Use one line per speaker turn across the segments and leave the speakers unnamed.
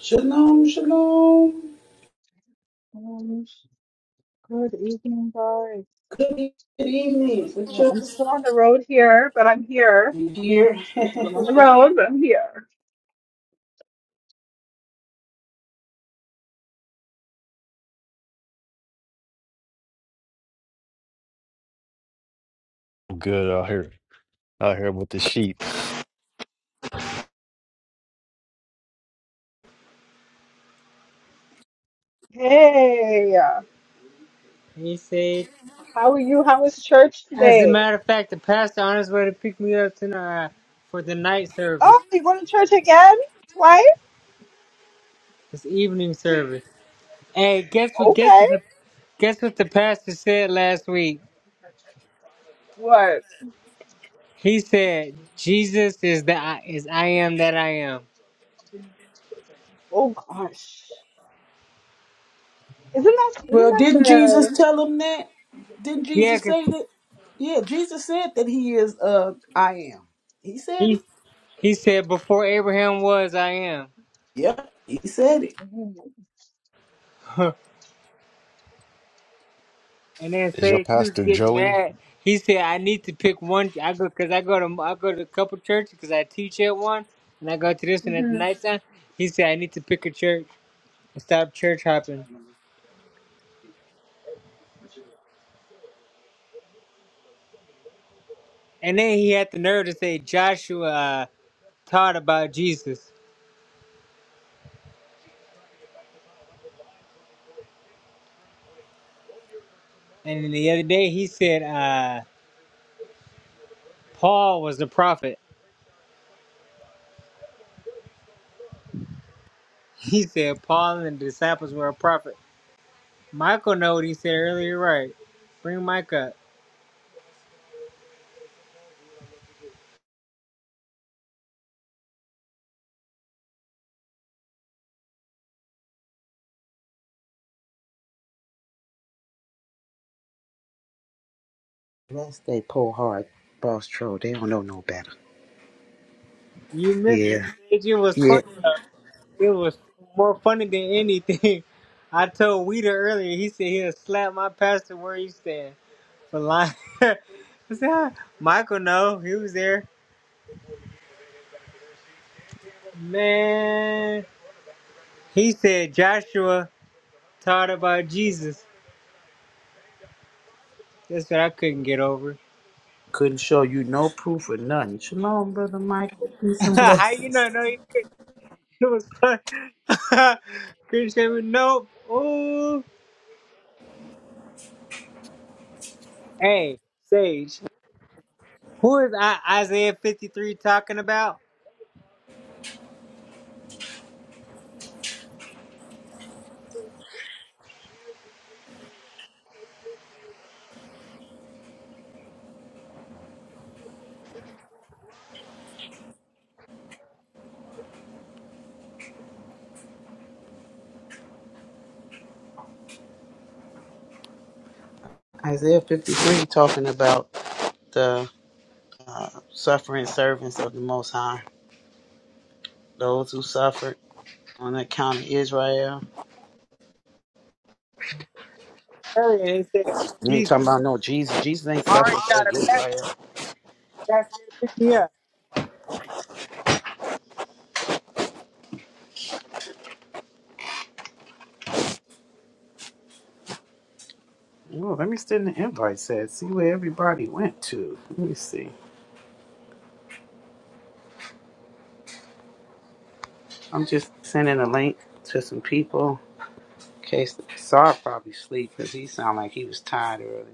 Shalom, shalom.
Um, good evening, guys.
Good evening. What
Well,
you
I'm still on the road here, but I'm here.
dear?
But I'm on the road, but I'm here.
I'm Good out here, out here with the sheep.
Hey,
He said,
how are you? How was church
as a
today?
matter of fact, the pastor on his way to pick me up tonight for the night service,
Oh, you going to church again? Twice?
this evening service. Hey, guess what? Guess
Okay.
what? The, guess what the pastor said last week?
What?
He said, Jesus is the I, is I am that I am.
Oh gosh. Isn't that isn't
well,
that
didn't Jesus
the
tell him that? Didn't
Yeah,
Jesus
cause
say that? Yeah, Jesus said that he is uh I am. He said it.
he he said before Abraham was, I am.
Yeah, he said it.
And then
Is your
say he was
pastor
getting
Joey?
mad. He said, "I need to pick one. I go because I go to I go to a couple churches because I teach at one, and I go to this one at the
hmm
nighttime." He said, "I need to pick a church and stop church hopping." And then he had the nerve to say Joshua uh, taught about Jesus. And then the other day he said uh, Paul was the prophet. He said Paul and the disciples were a prophet. Michael know what he said earlier, right? Bring Mike up.
That's they pull hard boss troll. They don't know no better.
You missed
Yeah.
it, Sage. It was
Yeah.
funny. though. It was more funny than anything. I told Weeder earlier. He said he'll slap my pastor where he stand for lying. I said, "Ah, Michael, no, he was there. Man, he said Joshua taught about Jesus. That's what I couldn't get over.
Couldn't show you no proof or nothing. Shalom, brother Michael. Peace and
How you
blessings.
not know No, he did? It was funny. Couldn't say nope. Ooh. Hey, Sage, who is I- Isaiah 53 talking about?
Isaiah 53 talking about the suffering servants of the Most High. those who suffered on account of Israel.
her and he said,
You ain't
Jesus,
talking about no Jesus. Jesus ain't
all right, y'all,
suffering
the
for
passenger,
Israel.
passenger, to pick me up.
Oh, let me send the invite set. See where everybody went to. Let me see. I'm just sending a link to some people. In case Saul probably sleep because he sounded like he was tired earlier.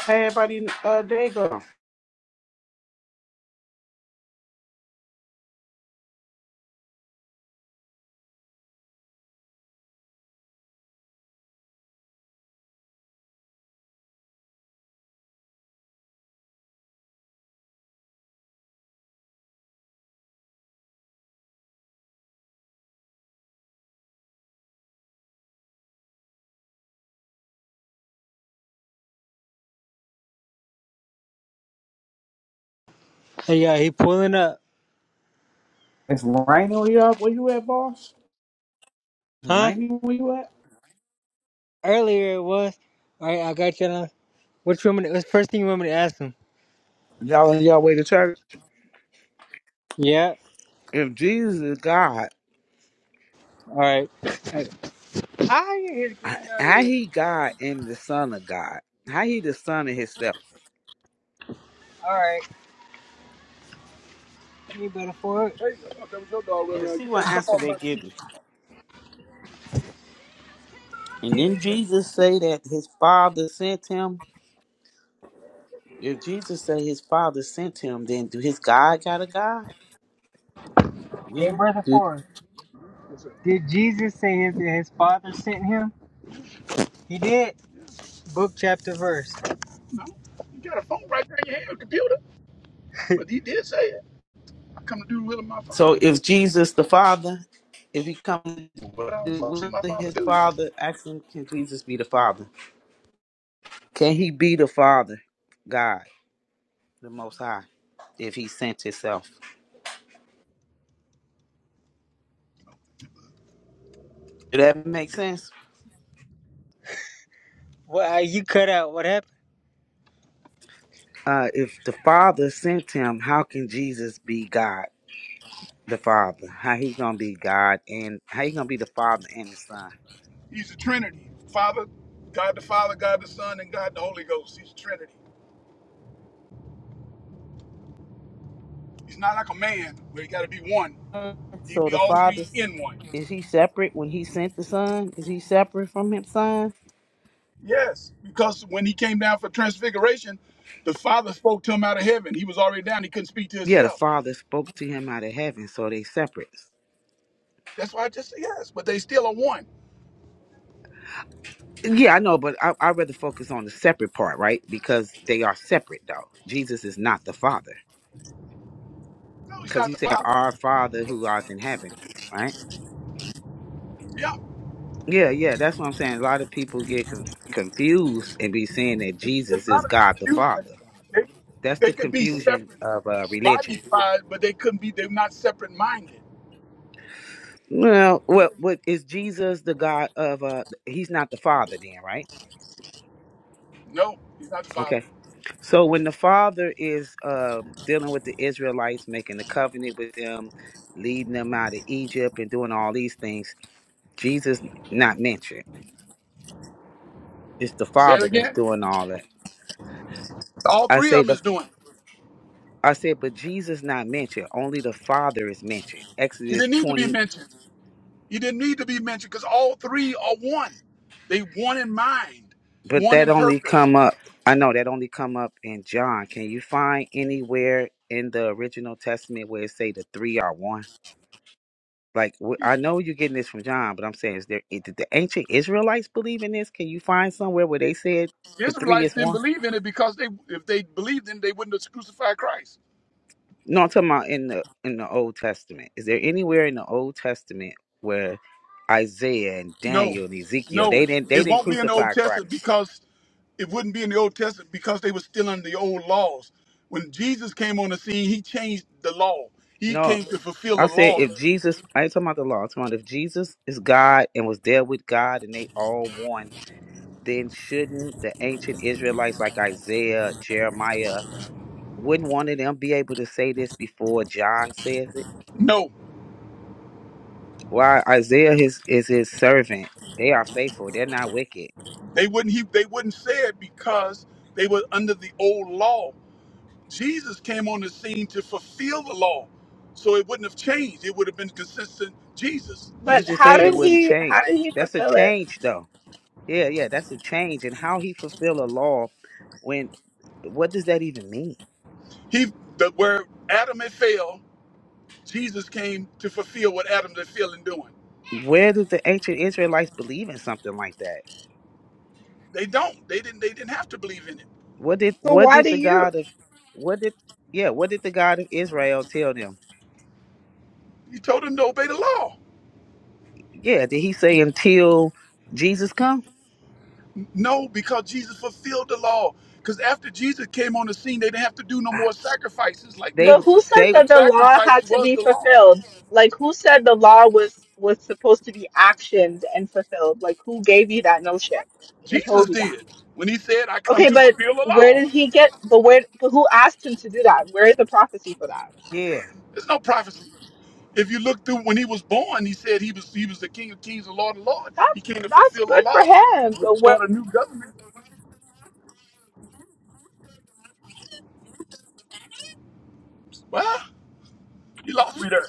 Hey, everybody, uh, there you go.
Hey, yeah, he pulling up.
It's raining where you at? Where you at, boss? It's
Huh?
raining where you at?
Earlier it was. All right, I got you. now. What you want me to, what's the first thing you want me to ask him?
Y'all on y'all way to church?
Yeah.
If Jesus is God.
All right. Like, How you his
How
granddaughter here?
he God and the Son of God? How he the Son of Himself?
All right. Any brother Ford?
Yeah, see what answer they give you. And then Jesus say that his Father sent him. If Jesus say his Father sent him, then do his God got a God? You
Hey,
know.
brother
Do-
Ford. Did Jesus say his, that his father sent him? He did. Book, chapter, verse. No, you got a phone right there in your hand, a computer. But he did say it. I come to do the will of my father.
So if Jesus the Father, if he come,
but I don't
to
fuck- see
will
my father
his
do. Yeah,
Father ask him, can Jesus be the Father? Can he be the Father, God, the Most High, if he sent himself? Does that make sense?
Well, you cut out. What happened?
Uh, if the Father sent him, how can Jesus be God, the Father? How he gonna be God and how he gonna be the Father and the Son?
he's a Trinity: Father, God the Father, God the Son, and God the Holy Ghost. He's a Trinity. He's not like a man where he got to be one. He'd
So
be
the
all three
Father
in one.
is he separate when he sent the Son? Is he separate from his Son?
Yes, because when he came down for transfiguration, the Father spoke to him out of heaven. He was already down. He couldn't speak to
Yeah, the
himself.
Father spoke to him out of heaven, so they separate.
That's why I just say yes, but they still are one.
Yeah, I know, but I I rather focus on the separate part, right? Because they are separate, though. Jesus is not the Father,
No, he's
because
not
he
the
said,
Father.
"Our Father who art in heaven," right?
Yeah,
Yeah, yeah, that's what I'm saying. A lot of people get con- confused and be saying that
it's
Jesus is
not a
God the
confusion.
Father.
They,
That's the
they could be
confusion
separate
of uh, religion.
body wise but they couldn't be. They're not separate minded.
Well, what what is Jesus the God of? Uh, he's not the Father, then, right?
No, he's not the father.
Okay. So when the Father is uh, dealing with the Israelites, making the covenant with them, leading them out of Egypt, and doing all these things, Jesus not mentioned. It's the
Say it
Father that's
again.
doing all that.
All
I
three
say
of
the
them is doing. it.
I said, but Jesus not mentioned. Only the Father is mentioned.
He
Exodus
didn't need to be
20.
mentioned. He didn't need to be mentioned because all three are one. They one in mind,
But
one
that
in
only
purpose.
come up. I know that only come up in John. Can you find anywhere in the original Testament where it say the three are one? Like wh- I know you're getting this from John, but I'm saying, is there i- did the ancient Israelites believe in this? Can you find somewhere where they said
The
the three
Israelites
is
didn't
one?
believe in it because they if they believed in it, they wouldn't have crucified Christ.
No, I'm talking about in the in the Old Testament. Is there anywhere in the Old Testament where Isaiah and
No.
Daniel and Ezekiel they
No.
didn't they
It
didn't
won't be in the Old
crucify
Testament
Christ?
because it wouldn't be in the Old Testament because they were still under the old laws. When Jesus came on the scene, he changed the law. He
No,
came to fulfill the
I said
law.
if Jesus, I ain't talking about the law. I'm talking about if Jesus is God and was there with God and they all one, then shouldn't the ancient Israelites like Isaiah, Jeremiah, wouldn't one of them be able to say this before John says it?
No,
Why Isaiah is, is his servant. They are faithful. They're not wicked.
They wouldn't he they wouldn't say it because they were under the old law. Jesus came on the scene to fulfill the law. So it wouldn't have changed. It would have been consistent Jesus,
You
But
Yes-
just
how
said it
did
wouldn't
Yeshua.
he
change.
how did he
That's a
fulfill it?
change though. Yeah, yeah, that's a change. And how he fulfill a law when what does that even mean?
He the where Adam had failed, Jesus came to fulfill what Adam had failed in doing.
Where did the ancient Israelites believe in something like that?
They don't. They didn't they didn't have to believe in it.
What did
So
what
why
did
do
the
you?
God of what did yeah, what did the God of Israel tell them?
He told them to obey the law.
Yeah, did he say until Jesus come?
No, because Jesus fulfilled the law. Because after Jesus came on the scene, they didn't have to do no
I-
more sacrifices like
They
But
that.
would
who said
they
The
that the law
sacrifice
had to
was
be
the law.
fulfilled? Like who said the law was was supposed to be actioned and fulfilled? Like who gave you that notion? Who
Jesus
told you that?
did when he said, I come
Okay,
to
but
fulfill the
where
law.
did he get? But where? But who asked him to do that? Where is the prophecy for that?
yeah.
There's no prophecy. If you look through when he was born, he said he was he was the King of Kings, the Lord of Lords. He
That's
came to
that's
fulfill the
good for
law,
him. But where?
start a new government. Well, you lost me there.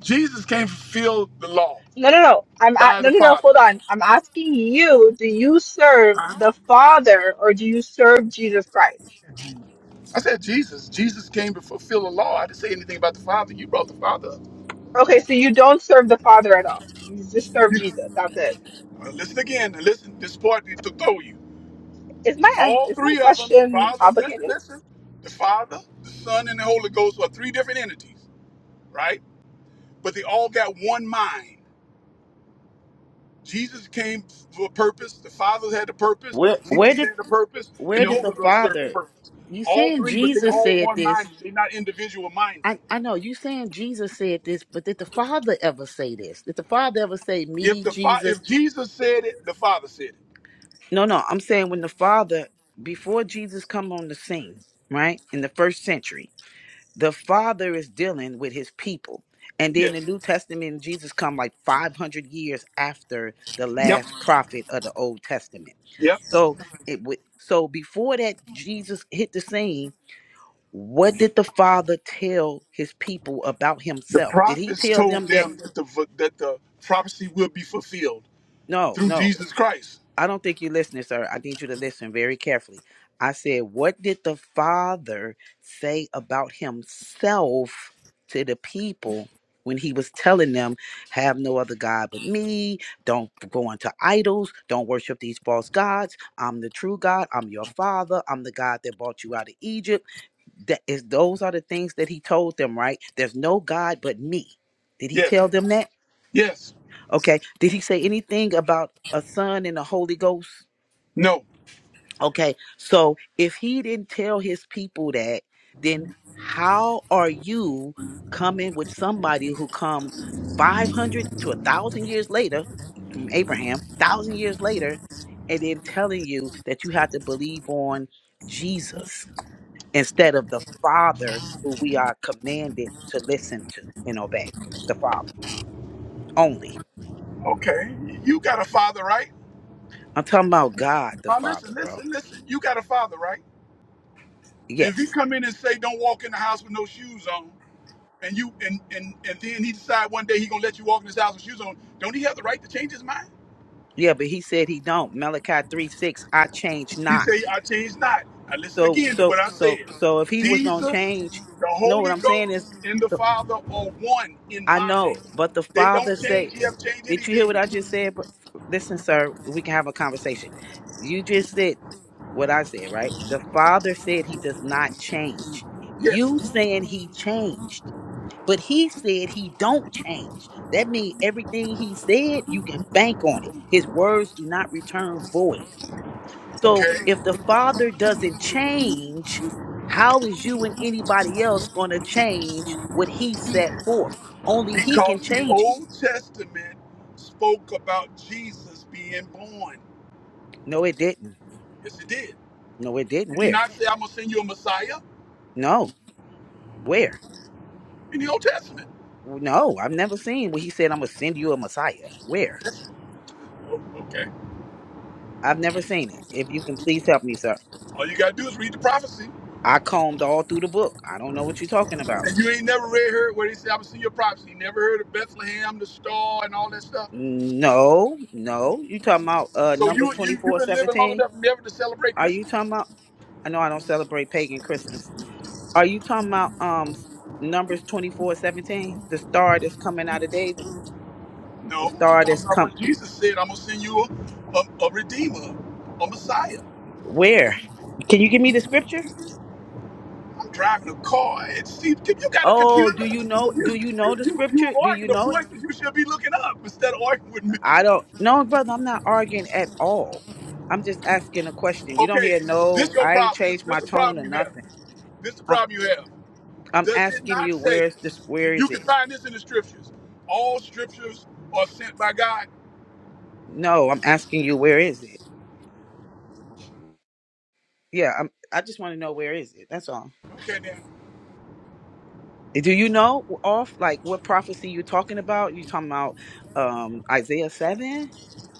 Jesus came to fulfill the law
No, no, no. I'm a
by
no,
the
no, no. Hold
Father.
on. I'm asking you. Do you serve
Huh?
the Father or do you serve Jesus Christ?
I said Jesus. Jesus came to fulfill the law. I didn't say anything about the Father. You brought the Father up.
Okay, so you don't serve the Father at all. You just serve
You-
Jesus. That's it.
Well, listen again. Listen, this part to throw you.
Is my ans-
All
is my
three of them,
question
Father, listen,
complicated?
listen, the Father, the Son, and the Holy Ghost are three different entities, right? But they all got one mind. Jesus came for a purpose, the Father had a purpose,
Where where
Jesus
did
had a purpose, and
where
the
did the
Holy Ghost served a
Father
purpose.
you
All
saying
three, but they
Jesus
all
said
one
this?
minded. They're not individual minded.
I, I know you saying Jesus said this, but did the Father ever say this? Did the Father ever say
If
me,
the fa-
Jesus?
if Jesus said it, the Father said it.
No, no, I'm saying when the Father before Jesus come on the scene, right? In the first century. the father is dealing with his people and then the
Yes.
new testament jesus come like 500 years after the
Yep.
last prophet of the old testament
Yep.
so it would so before that jesus hit the scene what did the father tell his people about
The
himself did he
prophets
tell
told
them that
them that the v- that the prophecy will be fulfilled
no
through
no
Jesus Christ.
I don't think you're listening, sir. I need you to listen very carefully. I said, What did the Father say about himself to the people when he was telling them, Have no other God but me? Don't go unto idols. Don't worship these false gods. I'm the true God. I'm your Father. I'm the God that brought you out of Egypt. That is, those are the things that he told them, right? There's no God but me. Did he
Yes.
tell them that?
Yes.
Okay. Did he say anything about a son and the Holy Ghost?
No.
Okay, so if he didn't tell his people that, then how are you coming with somebody who come 500 to a thousand years later from Abraham, thousand years later, and then telling you that you have to believe on Jesus instead of the Father who we are commanded to listen to and obey? The Father only.
Okay, you got a father, right?
I'm talking about God the
Now listen,
Father, bro.
listen, listen. You got a father, right? If you
Yes.
come in and say don't walk in the house with no shoes on, and you and and and then he decide one day he gonna let you walk in his house with shoes on, don't he have the right to change his mind?
Yeah, but he said he don't. Malachi 3 6, I change
He say
not.
I changed not. Now listen
So
again to
so
what I
so
said.
so if he was gonna
Jesus,
change,
the
no, what
Holy
I'm saying is,
Ghost, and the
the,
Father are one in
I know,
mind.
but the
They
father
don't
said,
change. He have changed
"Did you hear what
anything.
I just said?" But listen, sir, we can have a conversation. You just said what I said, right? The father said he does not change.
Yes.
You saying he changed, but he said he don't change. That means everything he said, you can bank on it. His words do not return void. So
Okay.
if the Father doesn't change, how is you and anybody else going to change what He set forth? Only He can
Because the
change it.
Old Testament spoke about Jesus being born.
No, it didn't.
Yes, it did.
No, it didn't.
Did he
Where?
not say, I'm going to send you a Messiah
No, where?
in the Old Testament?
No, I've never seen where He said, I'm going to send you a Messiah. Where?
Oh, okay.
I've never seen it. If you can please help me, sir.
All you got to do is read the prophecy.
I combed all through the book. I don't know what you're talking about.
And you ain't never read heard where he said, I'm going to send you a prophecy. You never heard of Bethlehem, the star, and all that stuff.
No, no. You talking about uh
So
Numbers
you,
twenty
you, you've
four
been living long
seventeen?
enough never to celebrate
Are you
Christmas?
talking about? I know I don't celebrate pagan Christmas. Are you talking about um numbers twenty four seventeen? The star that's coming out of David. The
No. I'm
star that's
talking about
come
what Jesus said. I'm going to send you a, a, a Redeemer, a Messiah.
where? Can you give me the scripture?
I'm driving a car and see, if you got a
Oh, do
computer.
you know do
You,
you know
you,
the
you, you
scripture? Do you
arguing the
know it?
points that you should be looking up instead of arguing with me.
I don't no brother, I'm not arguing at all. I'm just asking a question. You don't
Okay,
hear
this
no,
your
I ain't
problem. This,
changed
this
my
the
tone or
problem you have.
nothing.
This the
I'm
problem you have.
I'm
Does it
asking
not
you
say,
where's this where
you
is it?
can find this in the scriptures, all scriptures are sent by God?
No, I'm asking you where is it? Yeah, I'm I just want to know where is it. That's all.
Okay, then
Do you know off like what prophecy you're talking about? You talking about um Isaiah seven?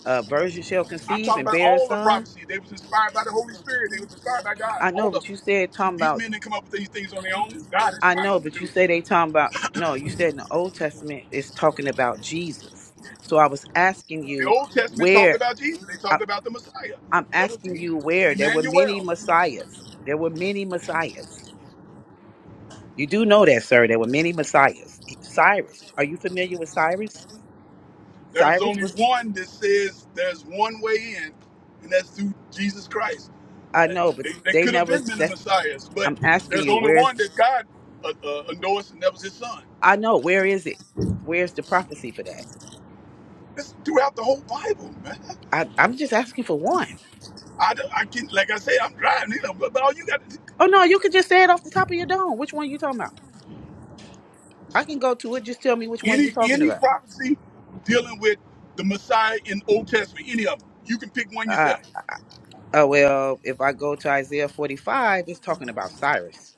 Uh virgin shall
I'm
conceive
talking
and
about
bear a
all the
son.
prophecy. They was inspired by the Holy Spirit. They was inspired by God.
I
All
know,
of them.
but you said talking
These
about
men didn't come up with these things on their own. God
I
inspired
know,
them to
but you
do it.
said they talking about no, you said in the Old Testament it's talking about Jesus. So I was asking
The
you
Old Testament talked
where
about Jesus. They
I,
talked about the Messiah.
I'm
That was
asking you
Jesus,
where there were many
Emmanuel.
messiahs. There were many messiahs. You do know that, sir. There were many messiahs. Cyrus, are you familiar with Cyrus?
There's
Cyrus
only
was
one that says there's one way in, and that's through Jesus Christ.
I
And
know, but
They, they
they
could have
never.
been many
That's.
messiahs, but
I'm asking
there's
you.
only
Where's?
one that God uh, uh, endorsed, and that was His Son.
I know. Where is it? Where's the prophecy for that?
That's throughout the whole Bible, man.
I, I'm just asking for one.
I, don't- I can, like I say, I'm driving, you know, but, but all you got to
Oh no, you could just say it off the top of your dome. Which one you talking about? I can go to it. Just tell me which one you
any
talking
any
about.
prophecy dealing with the Messiah in Old Testament, any of them, you can pick one
Uh,
yourself.
uh well, if I go to Isaiah 45, it's talking about Cyrus.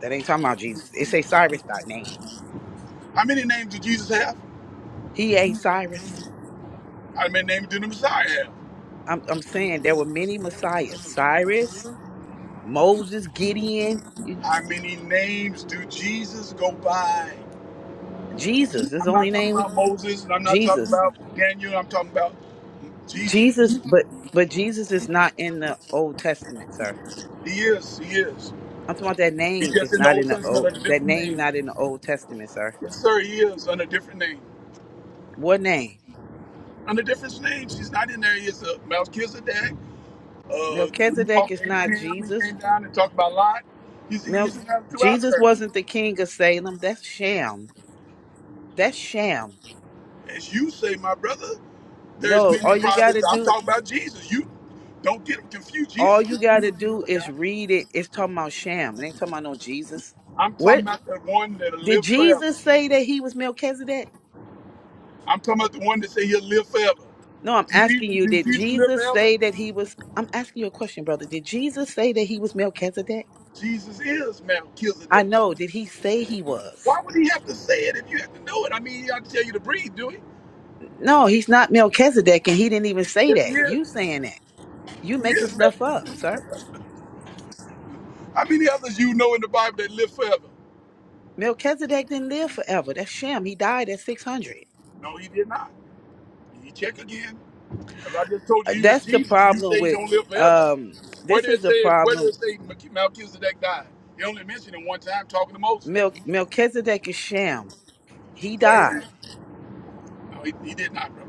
That ain't talking about Jesus. It say Cyrus by name.
How many names did Jesus have?
He ain't Cyrus.
How many names do the Messiah have?
I'm, I'm saying there were many messiahs. Cyrus, Moses, Gideon, you-
How many names do Jesus go by?
Jesus. This is the
I'm
only
not talking
name we
about Moses, and I'm not talking
Jesus.
about Daniel. I'm talking about Jesus. He
Jesus, but but Jesus is not in the Old Testament, sir.
is. He is.
I'm talking about that
He's
name
just
is
in the
not in
Old
the
Testament
old
under a
that
different
name
names.
not in the Old Testament, sir.
Yes, sir. He is under a different name.
What name?
Under different names. He's not in there. He's a Melchizedek. Uh, when he
Melchizedek
talked to
is not
Abraham, he
Jesus.
came down and talked about Lot. He's
Mel-
he's have two out
Jesus
there.
wasn't the king of Salem. That's sham. That's sham.
As you say, my brother. There's
No,
many
all you gotta
prophets. I'm
do,
talking about Jesus. You don't get him confused.
all
Jesus
you
confused
gotta
with the
do
other
is
guy.
read it. It's talking about sham. It ain't talking about no Jesus.
I'm talking
What
about the one that'll
did
live forever.
Jesus say that he was Melchizedek?
I'm talking about the one that say he'll live forever.
No, I'm
Did
asking
Jesus,
you,
did
did
Jesus live
Jesus
forever?
say that he was? I'm asking you a question, brother. Did Jesus say that he was Melchizedek?
Jesus is
I
Melchizedek.
know. Did he say he was?
Why would he have to say it if you have to know it? I mean, he ought to tell you to breathe, do he?
No, he's not Melchizedek, and he didn't even say
Yes, he
that. You
is.
saying that. You
He
making
is
stuff
Melchizedek.
up, sir.
How many others you know in the Bible that live forever?
Melchizedek didn't live forever. That's Shem. He died at 600.
No, he did not. You check again. Well, I just told
Uh,
you he was
That's the
Jesus. and You
problem
say he
with,
don't live forever.
um,
Where
this
did
is
it
the
say? Where did
problem.
it say Melch- Melchizedek died? He only mentioned it one time talking to Moses.
Mel- Melchizedek is Shem. He
Oh, amen.
died.
No, he, he did not, bro.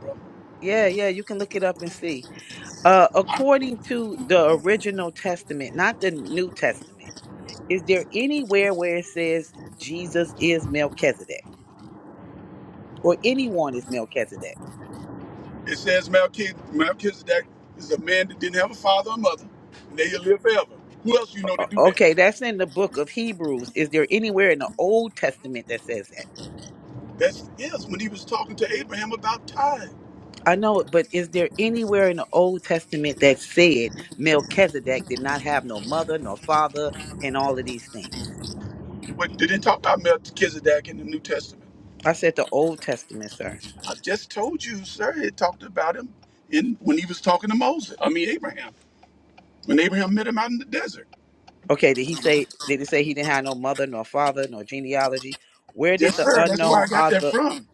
Yeah, yeah, you can look it up and see. Uh,
I-
according to the original testament, not the New Testament, is there anywhere where it says Jesus is Melchizedek or anyone is Melchizedek?
It says Melchizedek, Melchizedek is a man that didn't have a father or mother, and they will live forever. Who else you know
O-
to do that?
Okay, that's in the book of Hebrews. Is there anywhere in the Old Testament that says that?
That's yes. When he was talking to Abraham about time,
I know it, but is there anywhere in the Old Testament that said Melchizedek did not have no mother, nor father, and all of these things?
but they didn't talk about Melchizedek in the New Testament.
I said the Old Testament, sir.
I just told you, sir. It talked about him in when he was talking to Moses. I mean Abraham. when Abraham met him out in the desert.
Okay, did he say did it say he didn't have no mother, nor father, nor genealogy? Where did
Yes,
the
sir. That's where
unknown
I got that
author
from.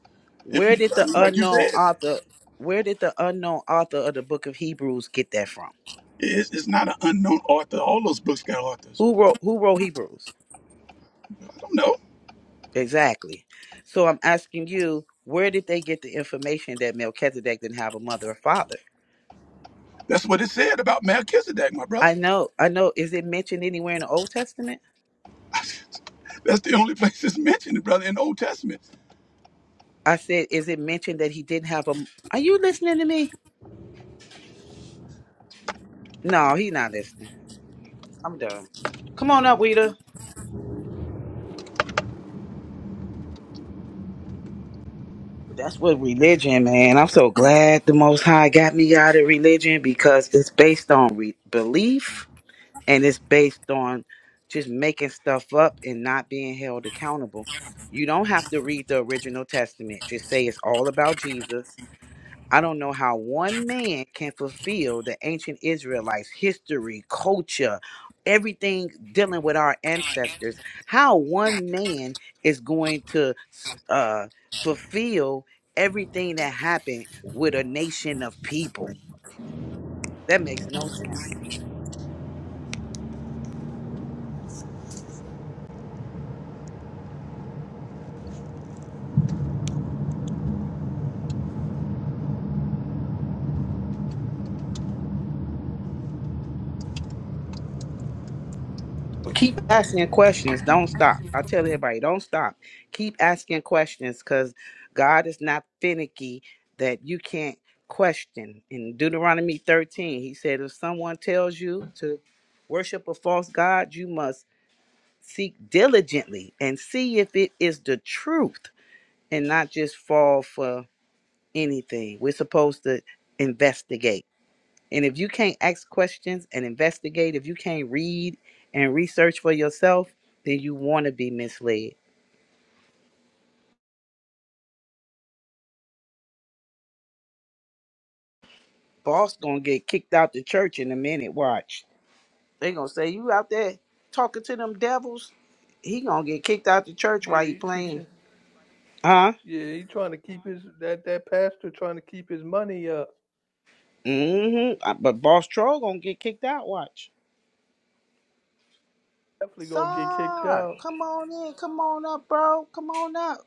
If
where
you,
did
I
the
mean, like you
unknown
said,
author where did the unknown author of the book of Hebrews get that from?
it's, it's not an unknown author. All those books got authors.
Who wrote who wrote Hebrews?
I don't know.
Exactly. So I'm asking you, where did they get the information that Melchizedek didn't have a mother or father?
That's what it said about Melchizedek, my brother.
I know, I know. Is it mentioned anywhere in the Old Testament?
That's the only place it's mentioned, brother, in the Old Testament.
I said, is it mentioned that he didn't have a? Are you listening to me? No, he not listening. I'm done. Come on up, Weeda. That's what religion, man. I'm so glad the Most High got me out of religion because it's based on re- belief and it's based on just making stuff up and not being held accountable. You don't have to read the original testament. Just say it's all about Jesus I don't know how one man can fulfill the ancient Israelites' history, culture, everything dealing with our ancestors. How one man is going to uh, fulfill everything that happened with a nation of people. That makes no sense. Keep asking questions. Don't stop. I tell everybody, don't stop. Keep asking questions because God is not finicky that you can't question. In Deuteronomy 13, he said, If someone tells you to worship a false God, you must seek diligently and see if it is the truth and not just fall for anything. We're supposed to investigate. And if you can't ask questions and investigate, if you can't read and research for yourself, then you want to be misled. Boss gonna get kicked out the church in a minute. Watch. They gonna say you out there talking to them devils. He gonna get kicked out the church
Yeah,
while he
you
playing.
teaching.
Huh?
Yeah, he trying to keep his that that pastor trying to keep his money up.
Mm-hmm. Uh, But boss troll gonna get kicked out. Watch.
Definitely gonna get kicked
Sir,
out.
come on in. Come on up, bro. Come on up.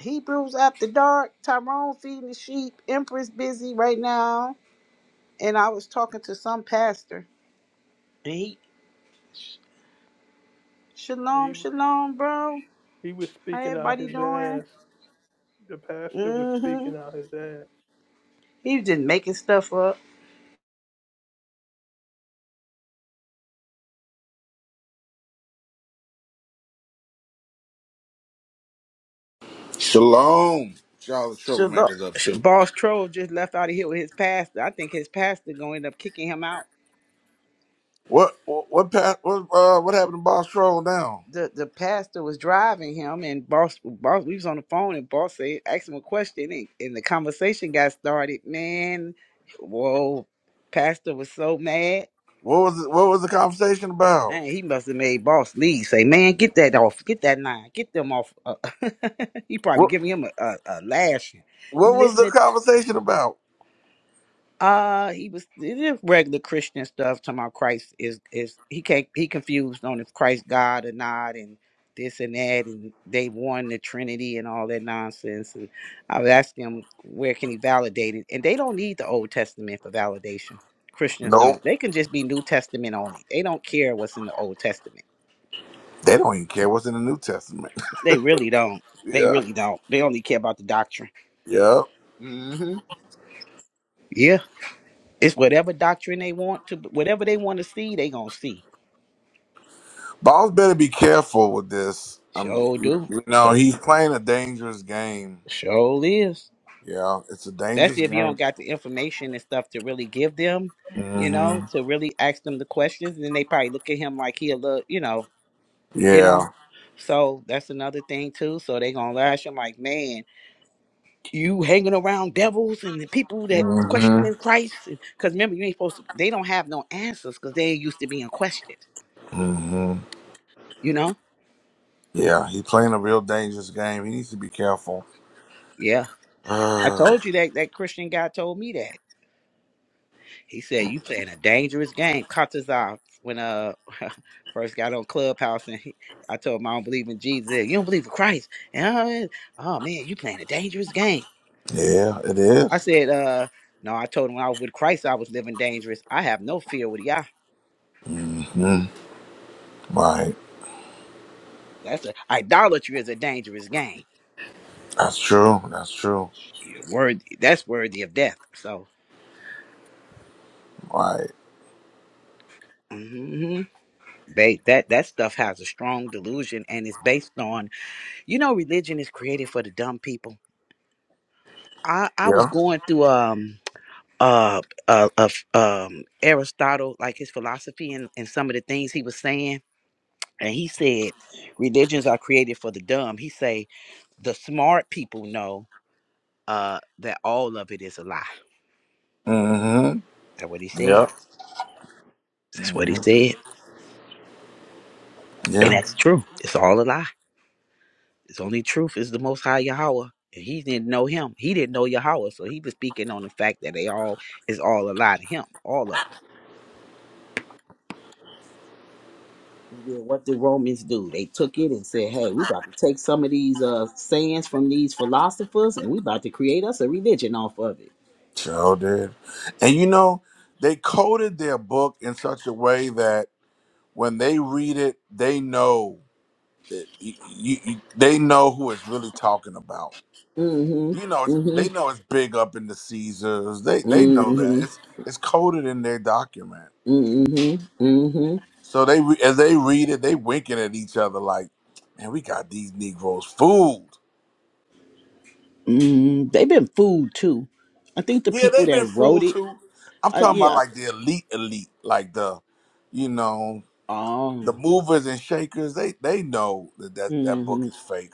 Hebrews after dark. Tyrone feeding the sheep. Empress busy right now. and I was talking to some pastor, and he, Shalom,
He
Shalom, bro.
he was
How
speaking out
everybody
his
doing?
ass. The pastor was
Mm-hmm.
speaking out his ass.
He was just making stuff up.
Shalom. what Y'all the
Shalom.
troublemakers up
Sh-
too.
Boss Troll just left out of here with his pastor. I think his pastor gonna end up kicking him out.
What what what pa- what, uh, what happened to Boss Troll now?
The the pastor was driving him, and boss, boss, we was on the phone, and boss said, asked him a question, and, and the conversation got started. Man, whoa, pastor was so mad.
What was it, what was the conversation about?
Man, he must have made Boss Lee say, "Man, get that off, get that nine, get them off." Uh, he probably
What
giving him a, a, a lashing. You
what was the
listening?
conversation about?
Uh, he was it is regular Christian stuff. Talking about Christ is is he can't he confused on if Christ God or not, and this and that, and they won the Trinity and all that nonsense. And I was asking him where can he validate it, and they don't need the Old Testament for validation. Christians don't.
Nope.
They can just be New Testament only. They don't care what's in the Old Testament
They don't even care what's in the New Testament.
They really don't. They
yeah.
really don't. They only care about the doctrine.
Yeah.
hmm Yeah. It's whatever doctrine they want to, whatever they want to see, they gonna see.
Boss better be careful with this. Um
Sure do.
you know,
Uh,
he's playing a dangerous game.
Sure is.
Yeah, it's a
That's
dangerous
if you don't
game.
got the information and stuff to really give them, you know,
hmm
to really ask them the questions. And then they probably look at him like he a little, you know, you
Yeah.
know. So that's another thing too. So they gonna lash him like, man. you hanging around devils and the people that
hmm
questioning Christ. Because remember, you ain't supposed to. They don't have no answers because they ain't used to being questioned.
hmm
You know?
Yeah, he's playing a real dangerous game. He needs to be careful.
Yeah. I
Mm,
told you that that Christian guy told me that. He said you playing a dangerous game. Caught when uh first got on Clubhouse and he, I told him I don't believe in Jesus. He said, You don't believe in Christ. And, uh, oh man, you playing a dangerous game.
yeah, it
I
is.
said, uh, no, I told him when I was with Christ, I was living dangerous. I have no fear with Yah.
Mhm. Right.
That's a idolatry is a dangerous game.
That's true. That's true.
Yeah, worthy that's worthy of death so
Right.
hmm ba- that that stuff has a strong delusion and it's based on you know religion is created for the dumb people i i was
Yeah.
going through um uh uh, uh um aristotle like his philosophy and, and some of the things he was saying and he said religions are created for the dumb he say the smart people know uh that all of it is a lie
Mm-hmm.
that's what he said
Yeah.
that's what he
hmm
said and
Yeah.
that's true it's all a lie His only truth is the Most High Yahweh. And he didn't know him. He didn't know Yahweh. So he was speaking on the fact that they all is all a lie to him, all of them. And Then what the Romans do? They took it and said, "Hey, we about to take some of these uh sayings from these philosophers, and we about to create us a religion off of it."
Sure did. And you know, they coded their book in such a way that when they read it, they know that you, you, you- they know who it's really talking about. You know,
Mm-hmm.
it's, they
Mm-hmm.
know it's big up in the Caesars. They they know that
Mm-hmm.
it's it's coded in their document.
Mm-hmm. Mm-hmm.
So they re- as they read it, they winking at each other like, "Man, we got these Negroes fooled."
Mm-hmm. They've been fooled too. I think the
Yeah,
people
they've
that
been
wrote
fooled
it,
too. I'm
I,
talking about
yeah.
like the elite, elite, like the, you know, the
Um.
movers and shakers. They they know that that, that book
Mm-hmm.
is fake.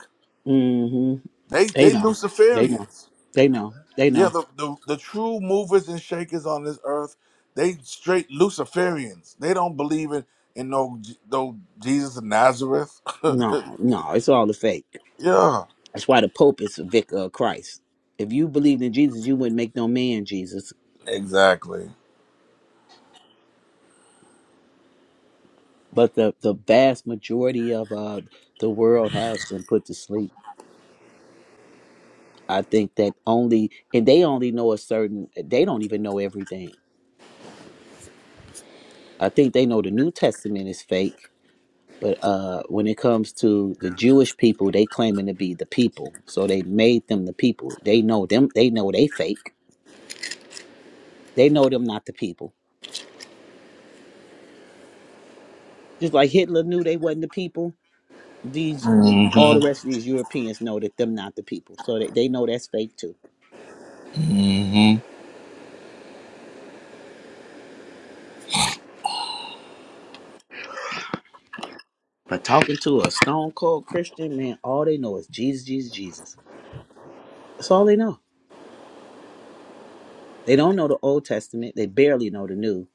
mm-hmm.
They
They
they
know. They know.
Luciferians.
They know. They
Yeah,
know.
the, the the true movers and shakers on this earth, they straight Luciferians. They don't believe in in no J- no Jesus of Nazareth.
No, no, it's all a fake.
yeah,
That's why the Pope is a vicar of Christ. If you believed in Jesus, you wouldn't make no man Jesus.
exactly.
But the, the vast majority of uh, the world has been put to sleep. I think that only, and they only know a certain, they don't even know everything. I think they know the New Testament is fake. But uh, when it comes to the Jewish people, they claiming to be the people, so they made them the people. They know them. They know they fake They know them not the people. Just like Hitler knew they wasn't the people. These
hmm
all the rest of these Europeans know that them not the people. So they, they know that's fake too.
hmm
But talking to a stone cold Christian man, all they know is Jesus, Jesus, Jesus. That's all they know. They don't know the Old Testament. They barely know the New.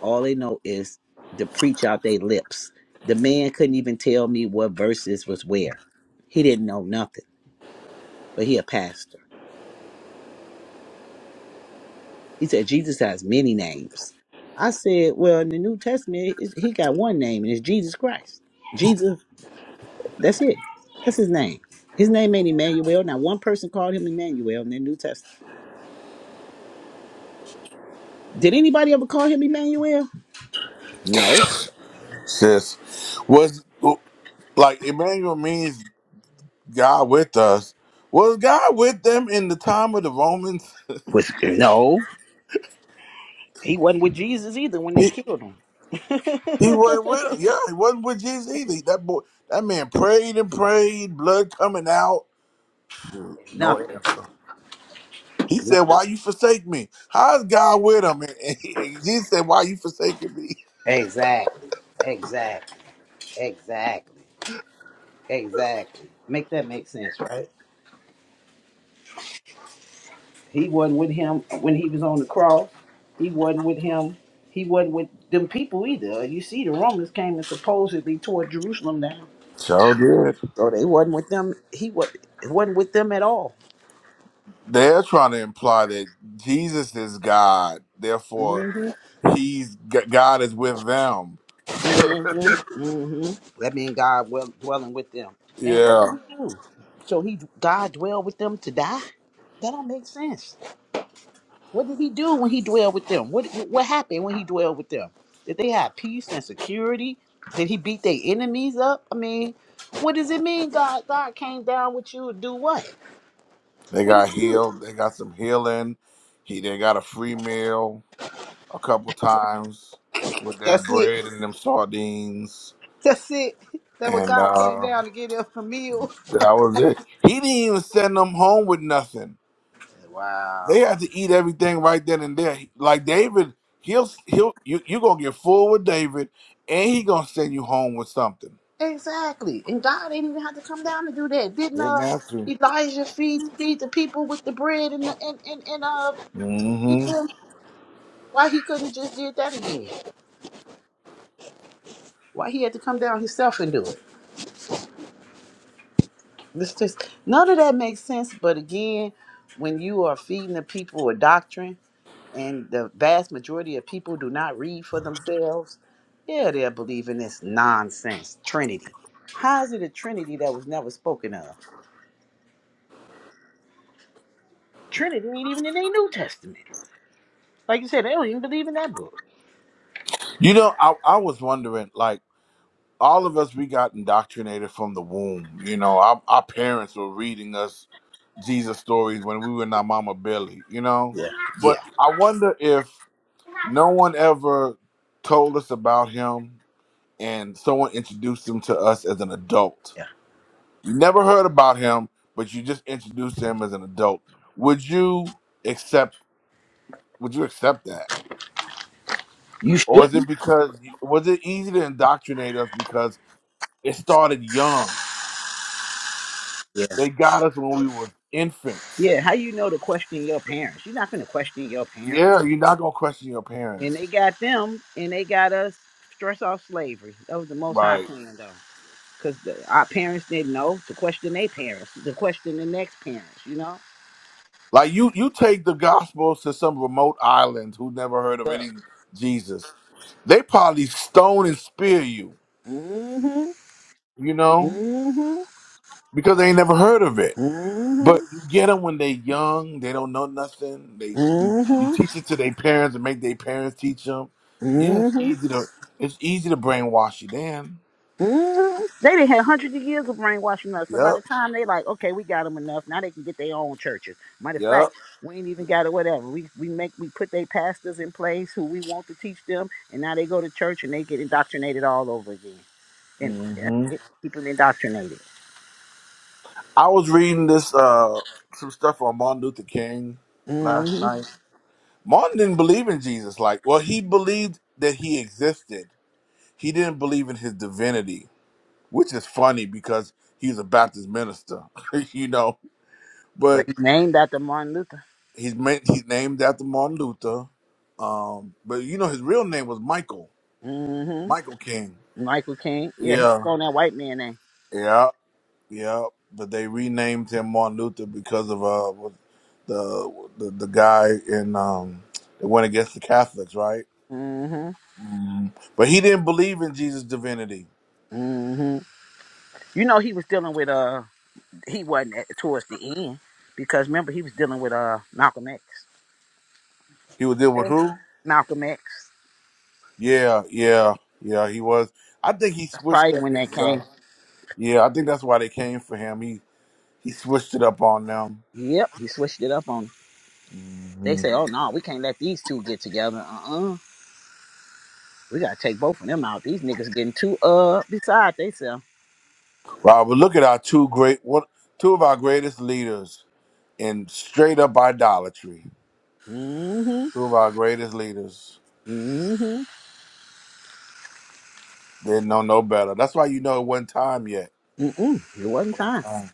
All they know is to preach out their lips. The man couldn't even tell me what verses was where. He didn't know nothing. But he a pastor. He said, Jesus has many names. I said, well, in the New Testament, it's- he got one name, and it's Jesus Christ. Jesus, that's it. That's his name. His name ain't Emmanuel. Not one person called him Emmanuel in the New Testament. Did anybody ever call him Emmanuel? No.
Sis, was like Emmanuel means God with us. Was God with them in the time of the Romans?
Was no. He wasn't with Jesus either when they
He,
killed him.
he wasn't with them. Yeah, he wasn't with Jesus either. That boy, that man prayed and prayed, blood coming out. Shoot, No
Nothing.
answer. He said,
Nothing.
"Why you forsake me? How is God with him?" And, and he- and Jesus said, "Why you forsaking me?"
Exactly. Exactly. Exactly. Exactly. Make that make sense, right? He wasn't with him when he was on the cross. He wasn't with him. He wasn't with them people either. You see, the Romans came and supposedly tore Jerusalem down,
So good.
so they wasn't with them. He was wasn't with them at all.
They're trying to imply that Jesus is God, therefore
hmm
He's G- God is with them
hmm hmm That mean God well dwelling with them. And what
Yeah,
did he do? So he God dwelled with them to die? That don't make sense. What did he do when he dwelled with them? What what happened when he dwelled with them? Did they have peace and security? Did he beat their enemies up? I mean, what does it mean God God came down with you to do what?
they
What did
got
he do?
healed. They got some healing. He they got a free meal a couple times with that
That's it.
bread and them sardines,
That's it. That what
and
God came
uh,
down to get him a meal.
that was it. He didn't even send them home with nothing.
Wow.
They had to eat everything right then and there. Like David, he'll he'll you you gonna get full with David, and he gonna send you home with something.
Exactly. And God didn't even have to come down to do that. Didn't
Didn't
uh
have to.
Elijah feed feed the people with the bread and the, and, and, and uh
hmm
why he couldn't just did that again? Why he had to come down himself and do it? This just none of that makes sense. But again, when you are feeding the people a doctrine, and the vast majority of people do not read for themselves, yeah, they're believing this nonsense Trinity. How is it a Trinity that was never spoken of? Trinity ain't even in the New Testament. Like you said, they don't even believe in that book.
You know, I I was wondering like. all of us we got indoctrinated from the womb. You know, our, our parents were reading us Jesus stories when we were in our mama belly, you know?
Yeah,
But
yeah,
I wonder if no one ever told us about him and someone introduced him to us as an adult.
yeah.
You never heard about him, but you just introduced him as an adult. Would you accept would you accept that?
You
Or is it
shouldn't.
because was it easy to indoctrinate us because it started young?
Yeah,
They got us when we was infants.
yeah. How you know to question your parents? You're not gonna question your parents.
Yeah, you're not gonna question your
And
parents,
they got them, and they got us stress off slavery. That was the most high
right?
plan, though. because our parents didn't know to question their parents, to question the next parents, you know?
Like you, you take the gospels to some remote island who never heard of any Jesus. They probably stone and spear you,
Mm-hmm.
you know,
hmm
because they ain't never heard of it.
hmm hmm
But you get them when they young, they don't know nothing. They you you
hmm
teach it to their parents and make their parents teach them. Yeah, it's
hmm
easy to it's easy to brainwash you then.
They done had hundreds of years of brainwashing us. So by the time they like, okay, we got them enough. Now they can get their own churches. Matter of fact,
Yep,
we ain't even got it. Whatever. We we make we put their pastors in place who we want to teach them, and now they go to church and they get indoctrinated all over again. And
yep.
that's it, keep them indoctrinated.
I was reading this uh some stuff on Martin Luther King last night. Martin didn't believe in Jesus. Like, well, he believed that he existed. He didn't believe in his divinity, which is funny because he was a Baptist minister, you know.
But
But
he named after Martin Luther.
he's meant he's named after Martin Luther. Um, but you know his real name was Michael.
hmm
Michael King.
Michael King. Yeah, he took
Yeah.
on that white man name.
Yeah. Yeah, but they renamed him Martin Luther because of uh what- the the, the guy in um that went against the Catholics, right?
Mm-hmm.
Mm. But he didn't believe in Jesus' divinity.
hmm You know he was dealing with uh he wasn't at, towards the end because remember he was dealing with uh Malcolm X.
He was deal with
Yeah.
who?
Malcolm X.
Yeah, yeah, yeah. He was. I think he
That's
switched
probably
up
when that
his. Uh,
came.
yeah, I think that's why they came for him. He he switched it up on them.
Yep, he switched it up on. 'em. They
hmm
say, oh no, we can't let these two get together. Uh uh we gotta take both of them out. These niggas getting too uh beside themselves.
Wow, but look at our two great what two of our greatest leaders in straight up idolatry.
Mm-hmm.
Two of our greatest leaders.
Mm-hmm.
Didn't know no better. That's why you know it wasn't time yet.
Mm-mm. It wasn't
One
time.
time.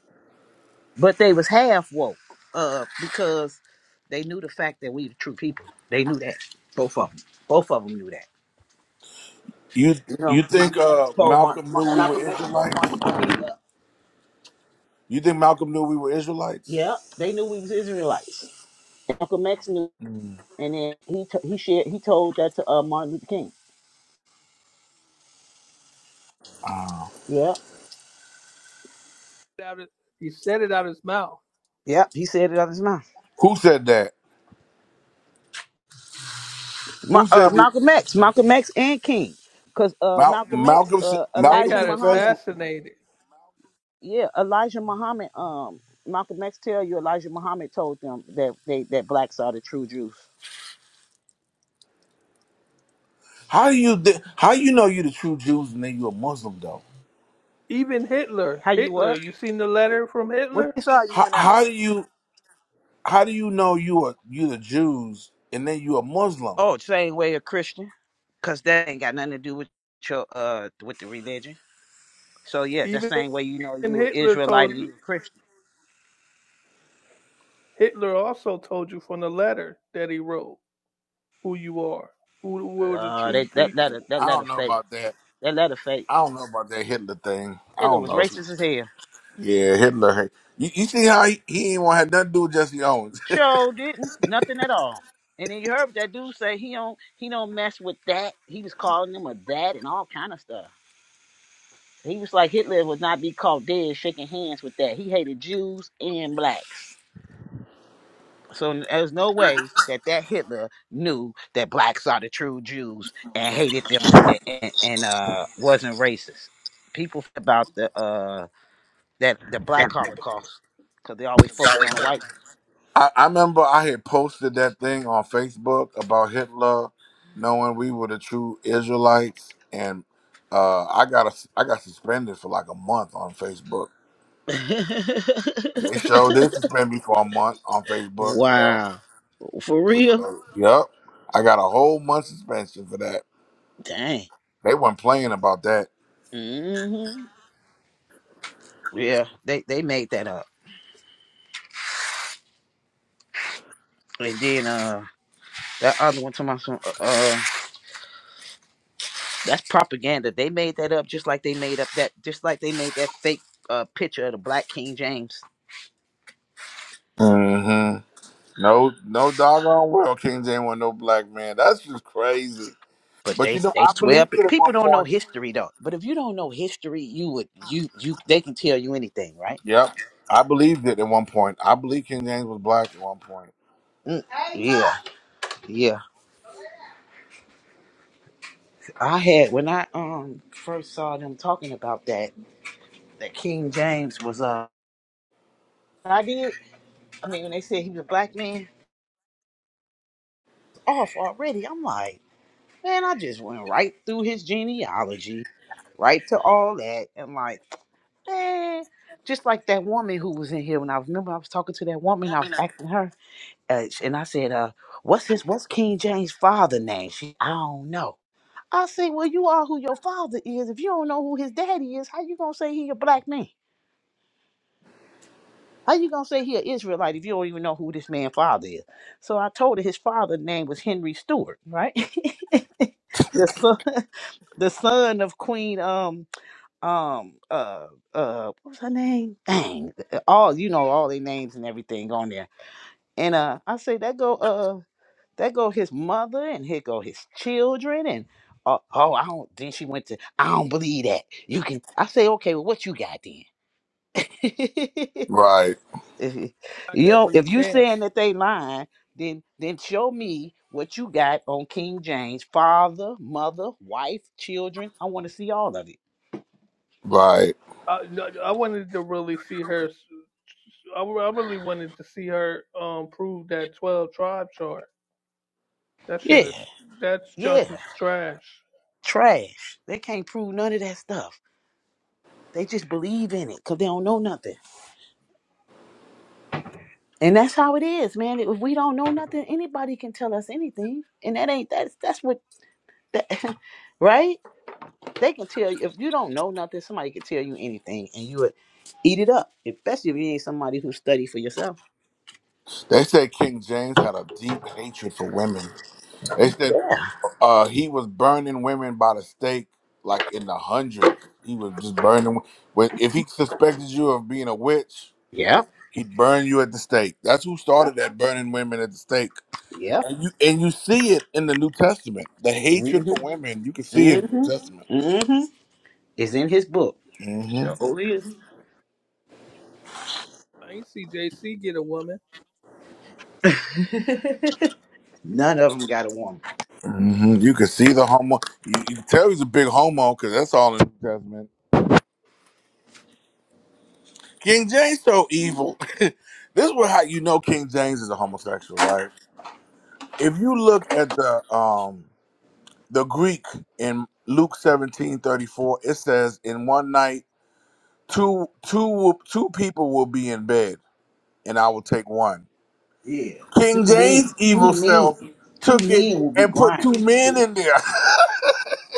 but they was half woke uh because they knew the fact that we the true people they knew that both of them both of them knew that
You
you know
you think
malcolm x
uh,
told Martin.
Malcolm knew
Mar-
we were
malcolm x told Martin
Israelites?
Luther King, uh,
You think Malcolm knew we were Israelites?
yeah they knew we was israelites malcolm x knew
Mm.
and then he t- he shared he told that to uh martin luther king
Uh,
yeah
Out of- He said it out his mouth.
yeah he said it out of his mouth
who said that?
Ma-
Who
uh,
said we?
malcolm x malcolm x and king because uh
Mal-
malcolm x
Malcolm s-
uh
They
Malcolm
elijah
got
muhammad
confessed.
assassinated.
yeah, Elijah Muhammad, um, Malcolm X tell you Elijah Muhammad told them that they that blacks are the true Jews.
How do you thi- how you know you the true Jews and then you a Muslim though?
Even Hitler.
How you
Hitler.
what?
You seen the letter from
What
Hitler?
you saw you
How,
went out?
how do you how do you know you are you the Jews and then you a Muslim?
Oh, same way a Christian, cause that ain't got nothing to do with your uh with the religion. So yeah, that
Even
same way you know you an
Hitler
Israelite
told
and you
you.
a Christian.
Hitler also told you from the letter that he wrote who you are, who were the
Uh,
true
they, that letter
people
that
I
letter
don't know
fake.
about that.
That letter fake.
I don't know about that Hitler thing. I
Hitler
don't
was
know.
racist as hell.
Yeah, Hitler. You, you see how he, he ain't want to have nothing to do with Jesse Owens.
Sure didn't nothing at all. And then you heard that dude say he don't he don't mess with that. He was calling them a that and all kind of stuff. He was like Hitler would not be caught dead shaking hands with that. He hated Jews and blacks. So there's no way that that Hitler knew that blacks are the true Jews and hated them and, and, and, uh wasn't racist. People f- about the uh that the black Holocaust because they always focus on the white.
I, I remember I had posted that thing on Facebook about Hitler knowing we were the true Israelites, and uh, I got a, I got suspended for like a month on Facebook. They showed this suspend me for a month on Facebook for that.
wow, for
They
real?
showed, yep, I got a whole month suspension for that.
Dang.
They weren't playing about that.
hmm Yeah, they they made that up. And then uh that other one to my son. uh, uh, That's propaganda. They made that up just like they made up that just like they made that fake uh, picture of the black King James.
hmm No, no doggone well, King James want no black man. That's just crazy.
But
But you
they
know,
they
I
swear
believed
up.
it at
People
one
don't know
point.
history though. But if you don't know history, you would you you they can tell you anything, right?
Yep. I believed it at one point. I believe King James was black at one point.
Mm, yeah, yeah. I had when I um first saw them talking about that that King James was uh I did. I mean when they said he was a black man, it's off already. I'm like, man, I just went right through his genealogy, right to all that, and like. Eh, just like that woman who was in here when I was remember I was talking to that woman I was asking her uh, sh- and I said uh what's his what's King James father name she I don't know I said well you are who your father is if you don't know who his daddy is how you gonna say he a black man how you gonna say he an Israelite if you don't even know who this man father is so I told her his father name was Henry Stewart right the son the son of Queen um um uh uh what was her name? Dang. uh, All you know, all their names and everything on there. And uh I say that go uh that go his mother and here go his children and uh, oh I don't then she went to I don't believe that. You can I say, okay, well what you got then? if
Right.
you
Got
you
that
know
from the
if you saying
camps.
that they lying, then then show me what you got on King James, father, mother, wife, children. I want to see all of it.
Right.
I, no, I wanted to really see her. s- I, I really wanted to see her um prove that twelve tribe chart. That shit is
Yeah.
that's junk
Yeah.
is trash.
Trash. They can't prove none of that stuff. They just believe in it because they don't know nothing. And that's how it is, man. If we don't know nothing, anybody can tell us anything. And that ain't that's that's what that right? They can tell you if you don't know nothing, somebody can tell you anything and you would eat it up. Especially if you ain't somebody who study for yourself.
They said King James had a deep hatred for women. They said uh, he was burning women by the stake, like in the hundreds. He was just burning. When if he suspected you of being a witch,
Yep.
he'd burn you at the stake. That's who started
Yep.
that burning women at the stake.
Yep.
And you and you see it in the New Testament. The hatred for
Mm-hmm.
women, you can see it in the New Testament.
Mm-hmm. Mm-hmm. It's in his book.
Mm-hmm.
Sure is.
I ain't see JC get a woman.
None of them got a woman.
hmm You can see the homo. You, you can tell he's a big homo because that's all in the New Testament. King James so evil. this is what how you know King James is a homosexual, right? If you look at the um the Greek in Luke seventeen thirty four, it says, "In one night, two two will- two people will be in bed, and I will take one."
Yeah,
King
two men,
James'
two
evil
men,
self
two
took it
men will be
and put two
grinding in
men
the
in there.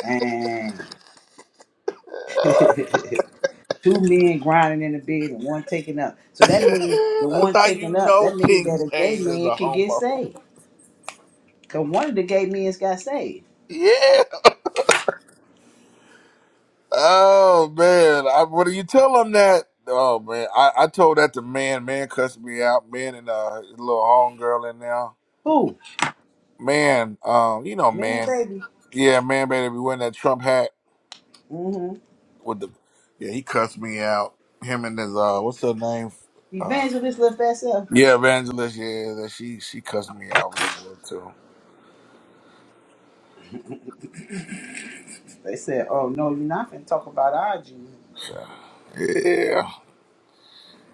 bed, and two men grinding in the bed and one taking up. So that means the
That's
one
how
taking
you
up.
know
That means
King
that a gay
James is
man
a
can get
homo.
saved. Cause one of the gay men's got saved.
Yeah. Oh man. I, what do you tell him that? Oh man. I, I told that to man. Man cussed me out. Man and uh his little homegirl in there.
Who?
Man, um, you know,
Man,
man.
baby.
Yeah, man better be wearing that Trump hat
Mm-hmm.
with the Yeah, he cussed me out. Him and his uh what's her name? Uh
Evangelist LaFessa.
yeah, Evangelist, yeah, that she she cussed me out real good too.
They said, "Oh no, you're not finna talk about our Jesus."
So yeah.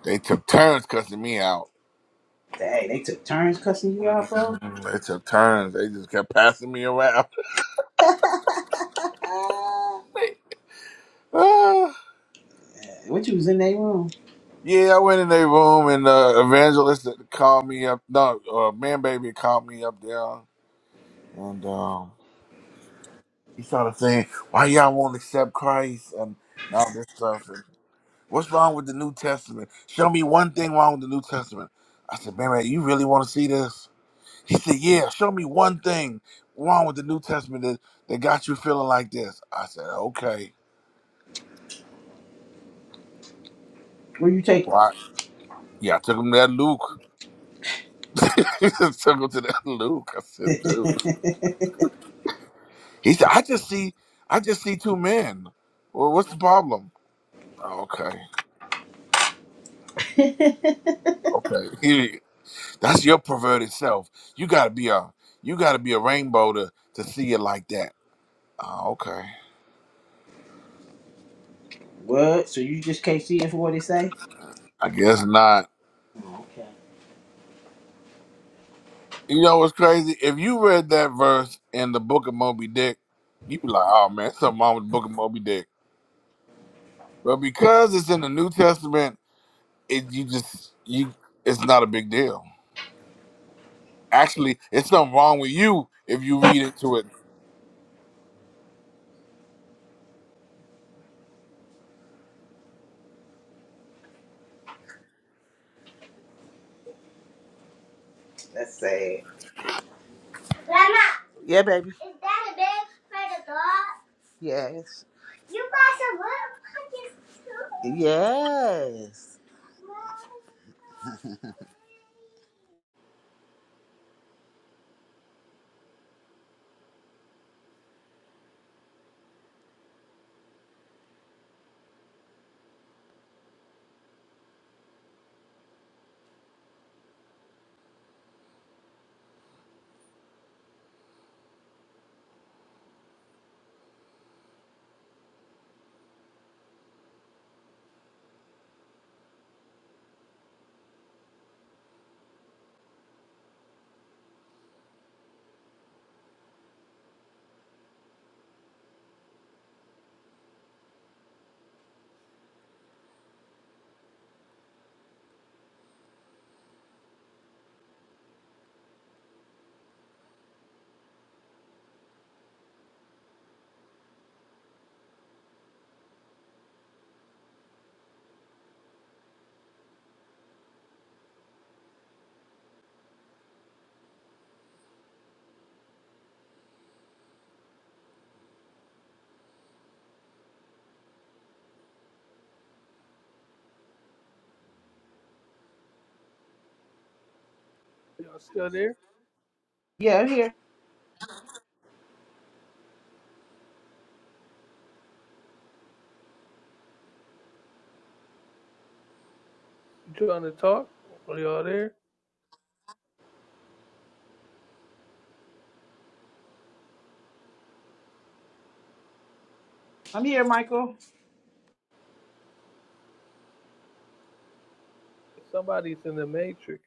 They took turns cussing me out.
Dang, they took turns cussing you out, bro.
Mhm. They took turns. They just kept passing me around. Uh,
what you was in their room?
yeah, I went in their room and uh, evangelist called me up. No, uh, man, baby called me up there, and um, he started saying, "Why y'all won't accept Christ and and all this stuff? And what's wrong with the New Testament? Show me one thing wrong with the New Testament." I said, "Man, man, you really want to see this?" He said, "Yeah, show me one thing wrong with the New Testament that, that got you feeling like this." I said, "Okay,
Where you take 'em?
what?" Yeah, I took him to that Luke. took him to that Luke. I said, "Dude." He said, "I just see, I just see two men. Well, what's the problem?" Okay, okay, that's your perverted self. You gotta be a, you gotta be a rainbow to to see it like that. Oh, okay,
What? So you just can't see it for what it say?
I guess not.
Oh, okay.
You know what's crazy? If you read that verse in the Book of Moby Dick, you'd be like, "Oh man, something wrong with the Book of Moby Dick." But because it's in the New Testament, it you just you, it's not a big deal. Actually, it's something wrong with you if you read into it
That's sad. Yeah, baby. Yes. You got some little pockets too? Yes.
Y'all still there?
Yeah, I'm here.
You trying to talk? Are y'all there?
I'm here, Michael.
Somebody's in the matrix.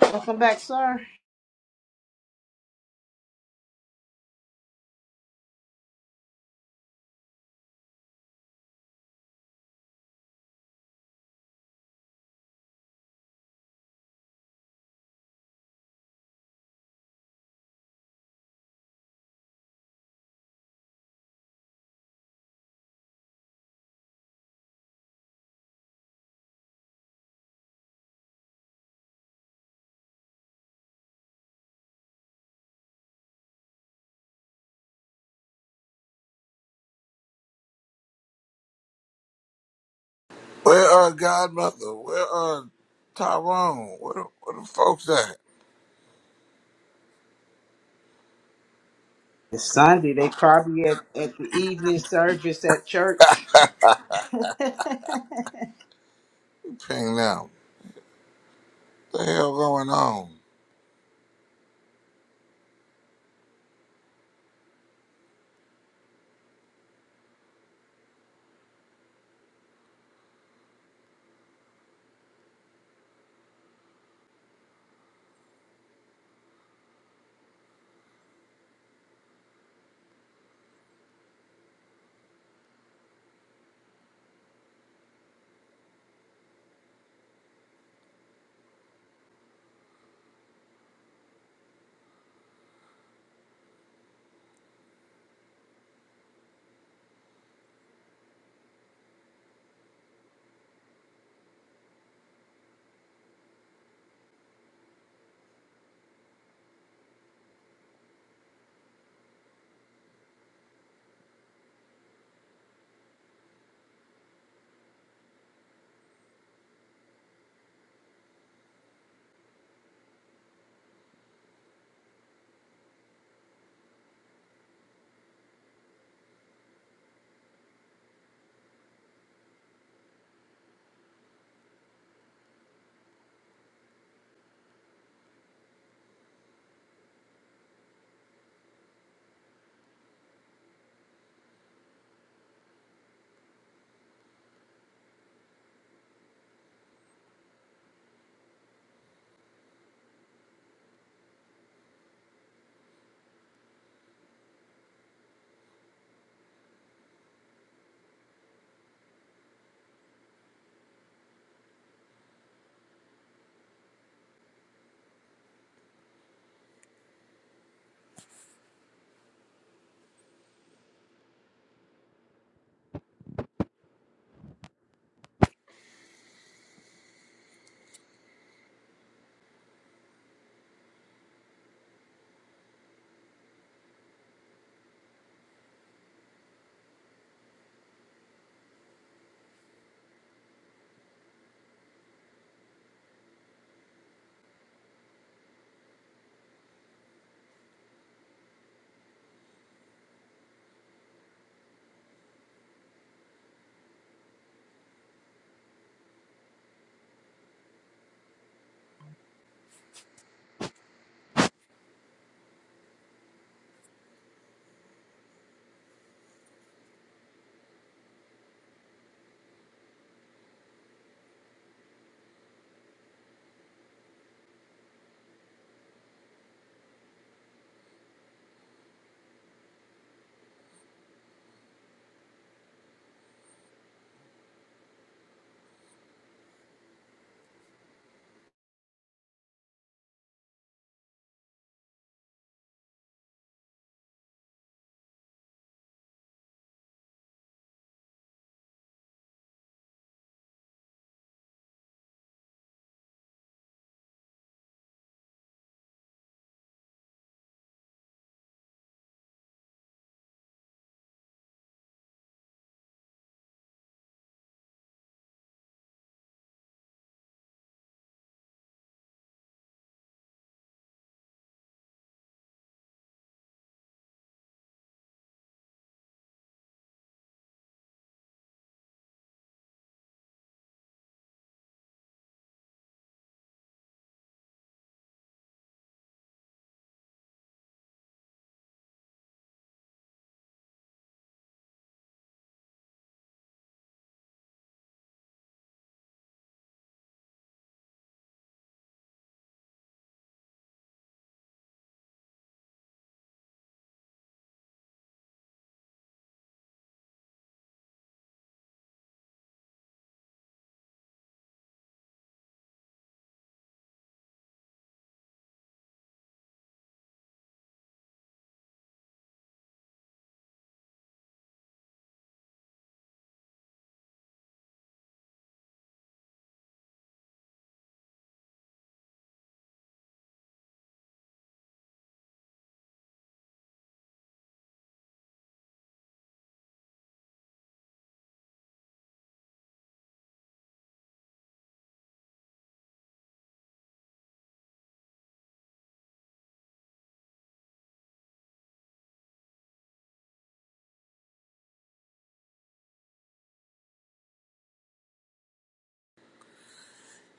Welcome back, sir.
Where are Godmother? Where are Tyrone? Where the, where the folks at?
It's Sunday. They probably at, at the evening service at church.
Ping now. What the hell going on?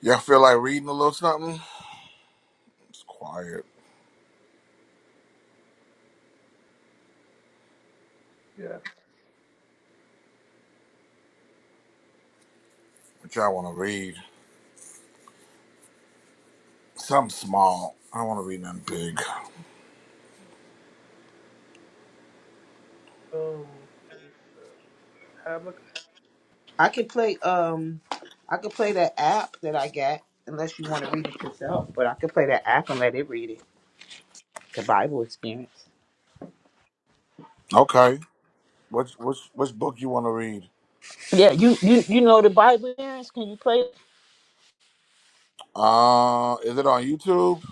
Y'all feel like reading a little something? It's quiet.
Yes.
What y'all want to read? Something small. I don't want to read nothing big.
Um, Havoc
I can play um I can play that app that I got unless you want to read it yourself, but I can play that app and let it read it. The Bible experience.
Okay. Which which which book you want to read?
Yeah, you you you know the Bible, experience. Can you play?
Uh, is it on YouTube?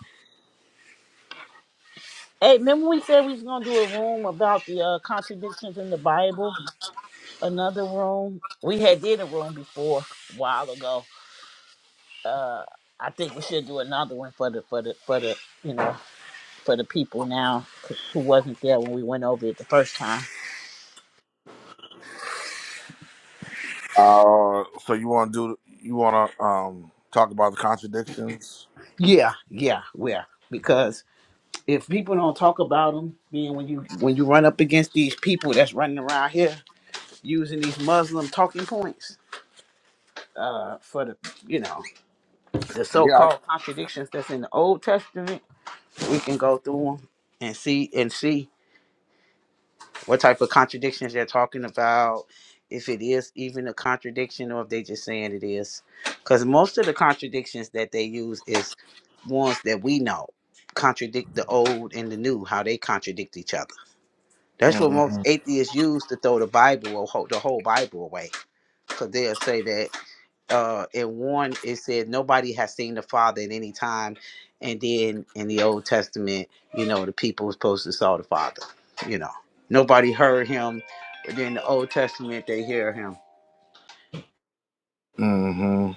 Hey, remember we said we was gonna do a room about the uh, contradictions in the Bible? Another room. We had did a room before a while ago. Uh, I think we should do another one for the for the for the you know for the people now who wasn't there when we went over it the first time.
Uh, so you want to do you want to um talk about the contradictions?
Yeah, yeah, yeah. Because if people don't talk about them, being when you when you run up against these people that's running around here using these Muslim talking points, uh, for the you know. the
Yeah.
so-called
I-
contradictions that's in the Old Testament, we can go through them and see and see what type of contradictions they're talking about, if it is even a contradiction or if they just saying it is. Because most of the contradictions that they use is ones that we know contradict the old and the new, how they contradict each other. That's what most
Mhm.
atheists use to throw the Bible or ho- the whole Bible away, because they'll say that. uh in one it said nobody has seen the father at any time and then in the old testament you know the people was supposed to saw the father you know nobody heard him but then the old testament they hear him
Mhm.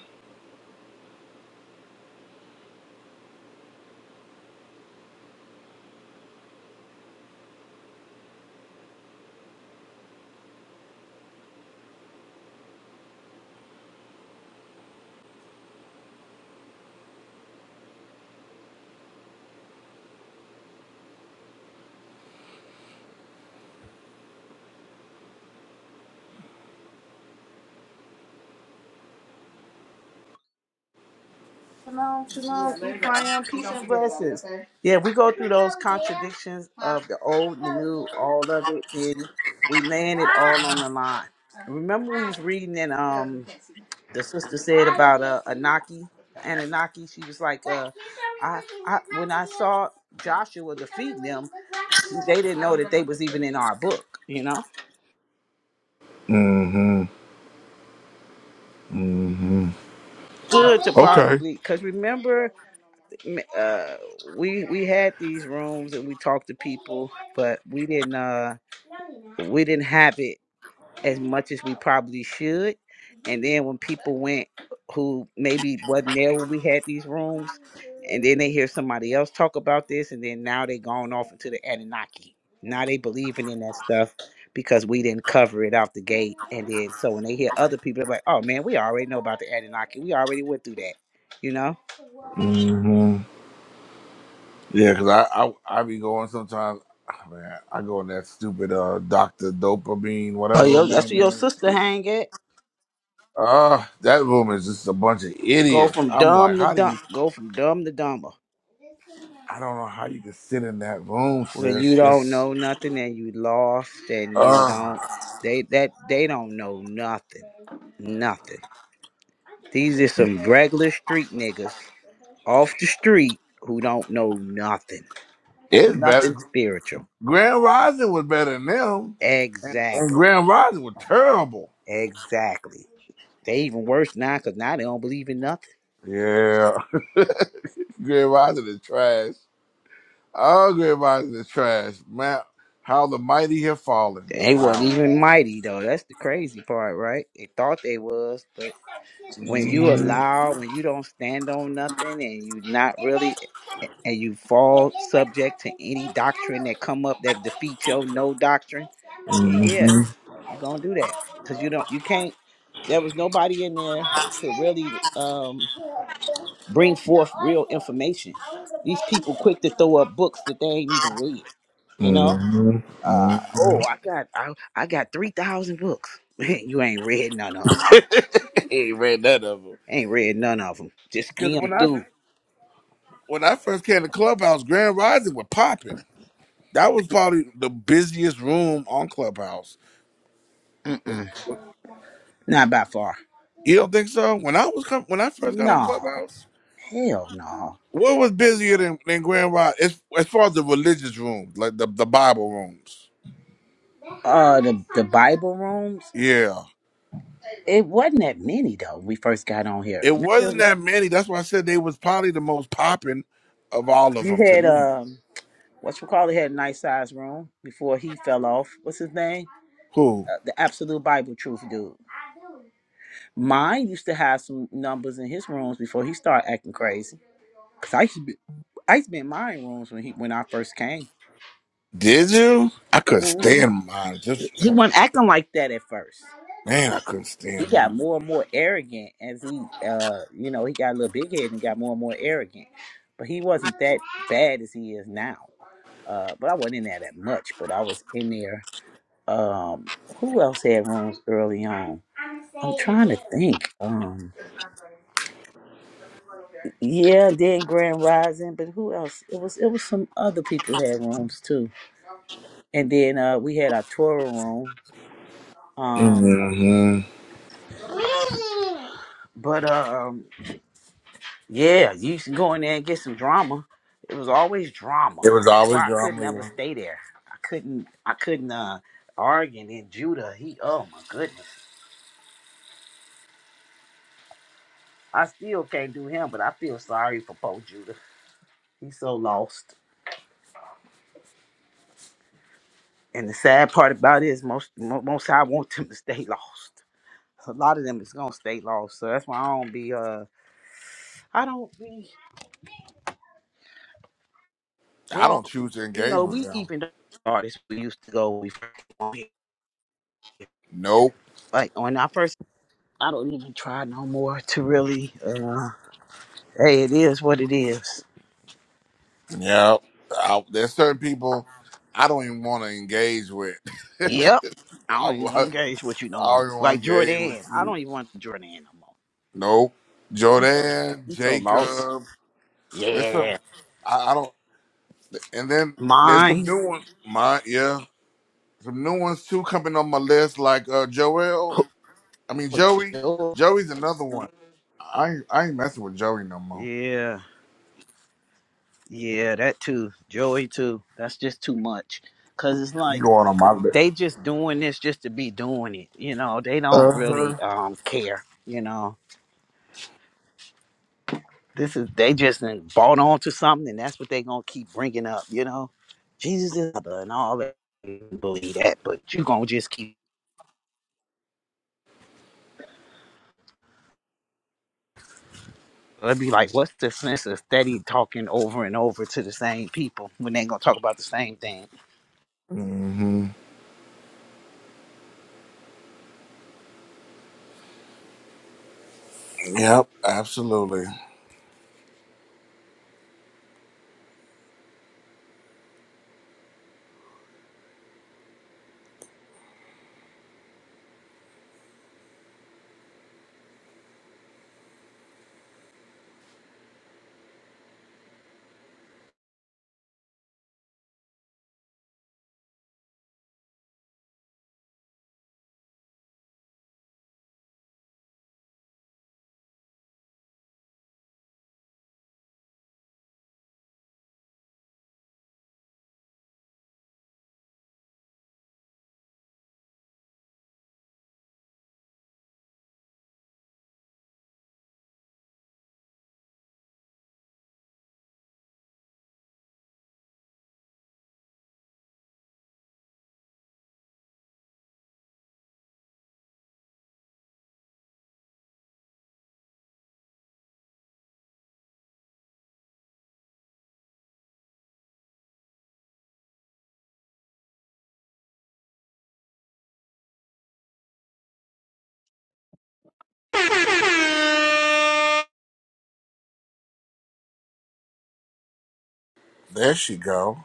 shalom shalom yeah, peace and blessings Yeah, we go through those contradictions of the old, the new, all of it. Then we land it all on the line. Remember, we was reading and um, the sister said about uh, Anaki, Anunnaki. She was like, uh, I, I, when I saw Joshua defeating them, she- they didn't know that they was even in our book, you know.
Mhm. Mhm.
good to
Okay.
probably because remember uh we we had these rooms and we talked to people but we didn't uh we didn't have it as much as we probably should and then when people went who maybe wasn't there when we had these rooms and then they hear somebody else talk about this and then now they gone off into the anunnaki now they believing in that stuff because we didn't cover it out the gate. And then so when they hear other people, they're like, oh man, we already know about the Anunnaki. We already went through that, you know?
hmm Yeah, cause I, I I be going sometimes. ah, Man, I go in that stupid uh Doctor Dopamine,
Oh,
whatever
yo,
his
that's
name
where your
is.
sister hang at.
Uh that room is just a bunch of
Go
idiots.
from
I'm like,
dumb to
how do
dumb.
you?
Go from dumb to dumber.
I don't know how you can sit in that room,
When you
sis.
don't
It's
know nothing and you lost and you
uh,
don't, they that they don't know nothing, nothing. These are some regular street niggas off the street who don't know nothing,
it's better.
nothing spiritual.
Grand Rising was better than them, and, and
Exactly,
Grand Rising was terrible.
exactly. They even worse now because now they don't believe in nothing.
Yeah, Grand Rising is trash. Oh, Grand Rising is trash, man. How the mighty have fallen.
They
Wow.
wasn't even mighty though. That's the crazy part, right? They thought they was, but when you
Mhm,
allow, when you don't stand on nothing, and you not really, and you fall subject to any doctrine that come up that defeats your no doctrine, yeah, yeah,
mhm,
you gonna do that because you don't, you can't. There was nobody in there to really um, bring forth real information. These people quick to throw up books that they ain't even read, you know
mhm,
Uh, oh,
mhm.
I got I, I got three thousand books. you ain't read none of them.
he ain't read that of him.
Ain't read none of them. Just
Because when
skim
I
through.
when I first came to Clubhouse, Grand Rising was popping. That was probably the busiest room on Clubhouse.
Mm-mm.
You
Not by far.
don't think so? When I was com- when I first got on
No.
Clubhouse,
Hell no.
what was busier than, than Grand Rising? As, as far as the religious rooms, like the, the Bible rooms.
Uh, the the Bible rooms.
Yeah,
It wasn't that many though. when We first got on here.
it wasn't
Remember,
that many. That's why I said they was probably the most popping of all of
you
them to
had
me.
um, what you call it? Had a nice size room before he fell off. What's his name?
Who?
Uh, the absolute Bible truth dude. Mine used to have some numbers in his rooms before he started acting crazy. Cause I used to be, I used to be in my rooms when he when I first came.
Did you? I couldn't
hmm
stand mine.
He
Just
he
for,
wasn't acting like that at first.
man, I couldn't
He
stand
got
mine.
more and more arrogant as he, uh, you know, he got a little big head and got more and more arrogant. But he wasn't that bad as he is now. Uh, but I wasn't in there that much. But I was in there. Um, who else had rooms early on? I'm trying to think. Um, yeah, then Grand Rising. But who else? It was it was some other people had rooms too. and then uh, we had our tour room. Um,
hmm
but um, yeah, you used to go in there and get some drama. It was always drama.
It was
That's
always
why I couldn't ever
drama.
stay there. I couldn't. I couldn't uh, argue. And then Judah, he oh my goodness, I still can't do him. But I feel sorry for poor Judah. He's so lost. And the sad part about it is most mo- most I want them to stay lost. A lot of them is gonna stay lost. So that's why I don't be uh I don't be.
I don't
Well,
choose to
you
engage
know,
with
we
them.
even the artists we used to go we
Nope.
like when I first I don't even try no more to really uh hey it is what it is.
Yeah. I, there's certain people I don't even want to engage with. I,
Yep. I
I
don't even
don't
engage with you no more.
even
Like
want to engage
Jordan.
with
I
you.
don't even want Jordan no more.
Nope.
He's so
Jordan,
he's so lost.
Jacob. There's
Yeah.
some. I, I don't. And then there's some
Mine.
new ones. My yeah. Some new ones too coming on my list, like uh, Joel.
Oh,
I mean,
oh,
Joey.
Joe.
Joey's another one. I ain't, I ain't messing with Joey no more.
Yeah. Yeah, that too. Joey too. That's just too much. Cause it's
You
like
going on my list?
they just doing this just to be doing it. You know, they
Uh
don't
huh.
really um care. You know, this is they just done bought onto something, and that's what they gonna keep bringing up. You know, Jesus is other and all that. I Believe that, but you gonna just keep. It'd be like, what's the sense of steady talking over and over to the same people when they gonna talk about the same thing?
hmm Yep. Absolutely.
doing?
There she go.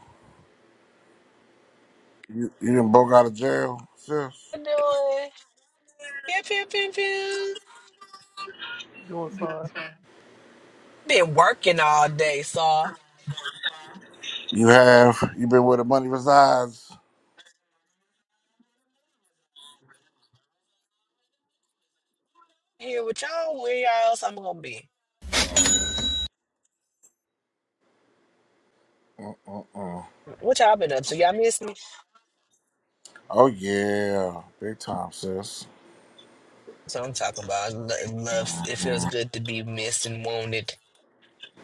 You you done broke out of jail, sis.
Pew, pew, pew, pew.
doing fine.
Been working all day, so
You have. You been where the money resides.
here with y'all, where y'all else I'm gonna be?
Uh-uh.
What y'all been up to? Y'all miss me?
Oh yeah, big time, sis.
That's what I'm talking about. lo- Love. It feels good to be missed and wanted.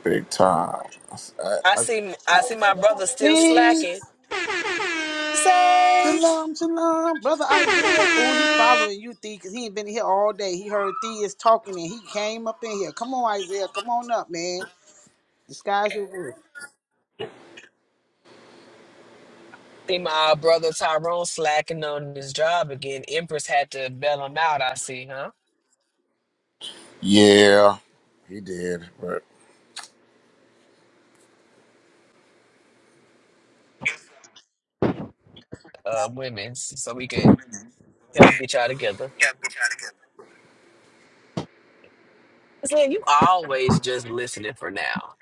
Big time. I-
I
I-
see. I see my brother still
Hey,
slacking. Sage.
shalom, shalom, brother Isaiah. Oh, he following you, Thee, because he ain't been here all day. He heard Thee is talking and he came up in here. Come on, Isaiah, come on up, man. The sky's the limit.
See my brother Tyrone slacking on his job again. Empress had to bail him out. I see, huh?
yeah, he did. But
Uh, women, so we could help get y'all together. Man, you always just listening for now.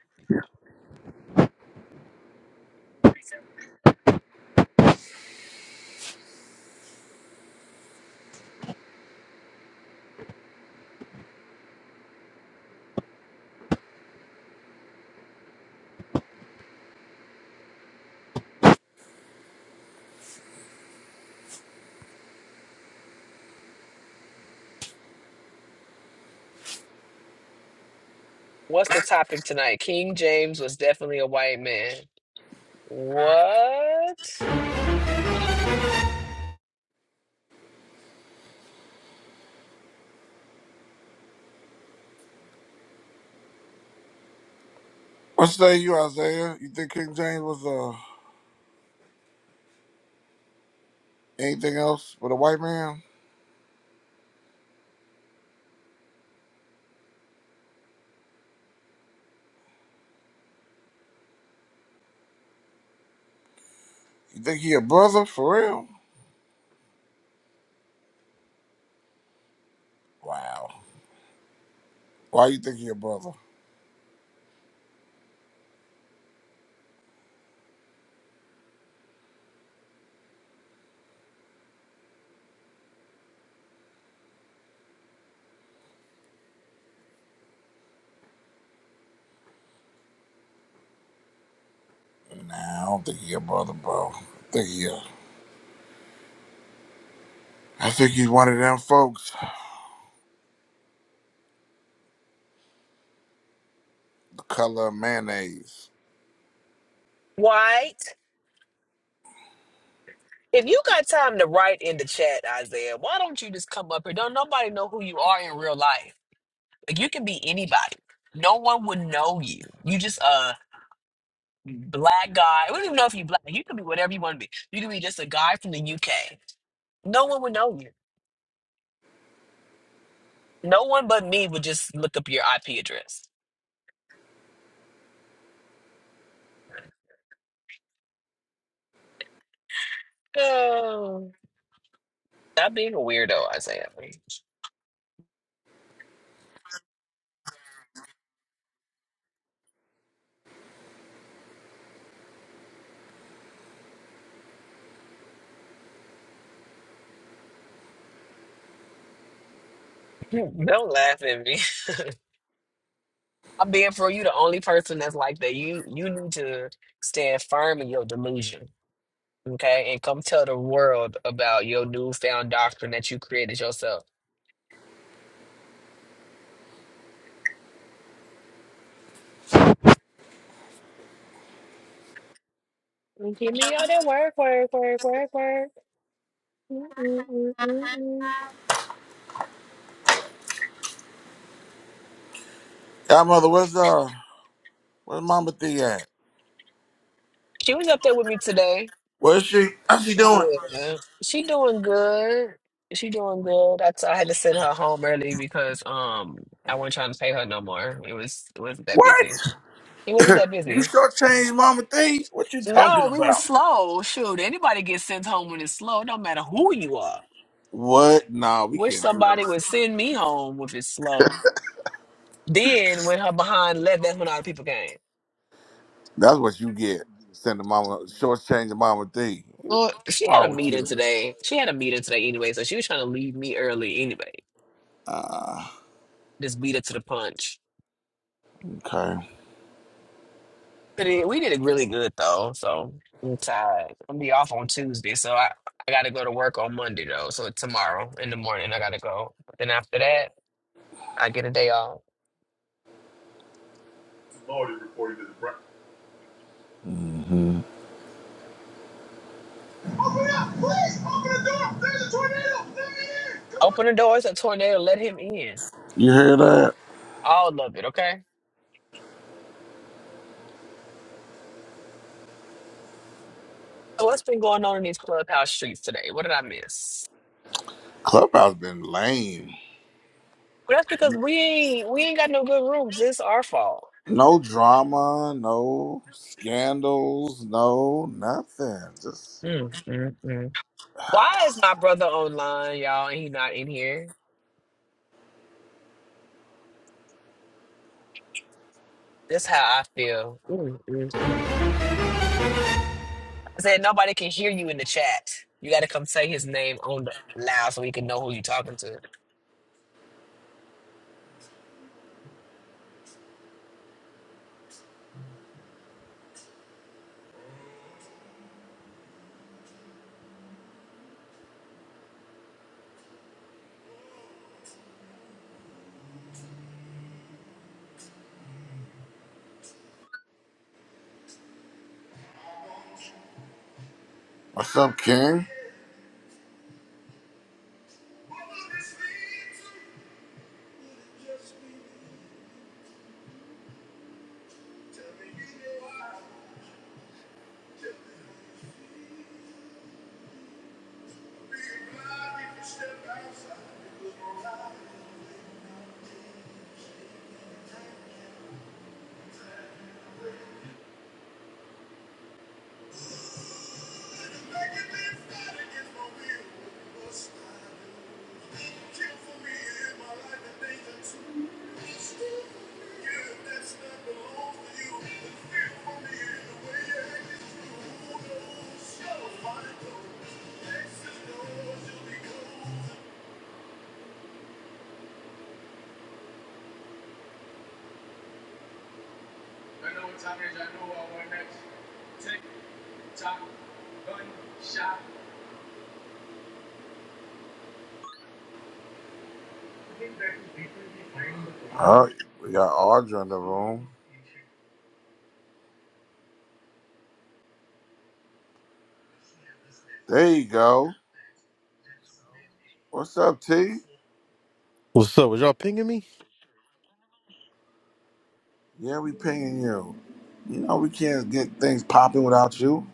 What's the topic tonight? King James was definitely a white man. What?
what say you, Isaiah? You think King James was uh anything else but a white man? You think he a brother for real? Wow. Why you think he a brother? Nah, I don't think he a brother, bro. I think he a, I think he's one of them folks. The color of mayonnaise.
White? If you got time to write in the chat, Isaiah, why don't you just come up here? Don't nobody know who you are in real life. Like you can be anybody. No one would know you. You just a black guy. We don't even know if you black. You could be whatever you want to be. You could be just a guy from the UK. No one would know you. No one but me would just look up your IP address. Stop being a weirdo, Isaiah. Don't laugh at me. I'm being for you the only person that's like that. You you need to stand firm in your delusion, okay? And come tell the world about your newfound doctrine that you created yourself.
Godmother, where's uh where's Mama Thee at?
She was up there with me today.
Where's she? How's she doing?
Yeah. She doing good. She doing good. I, t- I had to send her home early because um I wasn't trying to pay her no more. It was it wasn't that
What?
busy. It wasn't that
you
busy.
shortchanged Mama Thee? What you talking
No, we were
about?
slow. Shoot, anybody gets sent home when it's slow. It don't matter who you are.
What? Nah, we
Wish
can't do
somebody
this.
would send me home if it's slow. Then when her behind left, that's when all the people came.
That's what you get. Sending mama shortchanging Mama Thee.
Well,
What's
she had a
wrong with
meeting
you?
today. She had a meeting today anyway, so she was trying to leave me early anyway.
Uh,
Just beat her to the punch.
okay.
But it, we did it really good though, so I'm tired. I'm gonna be off on Tuesday, so I, I gotta go to work on Monday though. So tomorrow in the morning I gotta go. Then after that. I get a day off.
hmm
Open the doors a Tornado, let him in.
You hear that?
All of it, okay? So what's been going on in these clubhouse streets today? What did I miss?
Clubhouse been lame.
Well, that's because we ain't we ain't got no good rooms. It's our fault.
No drama, no scandals, no nothing. Just
Mm, mm, mm. Why is my brother online, y'all, and he not in here? That's how I feel. Mm, mm, I said nobody can hear you in the chat. You got to come say his name on the loud so we can know who you're talking to.
what's up, King? Oh, we got Audra in the room. There you go. What's up, T?
What's up? Was y'all pinging me?
Yeah, we pinging you. You know we can't get things popping without you.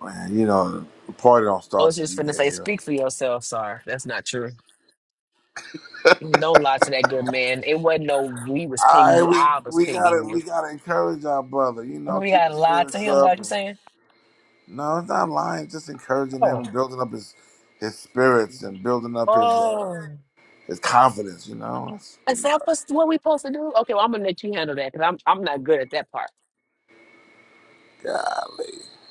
Man, you know the party don't
I
start
was
till
just
you
finna
get
say,
here.
speak for yourself, sir. That's not true. Don't lie to that good man. It wasn't no we was
All
pinging
right,
you.
we
I was
we gotta
pinging you.
we gotta encourage our brother. You know,
We
keep
got
the
to lie to
spirits
him. Like you
up.
saying?
No, it's not lying. Just encouraging him,
Oh,
building up his his spirits and building up his uh,
oh.
his confidence. You know, that's what
Is
we
that
are.
what's, what we supposed to do? Okay, well I'm gonna let you handle that because I'm I'm not good at that part.
Yeah.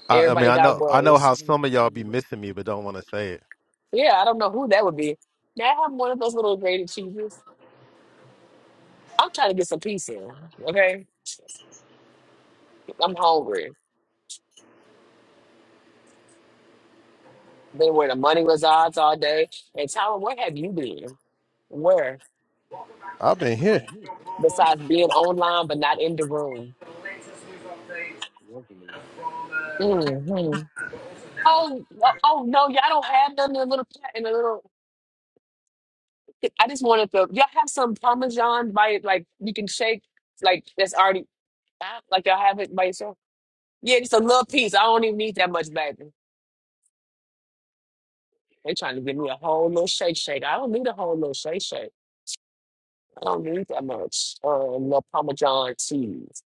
I, I mean,
Everybody
I know,
got
I know
roles.
how some of y'all be missing me, but don't want to say it.
Yeah, I don't know who that would be. Now I'm one of those little graded cheeses. I'm trying to get some peace in. Okay, I'm hungry. Been where the money resides all day. And Tyra, where have you been? Where?
I've been here.
Mhm. Besides being online but not in the room. hmm Oh, oh, oh, no! Y'all don't have none in the little pla- in the little. I just wanted to. Y'all have some parmesan by it, like you can shake like that's already like y'all have it by yourself. Yeah, just a little piece. I don't even need that much, baby. They trying to give me a whole little shake shake. I don't need a whole little shake shake. I don't need that much. Uh, little Parmesan cheese.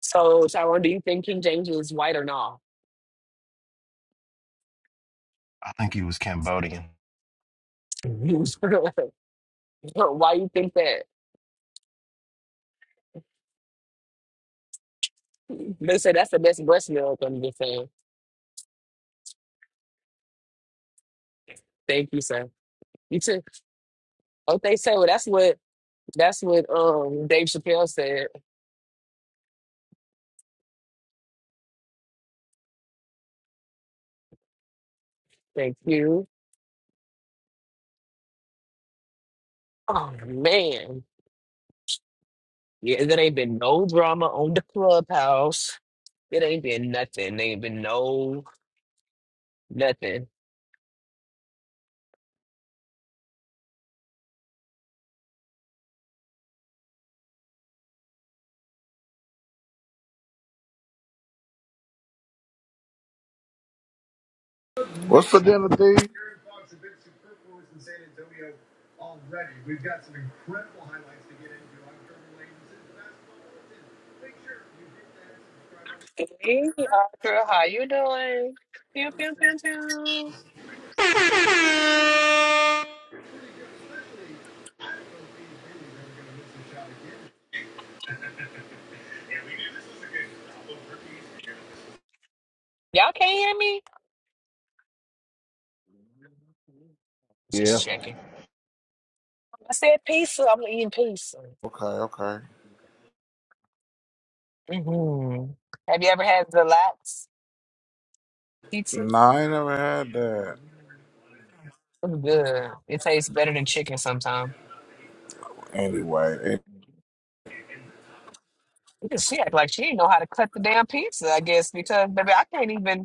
So, Tyrone, do you think King James is white or not?
I think he was Cambodian.
Why you think that? They say that's the best breast milk. I'm just saying. Thank you, sir. You too. Oh, they say. Well, that's what that's what um Dave Chappelle said. Thank you. Oh man, yeah, there ain't been no drama on the clubhouse. It ain't been nothing. Ain't been no nothing.
What's for dinner, D?
Hey, Arthur, how you doing? Pew, pew, pew, pew. Y'all can't hear me?
yeah
Just checking. I said pizza. I'm eating pizza.
Okay, okay.
hmm Have you ever had the lax pizza?
No, I ain't never had that.
It's good. It tastes better than chicken sometimes.
Anyway, eh,
She act like she didn't know how to cut the damn pizza, I guess, because baby, I can't even.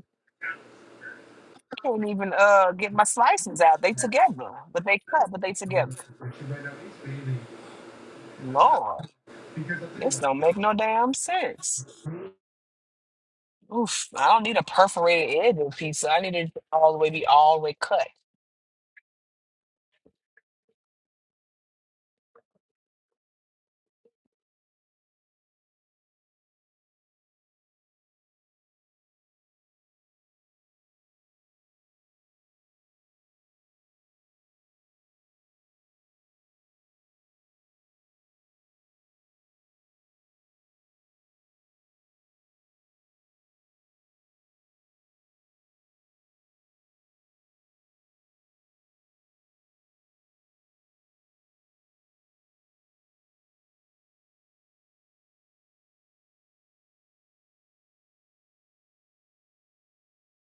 Can't even uh get my slices out. They together, but they cut, but they together. Lord, this don't make no damn sense. Oof, I don't need a perforated edge in pizza. I need it all the way be all the way cut.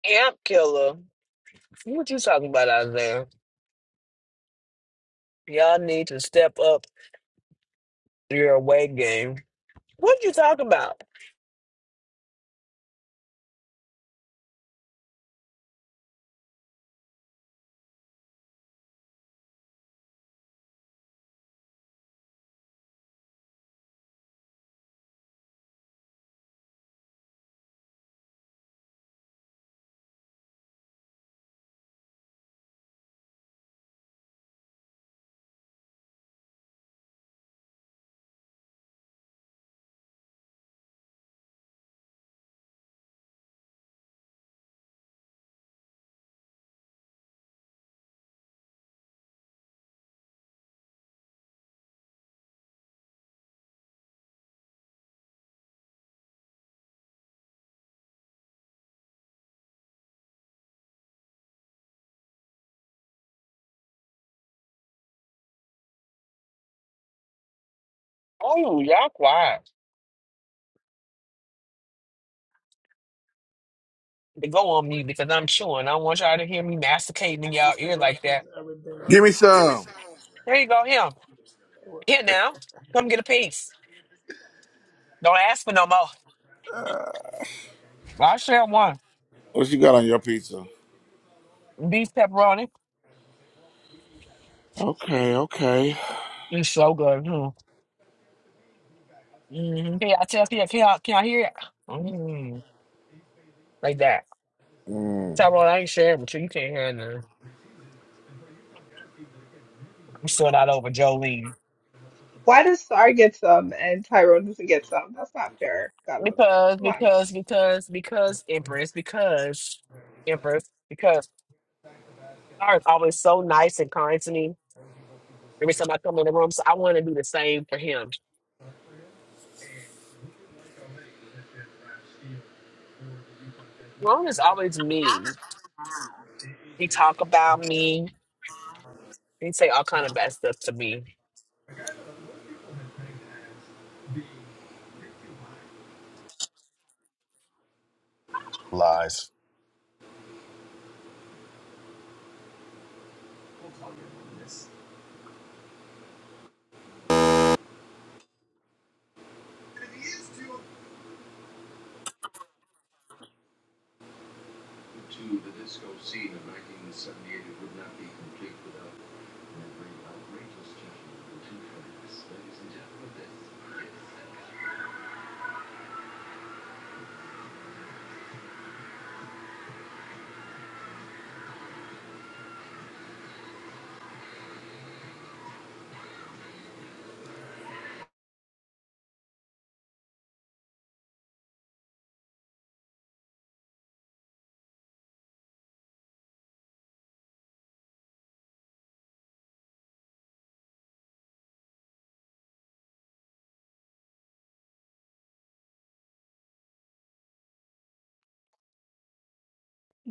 Amp killer. What you talking about out there? Y'all need to step up your away game. What you talk about? Oh, y'all quiet. They go on me because I'm chewing. I don't want y'all to hear me masticating in y'all
Peace and
ear like
blessings,
that.
everybody.
give me some.
There you go, him. Here now. Come get a piece. Don't ask for no more. I share one.
What you got on your pizza?
Beef pepperoni.
Okay, okay.
It's so good. Mm-hmm. Can I tell you? Can y'all, can y'all hear it? Mm, like that.
Mm.
Tyrone, I ain't sharing with you. You can't hear nothing. I'm still not over Jolene.
Why does Sar get some and Tyrone doesn't get some? That's not fair, Godmother.
Because,
Come on now.
because, because, because, Empress, because, Empress, because. Star is always so nice and kind to me every time I come in the room. So I want to do the same for him. Ron is always mean. He talk about me. He say all kind of bad stuff to me.
Lies.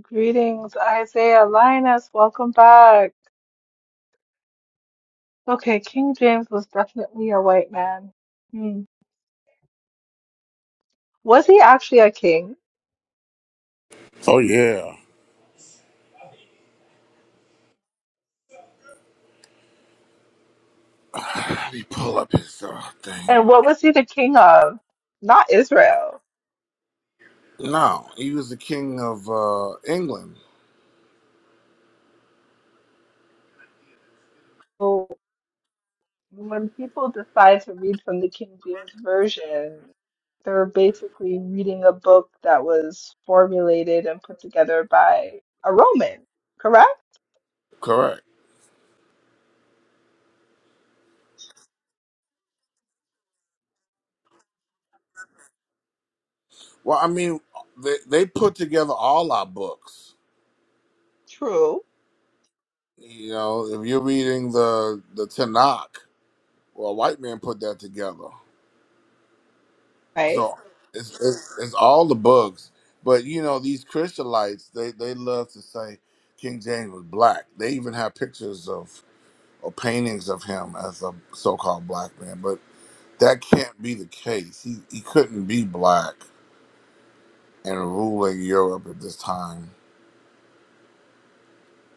Greetings, Isaiah Linus. Welcome back. Okay, King James was definitely a white man. Hmm. Was he actually a king?
Oh yeah. Let me pull up his uh, thing.
And what was he the king of? Not Israel.
No, he was the king of uh, England.
when people decide to read from the King James Version, they're basically reading a book that was formulated and put together by a Roman, correct?
Correct. Well, I mean, they they put together all our books.
True,
You know, if you're reading the the Tanakh, well, a white man put that together.
right?
So it's it's, it's all the books. But you know, these Christianites, they they love to say King James was black. They even have pictures of or paintings of him as a so-called black man. But that can't be the case. He he couldn't be black and ruling Europe at this time.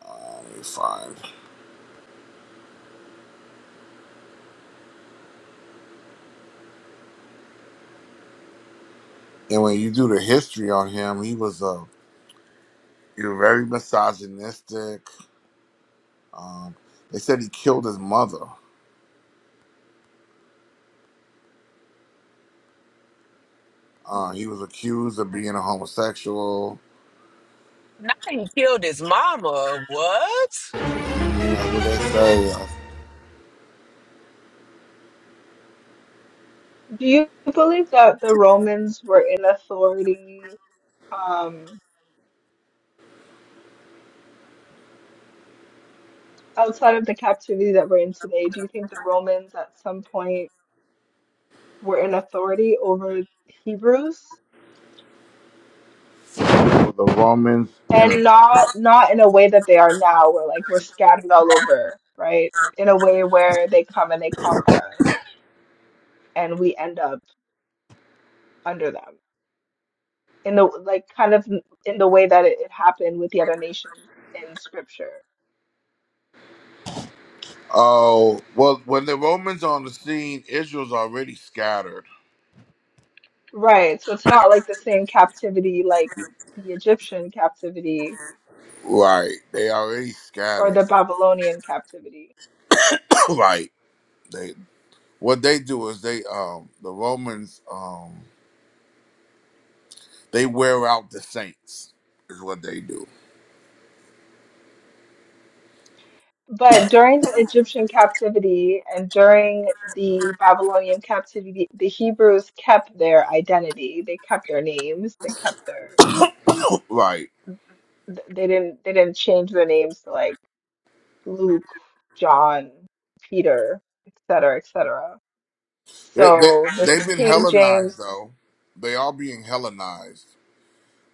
Uh, let me find. And when you do the history on him, he was a you're very misogynistic Um, they said he killed his mother. Uh, he was accused of being a homosexual.
Now he killed his mama. What?
Mm, That's what they say.
Do you believe that the Romans were in authority um, outside of the captivity that we're in today? Do you think the Romans at some point were in authority over Hebrews?
That's the Romans. You know.
and not not in a way that they are now where like we're scattered all over right in a way where they come and they conquer us and we end up under them in the like kind of in the way that it, it happened with the other nations in scripture
Oh well, when the Romans on the scene, Israel's already scattered.
right so it's not like the same captivity like the egyptian captivity
Right, they already
or
scattered.
the babylonian captivity
right, they what they do is they um the Romans um they wear out the saints is what they do.
But during the Egyptian captivity and during the Babylonian captivity, the Hebrews kept their identity. They kept their names. They kept their
Right,
th- they didn't they didn't change their names to like Luke, John, Peter, etc., etc.
they, they
So this
they've been
King
Hellenized
James.
though. They are being Hellenized.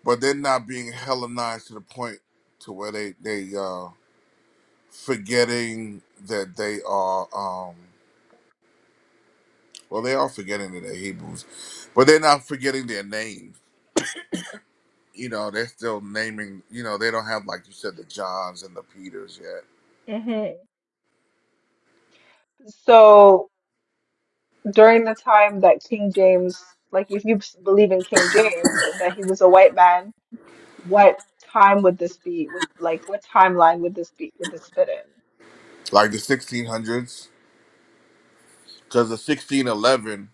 but they're not being Hellenized to the point to where they they uh, forgetting that they are um, well they are forgetting that they're Hebrews, but they're not forgetting their names. You know, they're still naming. You know, they don't have like you said the Johns and the Peters yet,
Mhm. So during the time that King James, like if you believe in King James and that he was a white man what time would this be? Would like what timeline would this be? Would this fit
like the 1600s, because the 1611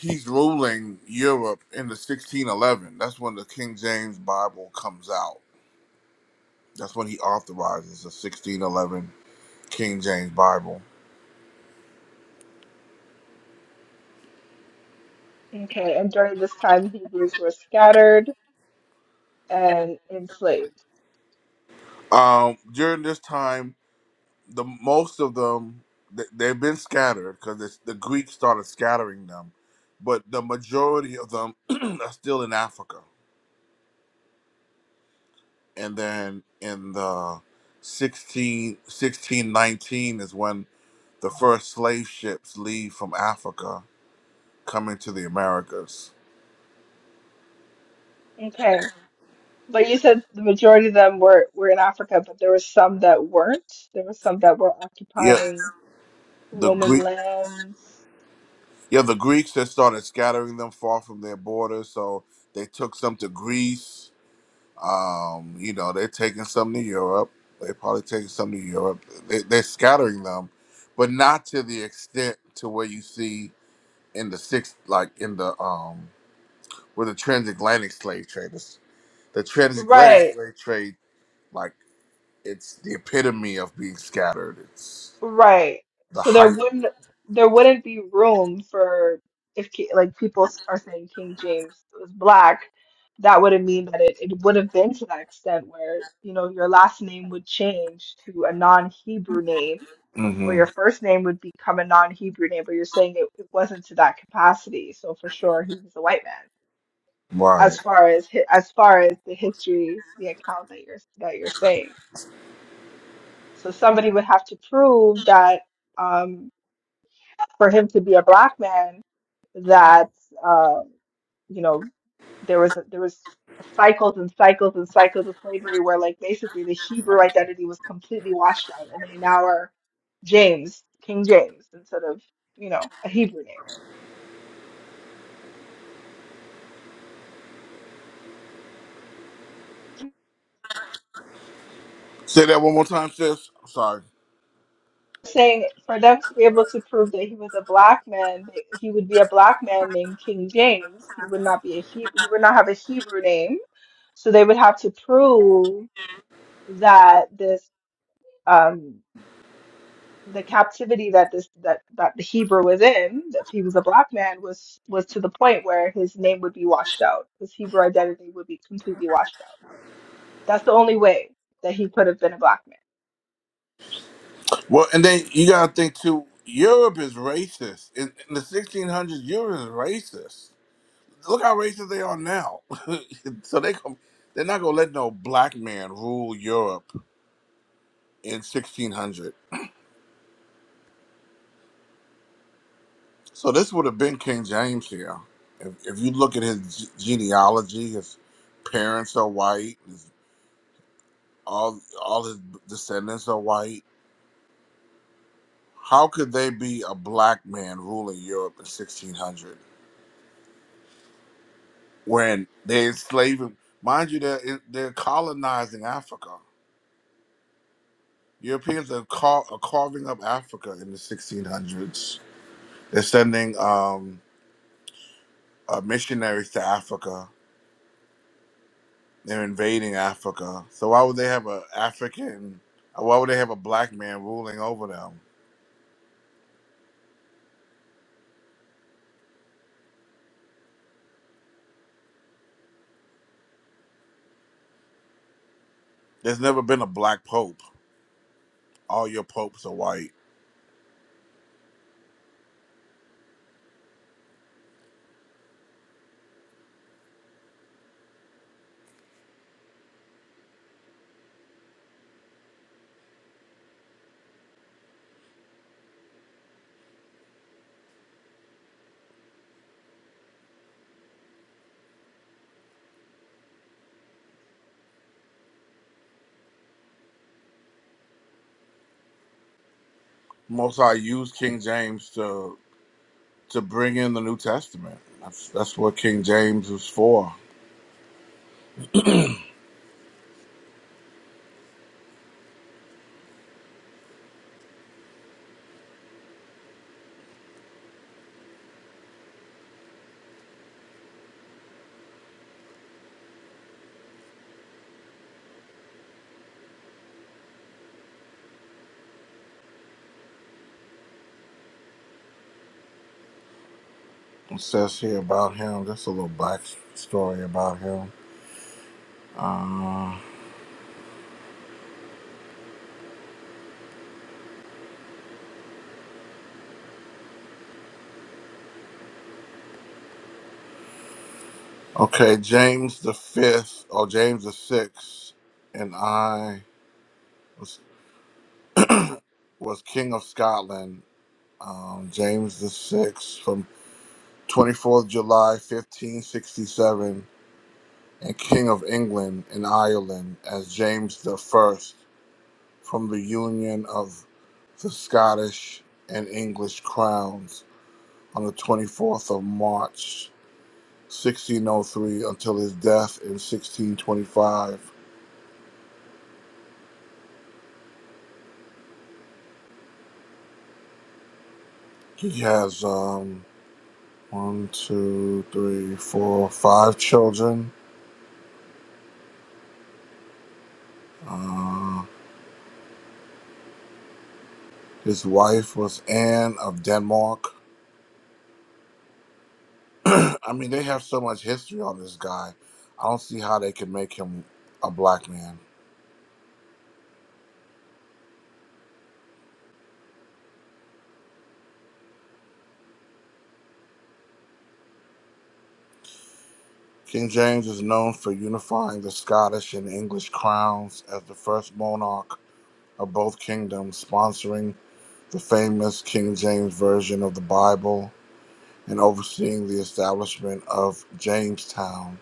he's ruling Europe in the 1611. That's when the King James Bible comes out. That's when he authorizes the 1611 King James Bible
in? Okay, and during this time, Hebrews were scattered and enslaved.
Um, during this time, the most of them th- they've been scattered because the Greeks started scattering them, but the majority of them are still in Africa. And then in the 16 1619 is when the first slave ships leave from Africa coming to the Americas.
Okay, but you said the majority of them were were in Africa, but there were some that weren't. There were some that were
Yeah,
occupying
the
Roman
Greek,
lands.
yeah, the Greeks had started scattering them far from their borders, so they took some to Greece Um, you know, they're taking some to Europe. They probably taking some to Europe. They, they're scattering them, but not to the extent to where you see in the six, like in the um, with the transatlantic slave traders. The transatlantic
Right.
slave trade, like it's the epitome of being scattered. It's
Right.
the
So there
height of it.
wouldn't there wouldn't be room for if ki- like people s- are saying King James was black, that wouldn't mean that it, it would have been to that extent where, you know, your last name would change to a non-Hebrew name, or
hmm
your first name would become a non-Hebrew name, but you're saying it, it wasn't to that capacity. So for sure he was a white man.
Right.
As far as hi- as far as the history, the account that you're that you're saying. So somebody would have to prove that um, for him to be a black man that uh, you know there was there was cycles and cycles and cycles of slavery where like basically the Hebrew identity was completely washed out and they now are James King James instead of you know a Hebrew name
Say that one more time, sis. I'm sorry.
saying for them to be able to prove that he was a black man, that he would be a black man named King James. He would not be a Hebrew. He would not have a Hebrew name. So they would have to prove that this. um, the captivity that this that that the Hebrew was in, if he was a black man, was was to the point where his name would be washed out. His Hebrew identity would be completely washed out. That's the only way that he could have been a black
Well, and then you gotta think too. Europe is racist. In, in the 1600s, Europe is racist look how racist they are now. so they come, they're not gonna let no black man rule Europe in 1600. So this would have been King James here. If, if you look at his ge- genealogy, his parents are white. His, all all his descendants are white. How could they be a black man ruling Europe in 1600 when they're enslaving? Mind you, they're they're colonizing Africa. Europeans are, car- are carving up Africa in the 1600s They're sending um, uh, missionaries to Africa. They're invading Africa. So why would they have a African? uh, Why would they have a black man ruling over them? There's never been a black pope. All your popes are white. Most I used King James to to bring in the New Testament. That's that's what King James is for. It says here about him. Just a little back story about him. Uh, okay, James the fifth or James the sixth, and I. was King of Scotland, um, James the Sixth, from 24th July 1567, and King of England and Ireland as James the First from the union of the Scottish and English crowns on the 24th of March 1603 until his death in 1625. He has um, one, two, three, four, five children. Um, His wife was Anne of Denmark. I mean, they have so much history on this guy. I don't see how they can make him a black man. King James is known for unifying the Scottish and English crowns as the first monarch of both kingdoms, sponsoring the famous King James Version of the Bible and overseeing the establishment of Jamestown,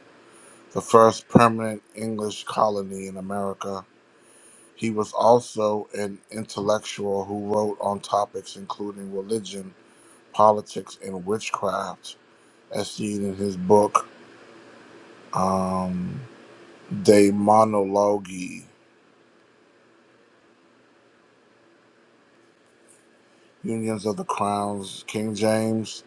the first permanent English colony in America He was also an intellectual who wrote on topics including religion, politics, and witchcraft, as seen in his book um, De Monologi, Unions of the Crowns. King James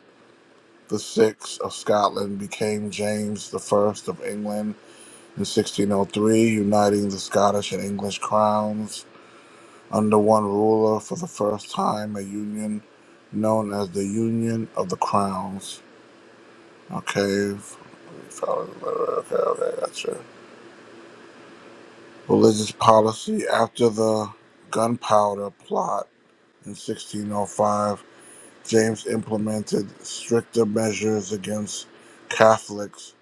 the Sixth of Scotland became James the First of England in 1603, uniting the Scottish and English crowns under one ruler for the first time, a union known as the Union of the Crowns. Okay, okay, okay, gotcha. Religious policy after the gunpowder plot in 1605, James implemented stricter measures against Catholics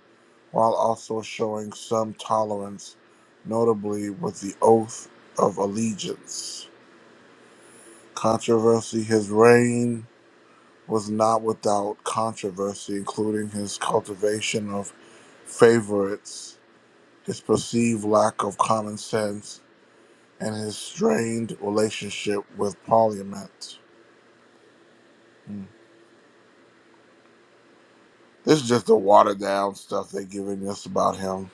while also showing some tolerance, notably with the oath of allegiance. Controversy His reign was not without controversy, including his cultivation of favorites, his perceived lack of common sense, and his strained relationship with Parliament. Hmm. This is just the watered down stuff they're giving us about him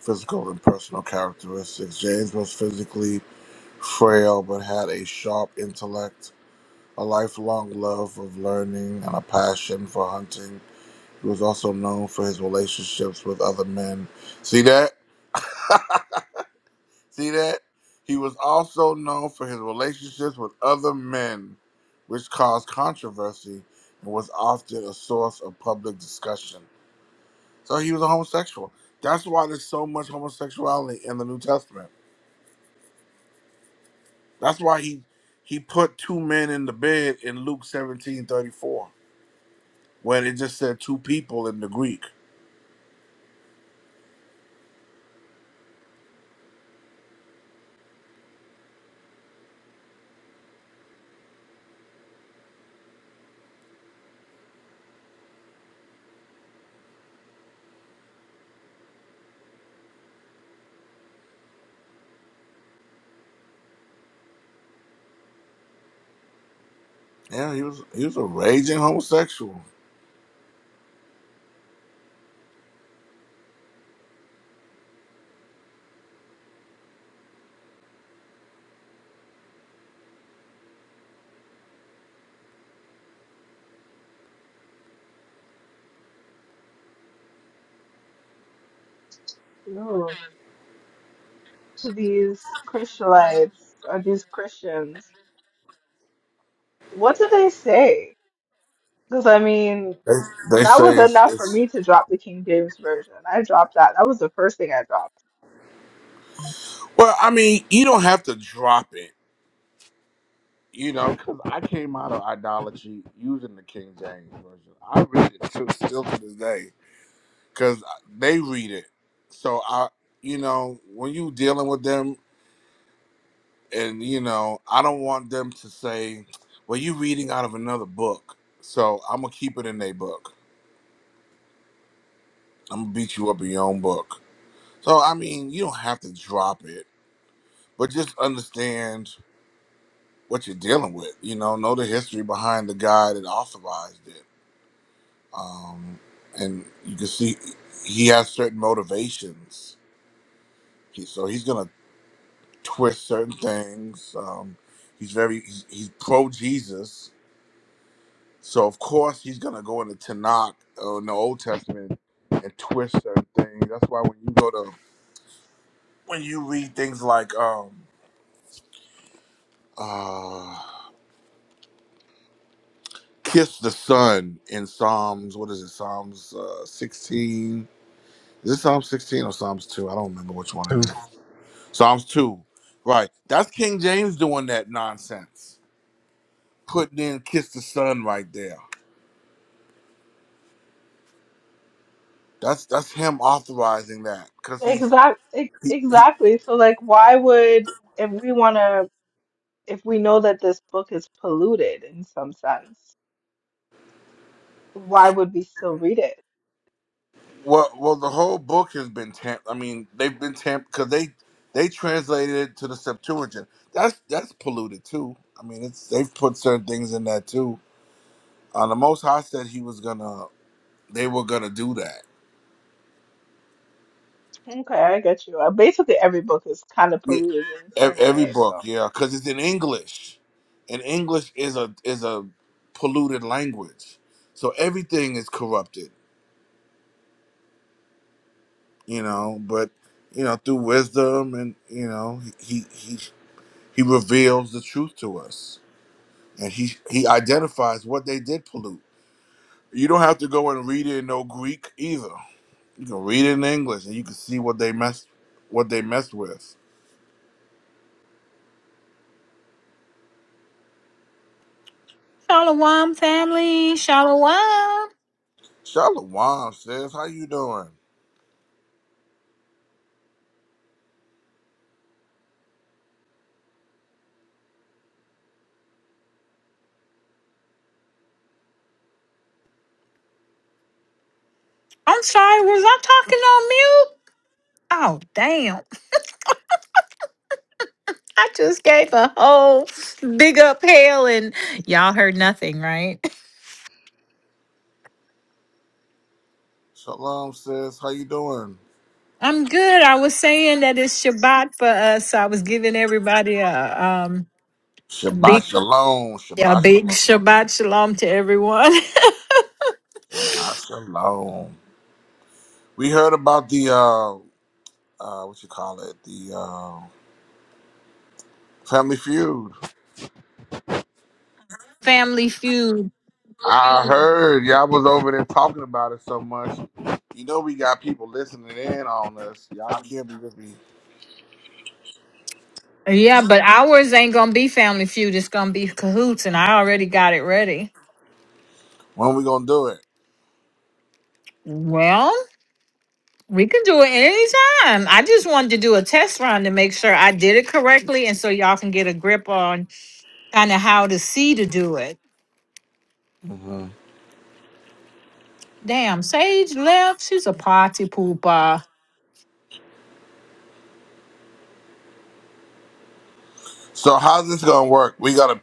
physical and personal characteristics. James was physically frail but had a sharp intellect, a lifelong love of learning, and a passion for hunting. He was also known for his relationships with other men. See that? See that? He was also known for his relationships with other men, which caused controversy and was often a source of public discussion. So he was a homosexual. That's why there's so much homosexuality in the New Testament. That's why he he put two men in the bed in Luke 17 34, when it just said two people in the Greek. Yeah, he was he was a raging homosexual.
man. Ooh. To these Christianites or these Christians, what do they say? Because I mean,
They, they
that
say
was
it's,
enough for
it's
me to drop the King James version. I dropped that. That was the first thing I dropped.
well, I mean, you don't have to drop it You know, because I came out of idolatry using the King James version. I read it to, still to this day because they read it. So I, you know, when you dealing with them, and you know, I don't want them to say, "Well, you reading out of another book." So I'm gonna keep it in their book. I'm gonna beat you up in your own book. So I mean, you don't have to drop it, but just understand what you're dealing with. You know, know the history behind the guy that authorized it um, and you can see he has certain motivations. He, so he's gonna twist certain things. Um, he's very he's, he's pro Jesus, so of course he's gonna go into Tanakh or in the Old Testament and twist certain things. That's why when you go to when you read things like um, uh, "Kiss the Sun" in Psalms, what is it? Psalms uh, sixteen. Is it Psalm sixteen or Psalms two? I don't remember which one it
Who?
is. Psalms 2. Right. That's King James doing that nonsense. Putting in Kiss the Sun right there. That's that's him authorizing that cuz he's
Exact, ex- exactly. So like, why would if we want to? if we know that this book is polluted in some sense, why would we still read it?
well well the whole book has been tamped. I mean, they've been tamped cuz they they translated it to the Septuagint. That's that's polluted too. I mean, it's they've put certain things in that too. Uh, the most high said he was going to they were going to do that.
Okay, I get you. Uh, Basically, every book is kind of
Yeah,
polluted in some
ev- every
way.
book,
So,
yeah, because it's in English, and English is a is a polluted language, so everything is corrupted, you know. But you know, through wisdom, and you know, he he he reveals the truth to us, and he he identifies what they did pollute. You don't have to go and read it in no Greek either. You can read it in English, and you can see what they messed what they messed with.
Shalom, family. Shalom.
Shalom, sis. How you doing?
I'm sorry, was I talking on mute? Oh, damn. I just gave a whole big up hail and y'all heard nothing, right?
Shalom, sis. How you doing?
I'm good. I was saying that it's Shabbat for us. So I was giving everybody a, um, a
Shabbat
big,
shalom.
a
Shabbat
big
shalom.
Shabbat shalom to everyone.
Shabbat shalom. We heard about the uh, uh what you call it? The uh Family Feud.
family feud.
I heard y'all was over there talking about it so much. You know we got people listening in on us. Y'all can't be with me.
Yeah, but ours ain't going to be family feud. It's going to be cahoots, and I already got it ready.
When we gonna do it?
Well. We can do it anytime. I just wanted to do a test run to make sure I did it correctly and so y'all can get a grip on kind of how to see to do it.
hmm
Damn, Sage left. She's a party pooper.
So how's this gonna work? We gotta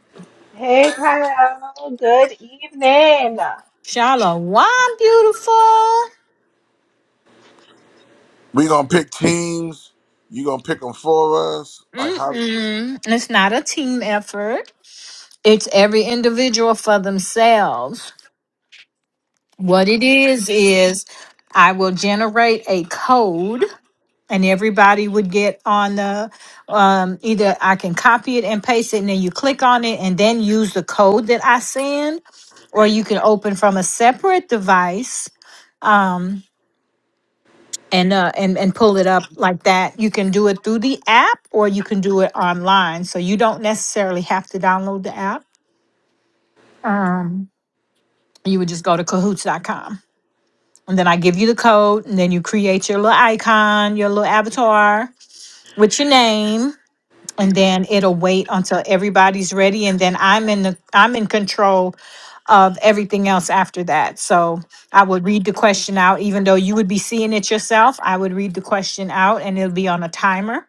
hey, Kyle, good evening.
Shallow, why beautiful?
we gonna pick teams. You gonna pick them for us? Like how?
Mm-mm. It's not a team effort. It's every individual for themselves. What it
Okay,
is is I will generate a code and everybody would get on the um, either I can copy it and paste it, and then you click on it and then use the code that I send, or you can open from a separate device um, and uh, and and pull it up like that. You can do it through the app, or you can do it online. So you don't necessarily have to download the app. Um, you would just go to cahoots dot com, And then I give you the code, and then you create your little icon, your little avatar with your name and then it'll wait until everybody's ready and then i'm in the i'm in control of everything else after that so i would read the question out even though you would be seeing it yourself i would read the question out and it'll be on a timer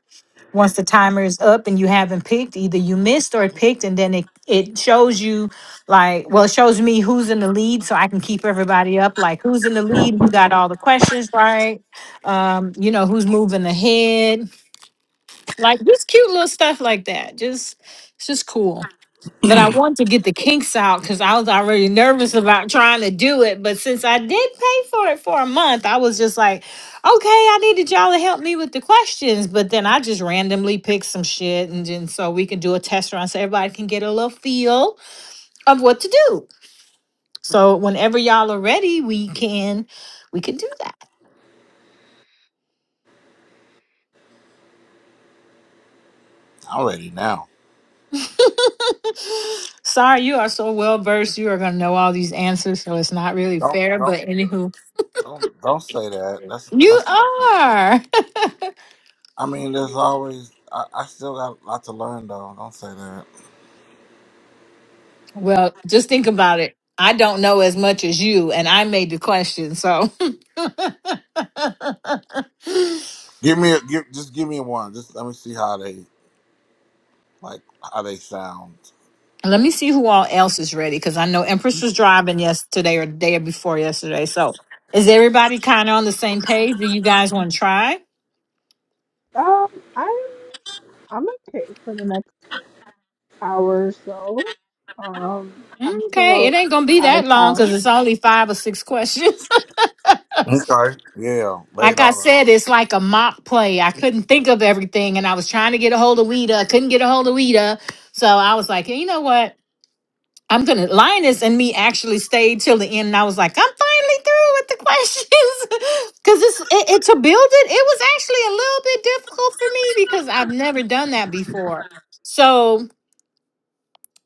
once the timer is up and you haven't picked either you missed or picked and then it it shows you like well it shows me who's in the lead so i can keep everybody up like who's in the lead who got all the questions right um you know who's moving ahead like just cute little stuff like that. Just it's just cool. But I wanted to get the kinks out because I was already nervous about trying to do it. But since I did pay for it for a month, I was just like, okay, I needed y'all to help me with the questions. But then I just randomly picked some shit and then so we can do a test run so everybody can get a little feel of what to do. So whenever y'all are ready, we can we can do that.
I'm ready now.
Sorry, you are so well versed. You are going to know all these answers, so it's not really
Don't
fair. But
don't.
anywho,
Don't don't say that. That's
you
that's. Not fair.
are.
I mean, there's always. I, I still got a lot to learn though. Don't say that.
Well, just think about it. I don't know as much as you, and I made the question. So
Give me a give. Just give me one. Just let me see how they like how they sound.
let me see who all else is ready because I know Empress was driving yesterday or the day before yesterday. So is everybody kind of on the same page? Do you guys want to try?
Um, I'm I'm okay for the next hour or so. Um, I'm still
Okay, it ain't going to be
out out
that
of
long
town.
because it's only five or six questions.
Okay. Yeah. Lay it
Like I
on
said,
us.
it's like a mock play. I couldn't think of everything, and I was trying to get a hold of Weeda. I couldn't get a hold of Weeda. So I was like, you know what? I'm gonna Linus and me actually stayed till the end. And I was like, I'm finally through with the questions because it's it, it- to build it. It was actually a little bit difficult for me because I've never done that before. So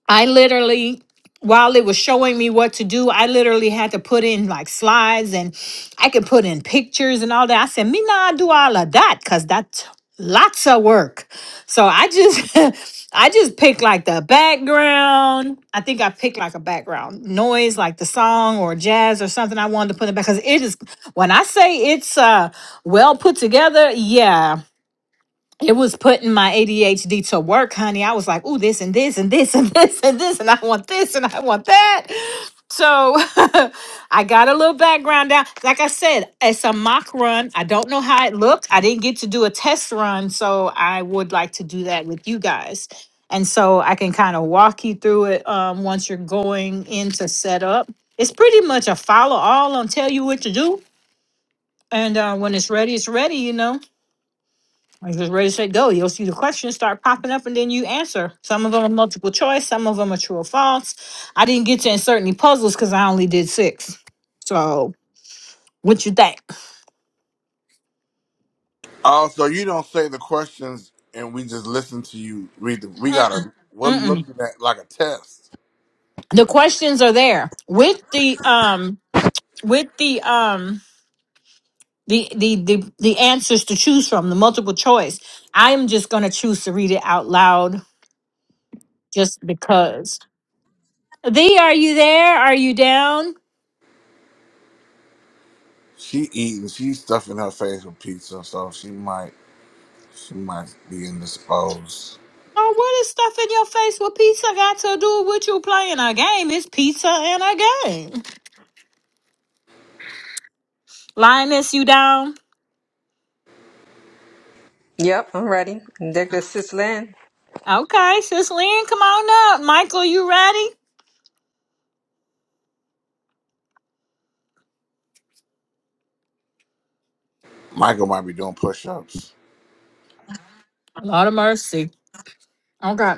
I literally, while it was showing me what to do, I literally had to put in like slides and I could put in pictures and all that. I said, me nah do all of that because that's lots of work. So I just, I just picked like the background. I think I picked like a background noise, like the song or jazz or something I wanted to put in because it is, when I say it's uh, well put together, yeah, it was putting my ADHD to work, honey. I was like, ooh, this and this and this and this and this, and I want this and I want that. So I got a little background down. Like I said, it's a mock run. I don't know how it looked. I didn't get to do a test run. So I would like to do that with you guys. And so I can kind of walk you through it um, once you're going into setup. It's pretty much a follow all on tell you what to do. And uh, when it's ready, it's ready, you know. I just ready to say go. You'll see the questions start popping up and then you answer. Some of them are multiple choice, some of them are true or false. I didn't get to insert any puzzles because I only did six. So what you think?
Oh, so you don't say the questions and we just listen to you read the. We
Mm-mm,
gotta. We're
mm-mm.
looking at like a test.
The questions are there with the um with the um the, the the the answers to choose from, the multiple choice. I am just gonna choose to read it out loud just because. Thee, are you there? Are you down?
She eating. She's stuffing her face with pizza, so she might. She might be indisposed.
Oh, what is stuff in your face with pizza got to do with you playing a game? It's pizza and a game. Lioness, you down?
Yep, I'm ready. There goes Sis Lynn.
Okay, sis Lynn, come on up. Michael, you ready?
Michael might be doing push-ups.
A lot of mercy. Okay.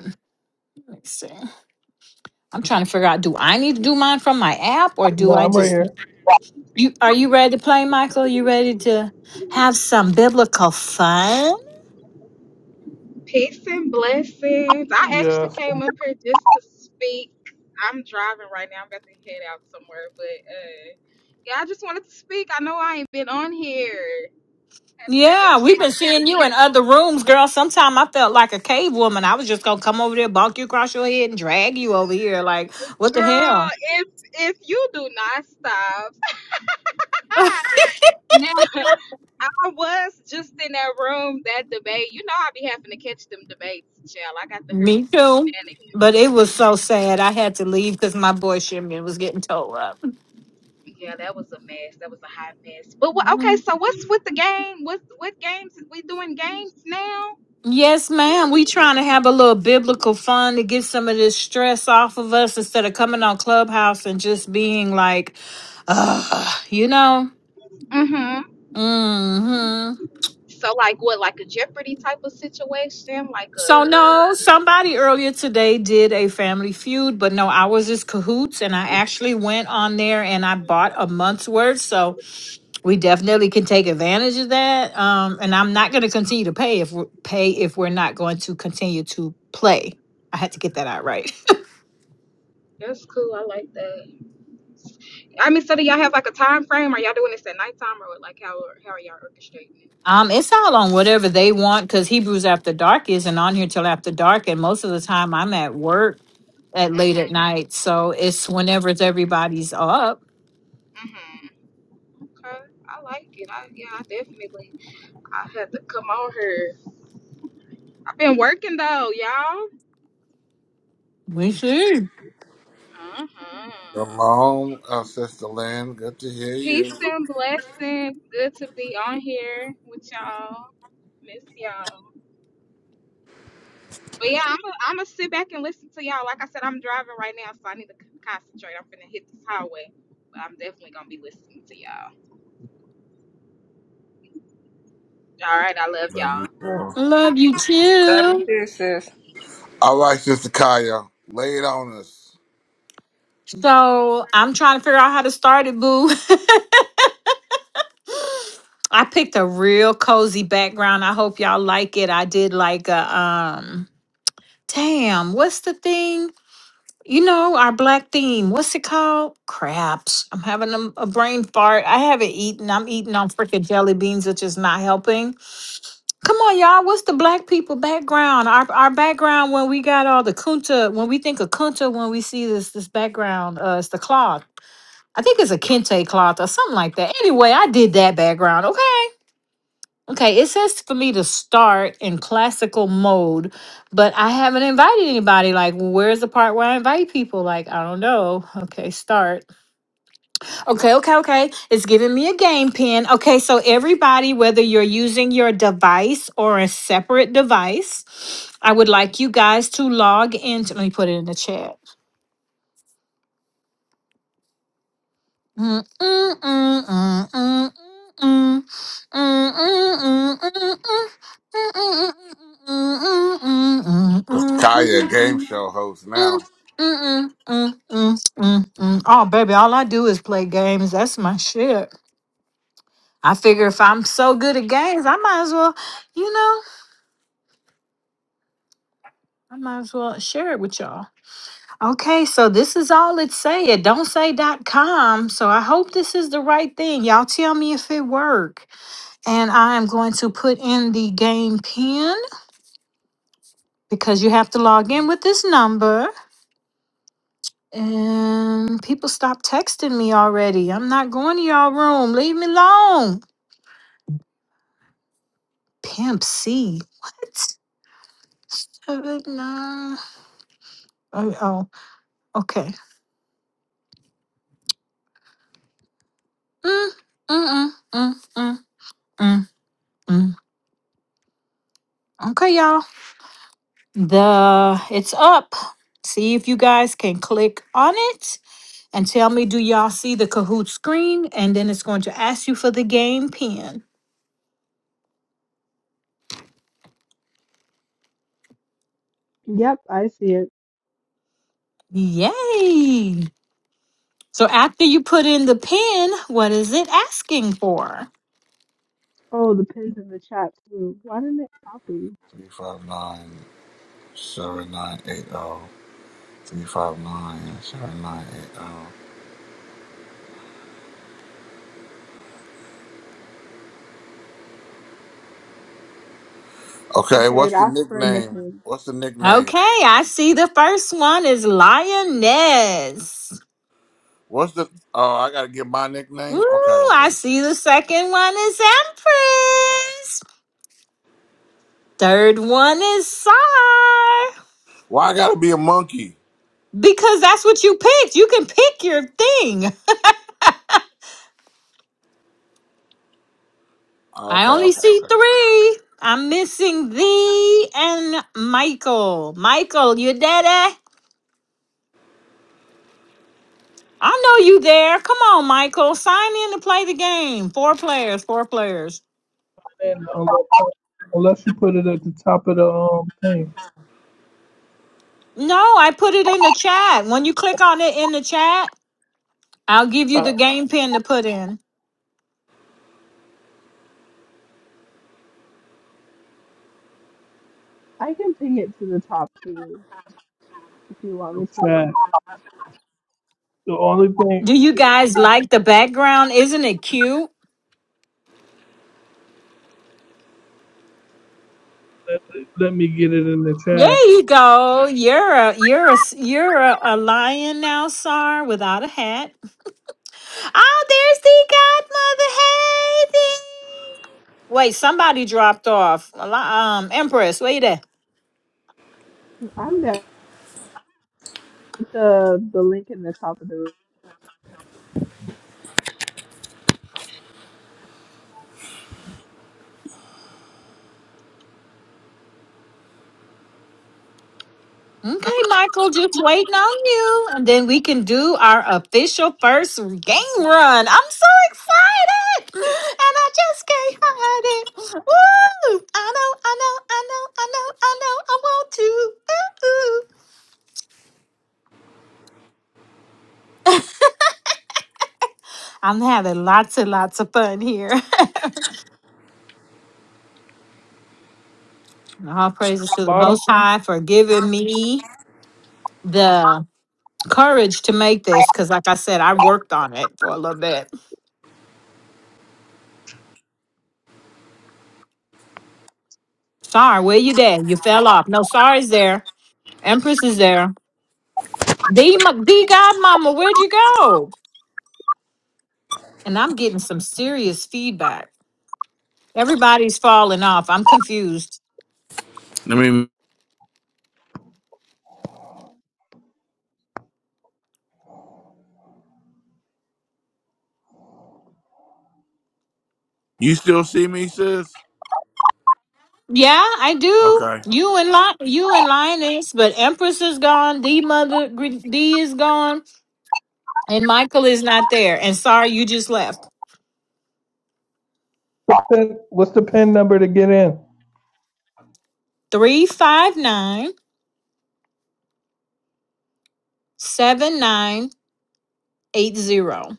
Let's see. I'm trying to figure out do I need to do mine from my app or
No,
do I
I'm right
just
here.
you are you ready to play, Michael? You ready to have some biblical fun?
Peace and blessings. I actually
Yes.
came up here just to speak. I'm driving right now. I'm about to head out somewhere, but uh, yeah, I just wanted to speak. I know I ain't been on here. Have to
Yeah,
speak to
we've
my
been seeing you in
people,
other rooms, girl. Sometime I felt like a cave woman. I was just gonna come over there, bonk you across your head, and drag you over here. Like, what the
girl.
hell?
If if you do not stop, now I was just in that room that debate. You know I be having to catch them debates, child. I got to hear me
Me
some
too.
shenanigans.
But it was so sad. I had to leave because my boy Shimon was getting towed up.
Yeah, that was a mess. That was a hot mess. But what, okay,
Mhm.
so what's with the game? What what games we doing games now?
Yes, ma'am. We trying to have a little biblical fun to get some of this stress off of us instead of coming on Clubhouse and just being like, Ugh, you know.
Mm-hmm.
hmm
So like what, like a Jeopardy type of situation? Like
So
a
no, somebody earlier today did a family feud, but no, I was just cahoots and I actually went on there and I bought a month's worth. So we definitely can take advantage of that. Um, and I'm not going to continue to pay if we pay if we're not going to continue to play. I had to get that out right.
that's cool. I like that. I mean, so do y'all have like a time frame? Are y'all doing this at nighttime or like how how are y'all orchestrating it?
Um, it's all on whatever they want because Hebrews After Dark isn't on here till after dark, and most of the time I'm at work at late at
Mm-hmm.
night. So it's whenever it's everybody's up.
Mm-hmm. Okay. I like it. I yeah, I definitely I had to come on here. I've been working though, y'all.
We see.
Mm-hmm.
Shalom, uh, Sister Lynn. Good to hear
Peace
you.
and blessings. Good to be on here with y'all. Miss y'all. But yeah, I'm gonna I'm gonna sit back and listen to y'all. Like I said, I'm driving right now, so I need to c- concentrate. I'm gonna hit this highway, but I'm definitely gonna be listening to y'all. All right, I love
Love you.
y'all.
too.
Love you
Love you
too.
too, sis.
All right, Sister Kaya, lay it on us.
So I'm trying to figure out how to start it, boo. I picked a real cozy background. I hope y'all like it. I did like a um damn, what's the thing? You know, our black theme. What's it called? Craps. I'm having a, a brain fart. I haven't eaten. I'm eating on freaking jelly beans, which is not helping. Come on, y'all. What's the black people background? Our our background when we got all the kunta, when we think of kunta, when we see this this background, uh it's the cloth. I think it's a kente cloth or something like that. Anyway, I did that background. Okay. Okay. It says for me to start in classical mode, but I haven't invited anybody. Like, well, where's the part where I invite people? Like, I don't know. Okay. Start. Okay. Okay. Okay. It's giving me a game pin. Okay. So, everybody, whether you're using your device or a separate device, I would like you guys to log into. Let me put it in the chat. Mm, mm, mm, mm, mm, mm, mm, mm,
Sister Kaya, game show host now.
mm, mm, mm. Oh, baby, all I do is play games. That's my shit. I figure if I'm so good at games, I might as well, you know, I might as well share it with y'all. Okay, so this is all it say. It don't say dot com. So I hope this is the right thing. Y'all tell me if it work. And I am going to put in the game pin because you have to log in with this number. And people stop texting me already. I'm not going to y'all room. Leave me alone. Pimp C. What? Uh, no. Oh, oh, okay. Mm, mm, mm, mm, mm, mm, mm. Okay, y'all. The it's up. See if you guys can click on it. and tell me, do y'all see the Kahoot screen? And then it's going to ask you for the game pin.
Yep, I see it.
Yay! So after you put in the pin, what is it asking for?
Oh, the pins in the chat too. Why didn't it copy?
359 7980. Okay,
Okay, it
what's the
asked for a
nickname?
nickname.
What's the nickname?
Okay, I see the first one is lioness.
What's the. Oh, I gotta get my
Woo,
nickname? Okay, okay.
I see the second one is empress. Third one is sar.
Why I gotta be a monkey?
Because that's what you picked. You can pick your thing.
Oh,
I
okay,
only
okay, okay.
see three. I'm missing thee and Michael. Michael, you daddy? I know you there. Come on, Michael. Sign in to play the game. Four players, four players.
And unless, unless you put it at the top of the um thing,
No, I put it in the chat. When you click on it in the chat, I'll give you
uh,
the game pin to put in.
I can ping it to the top too if you want me to.
chat. The only thing,
Do you guys like the background? Isn't it cute?
let, let me get it in the chat.
There you go. You're a you're a you're a, a lion now, Sar, without a hat. Oh, there's the godmother. Hey, thing. Wait, somebody dropped off. A Um, Empress, wait there.
I'm there with the the link in the top of the room.
Okay, Michael, just waiting on you, and then we can do our official first game run. I'm so excited, and I just can't hide it. Woo! I know, I know, I know, I know, I know, I want to. Ooh, ooh. I'm having lots and lots of fun here. And All praises to the
Bottom.
Most High for giving me the courage to make this because, like I said, I worked on it for a little bit. Sorry, where you at? You fell off. No, sorry's there. Empress is there. D, m- D Godmama, where'd you go? And I'm getting some serious feedback. Everybody's falling off. I'm confused.
I mean, you still see me, sis?
Yeah, I do.
Okay.
You and Li- you and Lioness, but Empress is gone. D Mother Gr- D is gone, and Michael is not there. And sorry, you just left.
What's the, what's the pin number to get in?
Three five nine seven nine eight zero.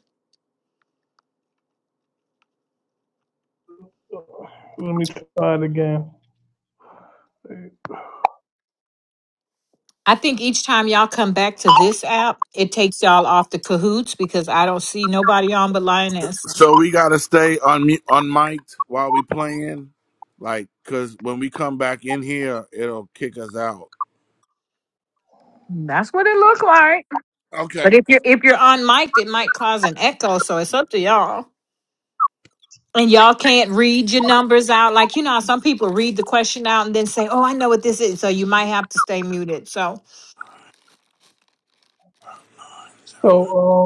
Let me try it again.
I think each time y'all come back to this app, it takes y'all off the cahoots because I don't see nobody on but Lioness.
So we gotta stay on on mic'd while we playing, like, cause when we come back in here, it'll kick us out.
That's what it looked like.
Okay,
But if you're if you're on mic, it might cause an echo, so it's up to y'all. And y'all can't read your numbers out. Like you know, how some people read the question out and then say, "Oh, I know what this is," so you might have to stay muted. So
So,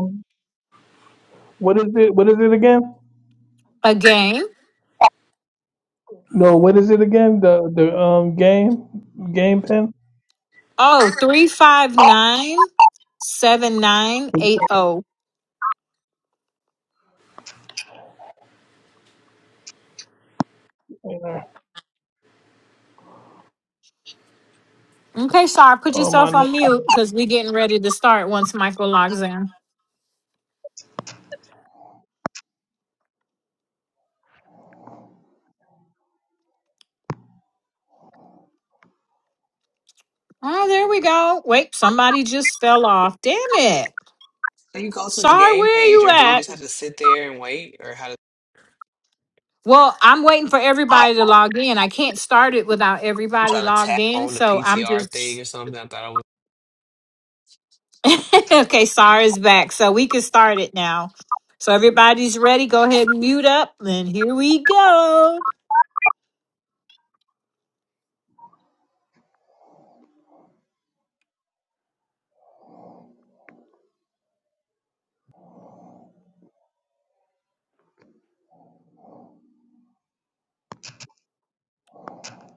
um, what is it? What is it again?
again,
No, what is it again? The the um game game pin.
oh three five nine seven nine eight zero. Okay, sorry, put
Oh
yourself
my!
on mute because we're getting ready to start once Michael logs in. Oh, there we go. Wait, somebody just fell off. Damn it. Sorry, where are you at? Well, I'm waiting for everybody to log in. I can't start it without
I'm
everybody
trying to
logged
tap
in.
on the
So I'm
PTR thing
just
or something. I thought I was.
okay. Sarah's back. So we can start it now. So everybody's ready. Go ahead and mute up. And here we go.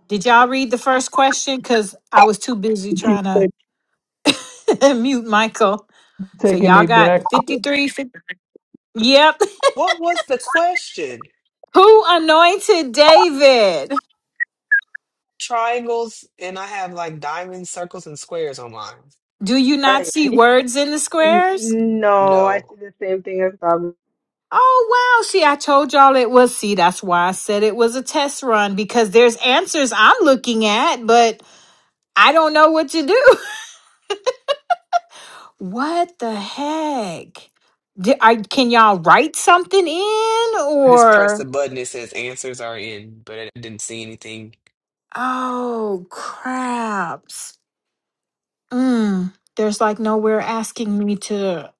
Did y'all read the first question? Because I was too busy
It keeps
trying to mute Michael. So
taking
y'all
me
got
back.
53. 50, yep.
What was the question?
Who anointed David?
Triangles and I have like diamonds, circles, and squares on mine.
Do you not
Right.
see words in the
Y-
squares?
No, I see
No.
the same thing as Gabby.
Oh, wow. See, I told y'all it was. See, that's why I said it was a test run because there's answers I'm looking at, but I don't know what to do. what the heck? Di- I, can y'all write something in
I just pressed
or?
the button. It says answers are in, but I didn't see anything.
Oh, craps. Mm, there's like nowhere asking me to,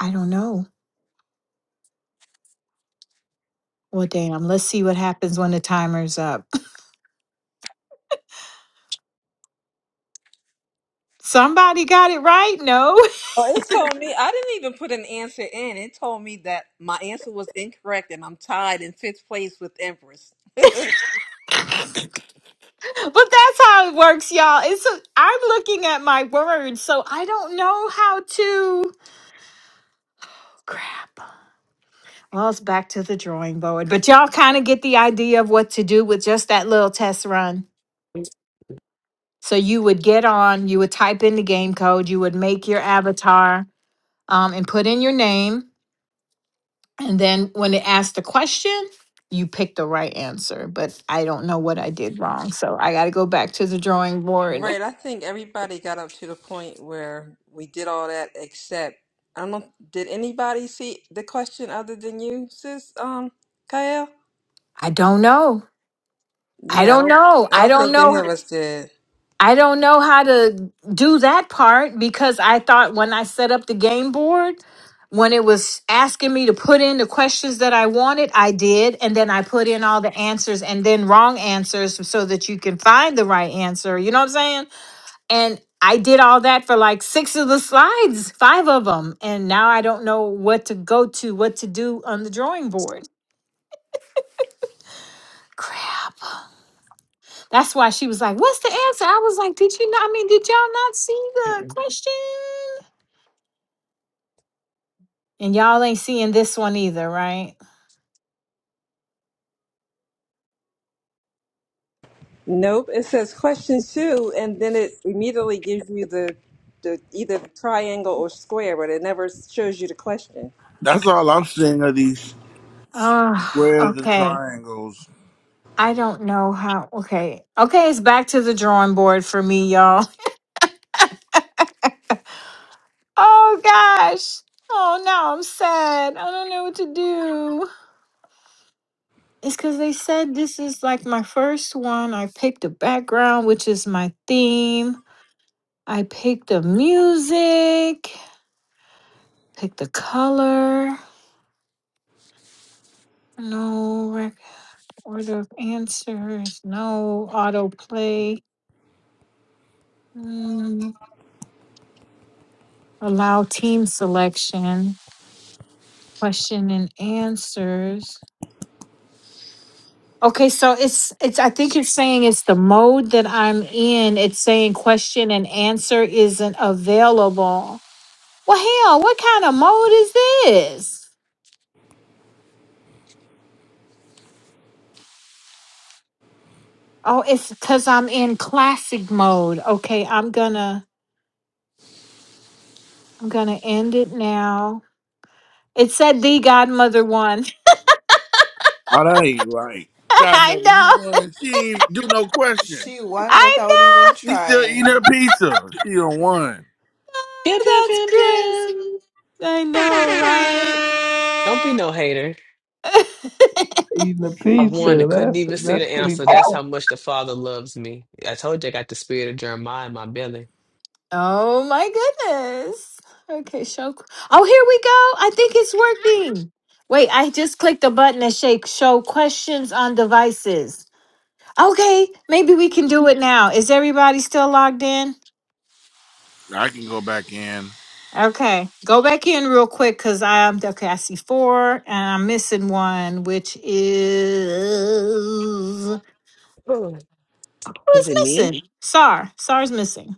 I don't know. Well, damn, let's see what happens when the timer's up. Somebody got it right? No.
Well, it told me I didn't even put an answer in. It told me that my answer was incorrect and I'm tied in fifth place with Empress.
but that's how it works, y'all. It's i am looking at my words, so I don't know how to crap. Well, it's back to the drawing board. But y'all kind of get the idea of what to do with just that little test run.
Pew,
So you would get on, you would type in the game code, you would make your avatar, um, and put in your name. And then when it asks the question, you pick the right answer. But I don't know what I did wrong. So I gotta go back to the drawing board.
Right. I think everybody got up to the point where we did all that except I don't know did anybody see the question other than you, sis um Kyle?
I don't know. I
Yeah, I
don't
don't
know.
I
I
don't
don't
think any
know.
of us did.
I don't know how to do that part because I thought when I set up the game board, when it was asking me to put in the questions that I wanted, I did. And then I put in all the answers and then wrong answers so that you can find the right answer. You know what I'm saying? And I did all that for like six of the slides, five of them. And now I don't know what to go to, what to do on the drawing board. Crap. That's why she was like, What's the answer? I was like, Did you not? I mean, did y'all not see the question? And y'all ain't seeing this one either, right?
Nope. It says question two, and then it immediately gives you the the either the triangle or square, but it never shows you the question.
that's all I'm seeing are these
Ah,
squares and
okay.
triangles.
I don't know how. Okay. Okay, it's back to the drawing board for me, y'all. Oh, gosh. Oh, now I'm sad. I don't know what to do. It's because they said this is like my first one. I picked a background, which is my theme. I picked the music, picked the color. No rec- order of answers, no autoplay. Mm, allow team selection, question and answers. Okay, so it's it's I think you're saying it's the mode that I'm in. It's saying question and answer isn't available. Well, hell, what kind of mode is this? Oh, it's cuz I'm in classic mode. Okay, I'm gonna I'm gonna end it now. It said the godmother one.
Oh, that ain't right.
I
Godmother, you
know.
won. She ain't do no question.
She won
I
without
know.
even
She still eating her
trying.
pizza. She done won.
pew,
Oh, That's
pew, pew.
crazy. I know, right?
Don't be no hater.
eating a
I won. I
pizza.
couldn't
That's
even see
that's
the
pretty
answer. That's
cool.
how much the Father loves me. I told you I got the spirit of Jeremiah in my belly.
oh my goodness. Okay, show. qu- Oh, here we go. I think it's working. Wait, I just clicked the button that shake show questions on devices. Okay, maybe we can do it now. Is everybody still logged in?
I can go back in.
Okay, go back in real quick because I'm okay. I see four and I'm missing one, which is.
Oh, Is
Who's
it me?
missing? Sar. Sar's missing.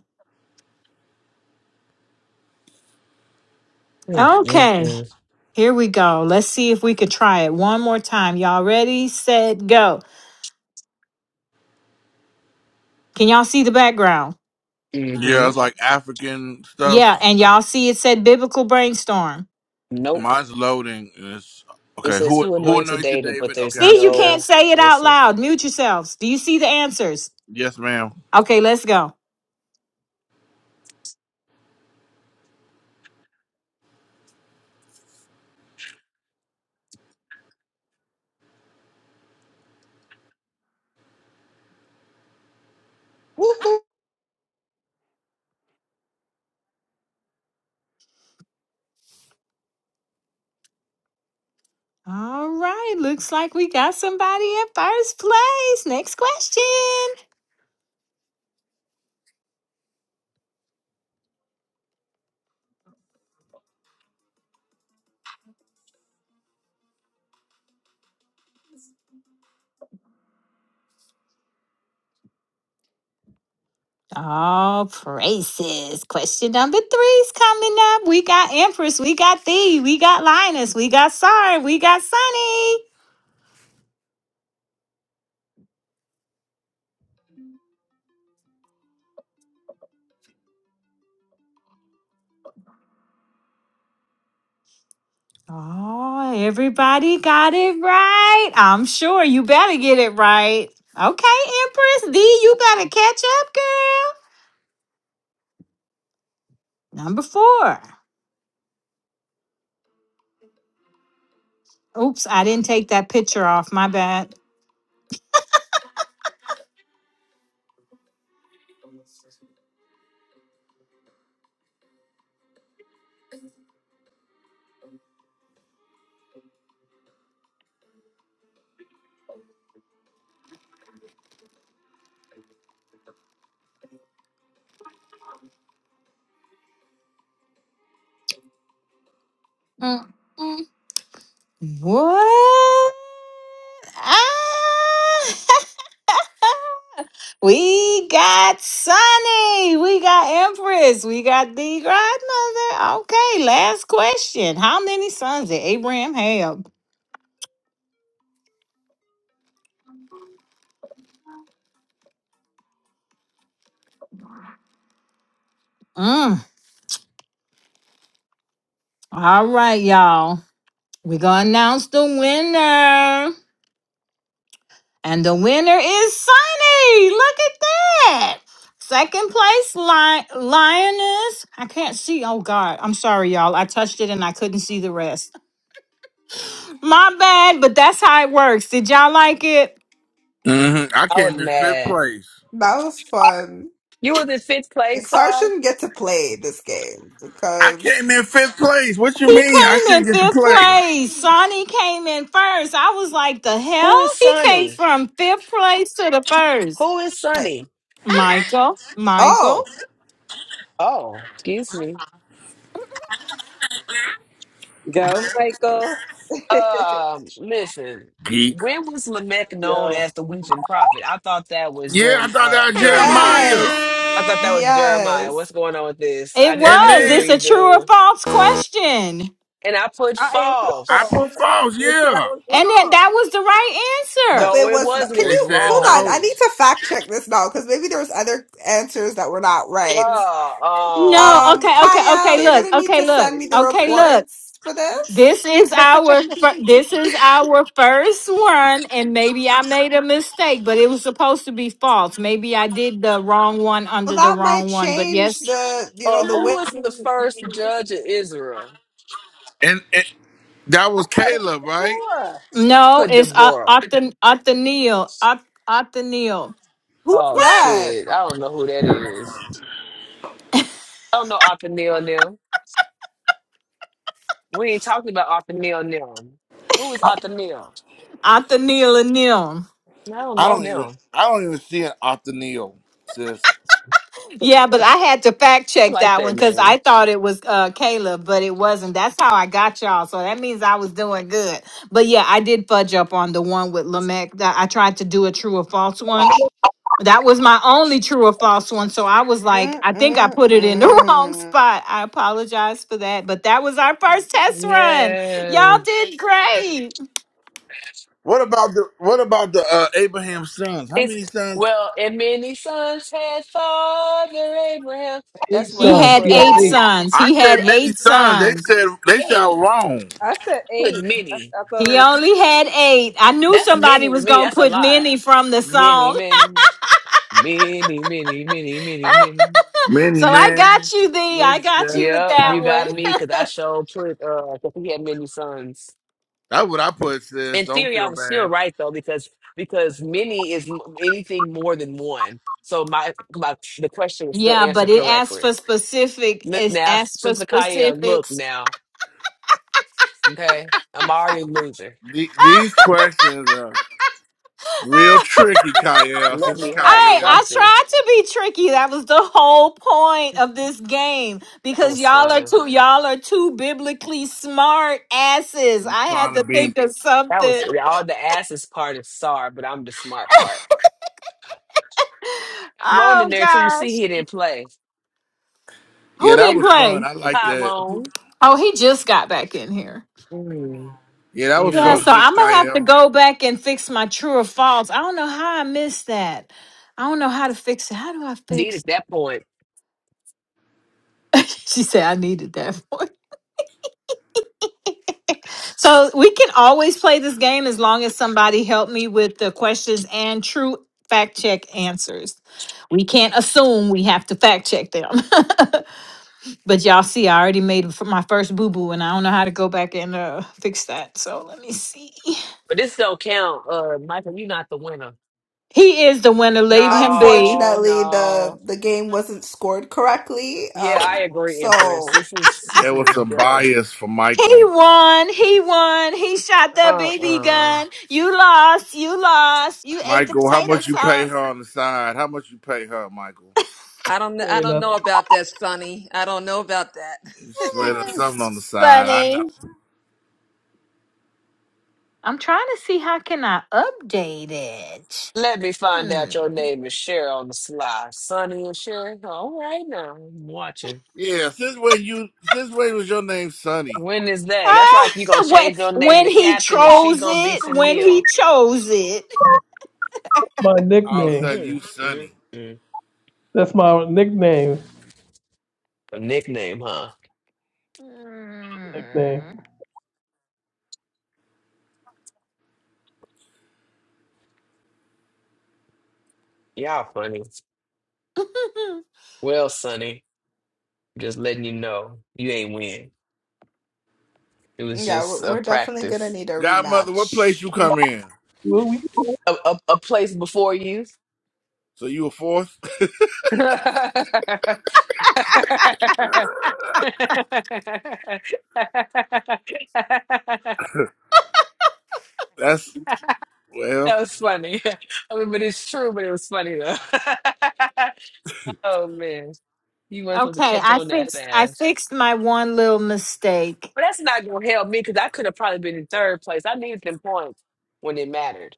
Okay,
Mm-mm-mm.
here we go. Let's see if we could try it one more time. Y'all ready, set, go. Can y'all see the background?
Yeah,
hmm
it's like African
Yeah,
stuff.
and y'all see it said biblical brainstorm.
Nope.
Mine's loading. And it's
It
okay.
says,
Who
Who
who
anointed
anointed
David? But
David? Okay,
there's
I
See, you
see that.
can't
no.
say it
We'll
out
see.
loud. Mute yourselves. Do you see the answers?
Yes, ma'am.
Okay, let's go.
Woohoo.
All right, looks like we got somebody in first place. Next question. All praises. Question number three's coming up. We got Empress, we got Thee, we got Linus, we got Sar, we got Sunny. Oh, everybody got it right. I'm sure you better get it right. Okay, Empress, Thee, you better catch up, girl. Number four. Oops, I didn't take that picture off. My bad. Mm, mm. What? Ah! We got Sunny. We got Empress. We got the grandmother. Okay, last question. How many sons did Abraham have? Mm. All right, y'all. We're going to announce the winner. And the winner is Sunny. Look at that. Second place, Li- Lioness. I can't see. Oh, God. I'm sorry, y'all. I touched it and I couldn't see the rest. My bad, but that's how it works. Did y'all like it?
hmm I
I was
came in fifth
mad.
place.
That was fun.
You was in fifth place,
Xar
Sar?
shouldn't get to play this game
I
because
came in fifth place. What you
He
mean? I
came
should
in
get the
fifth
play.
place. Sonny came in first. I was like, the hell?
Who is
He came
Sonny?
from fifth place to the first.
Who is Sonny?
Michael, Michael.
oh
Oh, excuse me.
Go, Michael.
Um, listen,
Geek.
when was Lamech known
Yo,
as the weeping prophet? I thought that was
Yeah, I
Jerem
thought that
uh
was
Jeremiah.
Jeremiah.
yes,
I thought that was Jeremiah.
yes.
What's going on with this?
It
I need
And
I need a
was.
then
It's a true or
redo.
false question.
And I put
I answered
I
Paul,
false.
put false,
and it said I
yeah.
was
And then
wrong.
that was the right
Nope,
answer.
No,
it
it
was not.
wasn't.
Can
It
They
was
you
said
hold on? I
wrong.
no.
need to fact check this now because maybe there was other answers that were not
Uh,
right.
No,
uh,
Um,
okay, okay,
Kyle,
okay,
you're
look,
gonna need
okay,
to
look,
send me the
okay, look.
reports for this.
This is our fir- this is our first one, and maybe I made a mistake, but it was supposed to be false. Maybe I did the wrong one
Well,
under the
that might
wrong one, but yes,
change the, you know,
uh,
the
who
way.
was the first judge of Israel?
And, and that
I
was
thought it
Caleb,
was
right?
four.
no,
Put
it's
Deborah.
Othniel, Othniel, Othniel,
Who's
Oh
that?
What?
shit. I don't know who that is. I don't know Othniel now. We ain't talking about Othniel now. Who is Othniel?
Othniel and Neil.
I don't
I
know
don't even
them.
I don't even see an Othniel, sis.
Yeah, but I had to fact
I
check
like
that
that
one because I
name.
thought it was uh Caleb, but it wasn't. That's how I got y'all. So that means I was doing good. But yeah, I did fudge up on the one with Lamech. That I tried to do a true or false one. That was my only true or false one. So I was like,
mm
I think I
mm
put it in the wrong
mm.
spot. I apologize for that. But that was our first test run.
Yeah.
Y'all did great.
What about the what about the uh, Abraham's sons? How
It's
many sons?
well, and many sons had Father Abraham. That's
eight
what
He
I
sons.
had
He
put
had
on
eight
eight.
there.
sons.
I
He
said
had
many
eight
sons. They
sons.
said they
They
said I
ain't
was wrong.
I said
put
eight. I,
many.
I thought it
He
was.
only had eight. I knew
That's
somebody
many to
was
me.
going to
That's a
put
lot.
many from the
Many,
song.
many, many, many, many, many, many.
Many
So I got
men
you, Thee.
wish
I got
death
you with
Yep,
that
you
upon
one.
got
me.
me because I sure put uh 'cause he had many sons.
That's what I put, sis.
in
Don't
theory, I
feel
was still
bad.
right though because because many is m- anything more than one. So my my the question was still
Yeah, but
answered
it asked
correctly.
for specific.
N-
It
Now
asked for
since Micaiah, look
specifics.
now, okay, I'm already a loser.
The- these questions are real tricky, Kyle.
Let
Since
Hey,
me have
I
Kyle
something.
tried to be tricky. That was the whole point of this game
That
because
was
y'all are
fun.
too y'all are too biblically smart asses.
I'm
I had
trying to
to
be.
think of
That was
something.
all the asses part is sorry, but I'm the smart part. Tyrone
Oh
in there, so you see
gosh,
he didn't play.
who
Yeah, that
didn't
was
play?
fun. I like that.
Tyrone,
Oh, he just got back in here.
mm,
Yeah, that was
Yeah,
fun,
mm,
so
Sis
I'm gonna have to
Kyle.
go back and fix my true or false. I don't know how I missed that. I don't know how to fix it. How do I
need
fix?
at that point,
she said I needed that voice. So we can always play this game as long as somebody helped me with the questions and true fact check answers. We can't assume we have to fact check them. but y'all see, I already made f- my first boo boo, and I don't know how to go back and uh, fix that. So let me see.
but this don't count. Uh, Michael, you're not the winner.
He is the winner. Leave him be.
No,
Unfortunately,
no.
the the game wasn't scored correctly.
Yeah, I
Um,
agree, Empress.
so
This is this
There
is a
was some
dud.
bias for
He
Michael.
won. He won. He shot the baby
Uh-uh.
gun. You lost. You lost. You ate the
Michael, how
potato
much you pay
sauce.
her on the side? How much you pay her, Michael?
I don't. kn- I
There, now
don't know
that's
about that, Sonny. I don't know about
You
that.
slid her something on the
Yes,
side. I know.
Funny. I'm trying to see how can I update it.
Let me find
Hmm.
out your name is Cheryl on the sly, Sonny and Cheryl. All right now. I'm watching.
Yeah, since when you since when was your name Sonny?
When is that? That's
Ah,
like you gonna
when,
change your name
when
to
he
Captain and she
chose
gonna be
it, when he
Tennille.
chose it.
my
All of a
nickname.
sudden
Mm,
you
mm,
Sonny.
mm.
That's my nickname.
A nickname, huh?
Nickname.
Hmm.
Y'all funny. Well, Sonny, just letting you know you ain't win. It was
yeah,
just
we're,
a
we're definitely gonna
practice.
need a
Godmother, what
rematch.
place you come in?
Well, we can, we
A, a, a place before you.
So you were fourth? That's well,
That was funny. I mean, but it's true, but it was funny though. Oh man, you weren't supposed to
okay,
catch
I
on that
fixed I
fast.
fixed my one little mistake.
But that's not gonna help me because I could have probably been in third place. I needed them points when it mattered.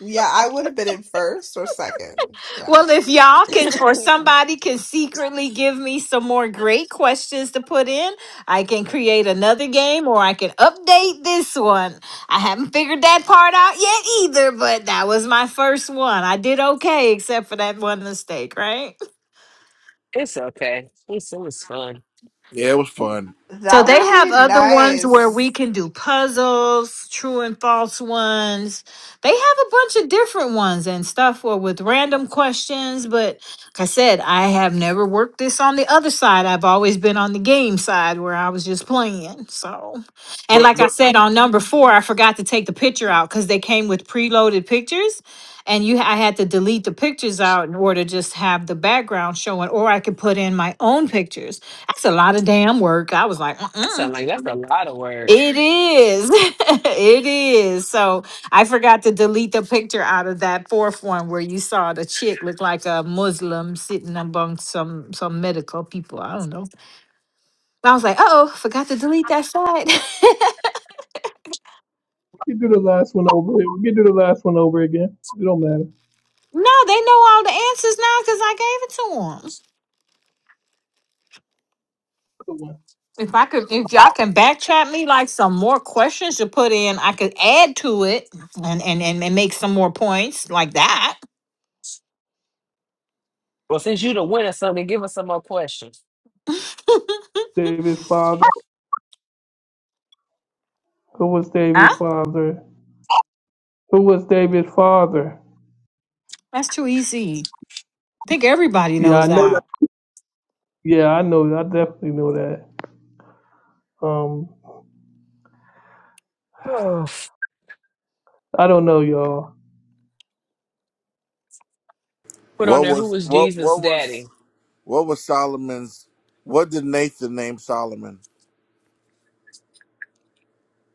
Yeah, I would have been in first or second. Yeah,
Well, if y'all can or somebody can secretly give me some more great questions to put in, I can create another game or I can update this one. I haven't figured that part out yet either, but that was my first one. I did okay except for that one mistake, right?
It's okay. It's it was fun.
yeah, it was fun.
So
that
they
would
have
be
other ones where
nice.
we can do puzzles, true and false ones. They have a bunch of different ones and stuff or with random questions. But like I said, I have never worked this on the other side. I've always been on the game side where I was just playing. So, and
But
like I
but
said on number four, I forgot to take the picture out because they came with preloaded pictures. And you, I had to delete the pictures out in order to just have the background showing, or I could put in my own pictures that's a lot of damn work. I was like,
That
uh-uh.
sounds like that's a lot of work.
It is. it is. So I forgot to delete the picture out of that fourth one where you saw the chick look like a Muslim sitting among some some medical people. I don't know. I was like, oh, forgot to delete that slide.
can do the last one over. here. We can do the last one over again. It don't matter.
no, they know all the answers now because I gave it to them.
Good one.
If I could, if y'all can backtrack me like some more questions to put in, I could add to it and and and, and make some more points like that.
Well, since you the winner, something, give us some more questions.
David's father. Who was David's father? Who was David's father?
That's too easy. I think everybody
Yeah, I
knows
know that.
that.
Yeah, I know. I definitely know that. Um,
Oh,
I don't know, y'all.
put on
what
there who
was
was
what
Jesus'
what was
daddy?
what was Solomon's what did Nathan name Solomon?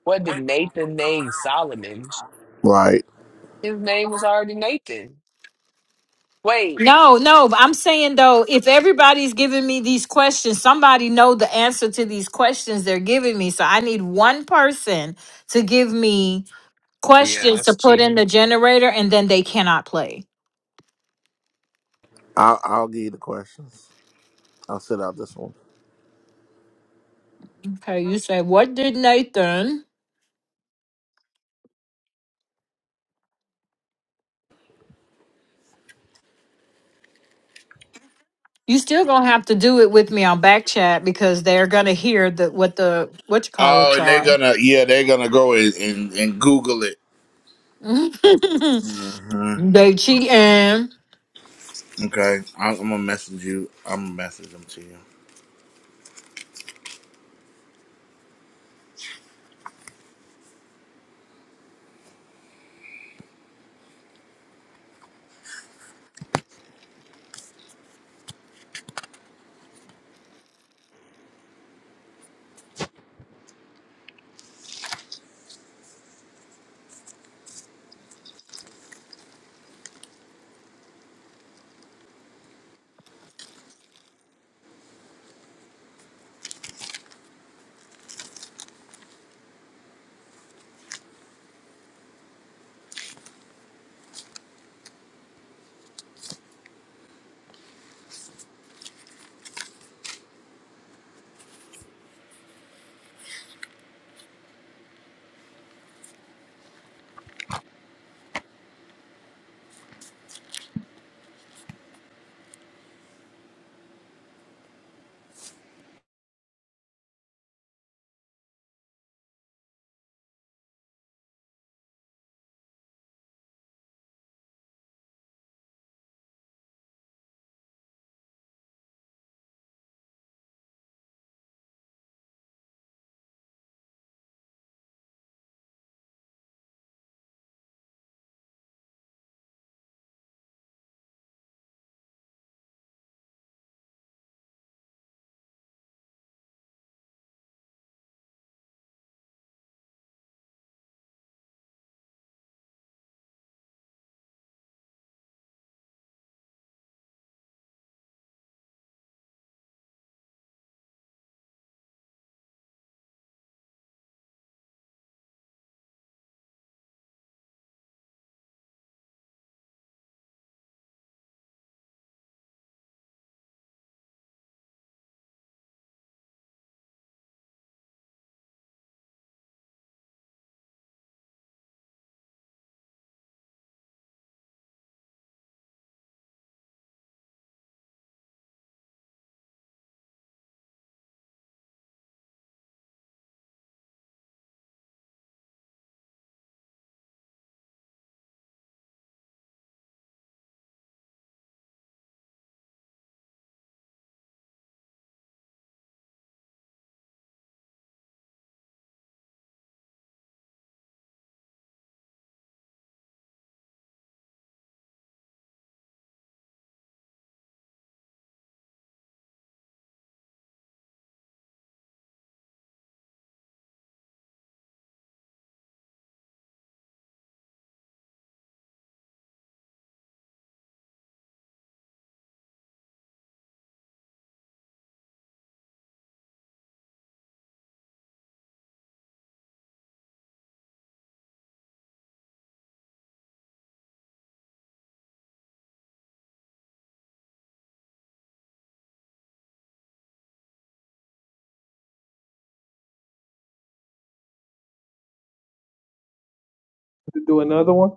What did Nathan name Solomon?
Right.
His name was already Nathan. Wait.
No, no, but I'm saying though, if everybody's giving me these questions, somebody know the answer to these questions they're giving me. So I need one person to give me
Yeah,
questions to
that's
put in
cheating.
the generator and then they cannot play.
I'll I'll give you the questions. I'll sit out this one.
Okay, you say, What did Nathan? You still gonna have to do it with me on back chat because they're gonna hear the what the what you call
Oh,
it's
and they're
are.
gonna yeah, they're gonna go and and, and Google it. hmm
they cheating.
Okay, I'm, I'm gonna message you. I'm gonna message them to you.
to do another one?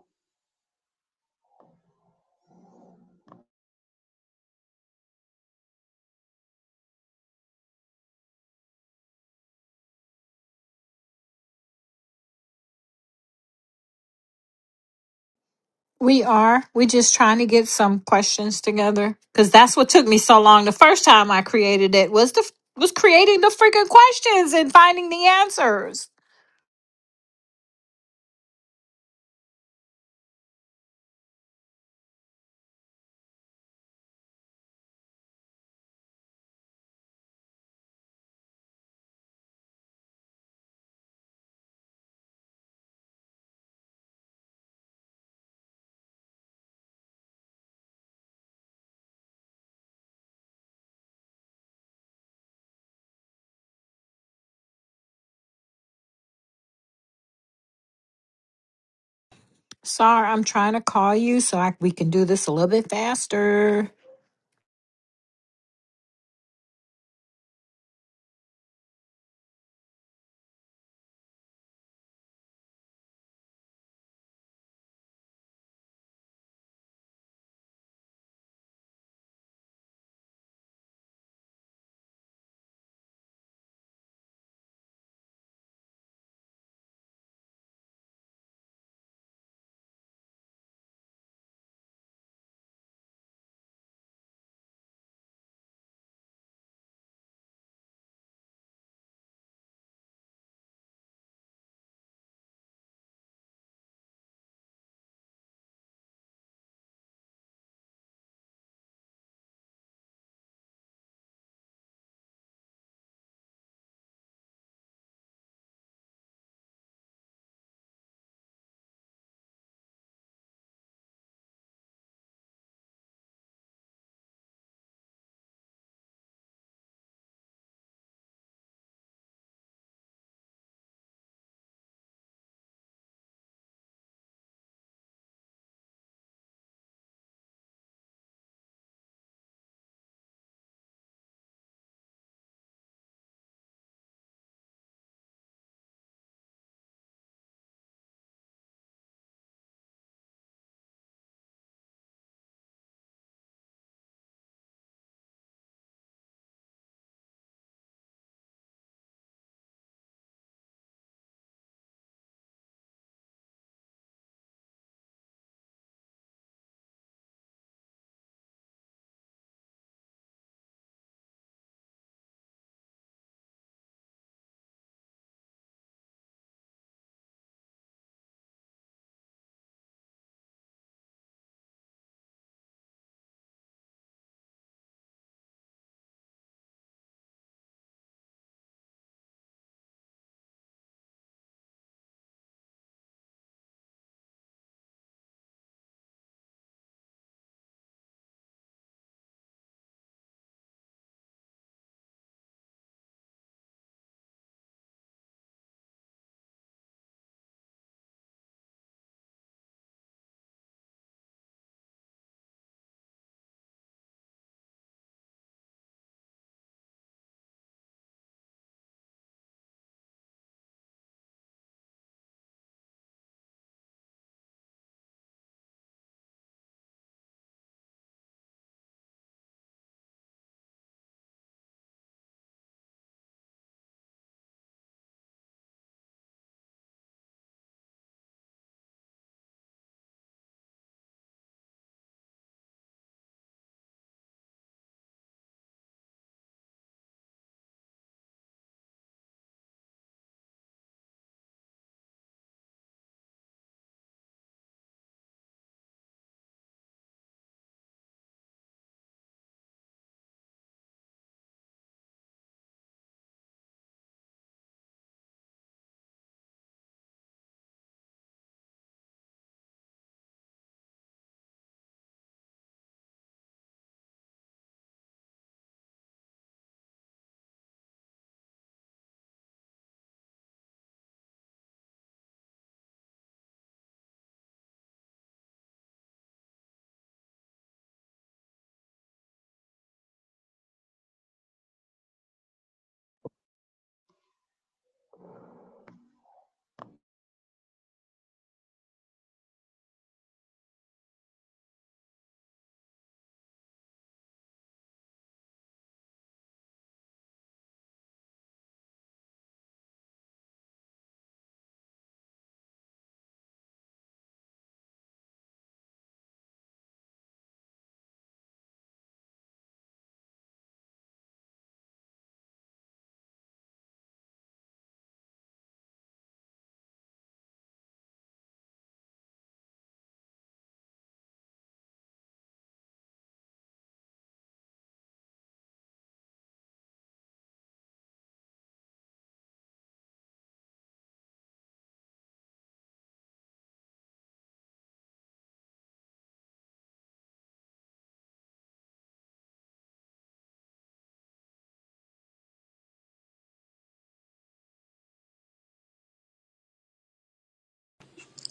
We are. We just trying to get some questions together because that's what took me so long. The first time I created it was the was creating the freaking questions and finding the answers. Sorry, I'm trying to call you so I, we can do this a little bit faster.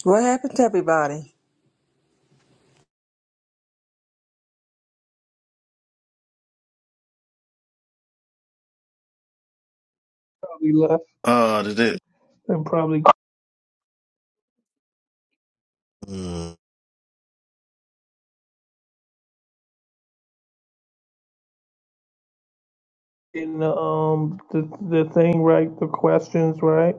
What happened to everybody?
Probably left
Uh, did it?
and probably
Mm.
getting the um the the thing right, the questions right.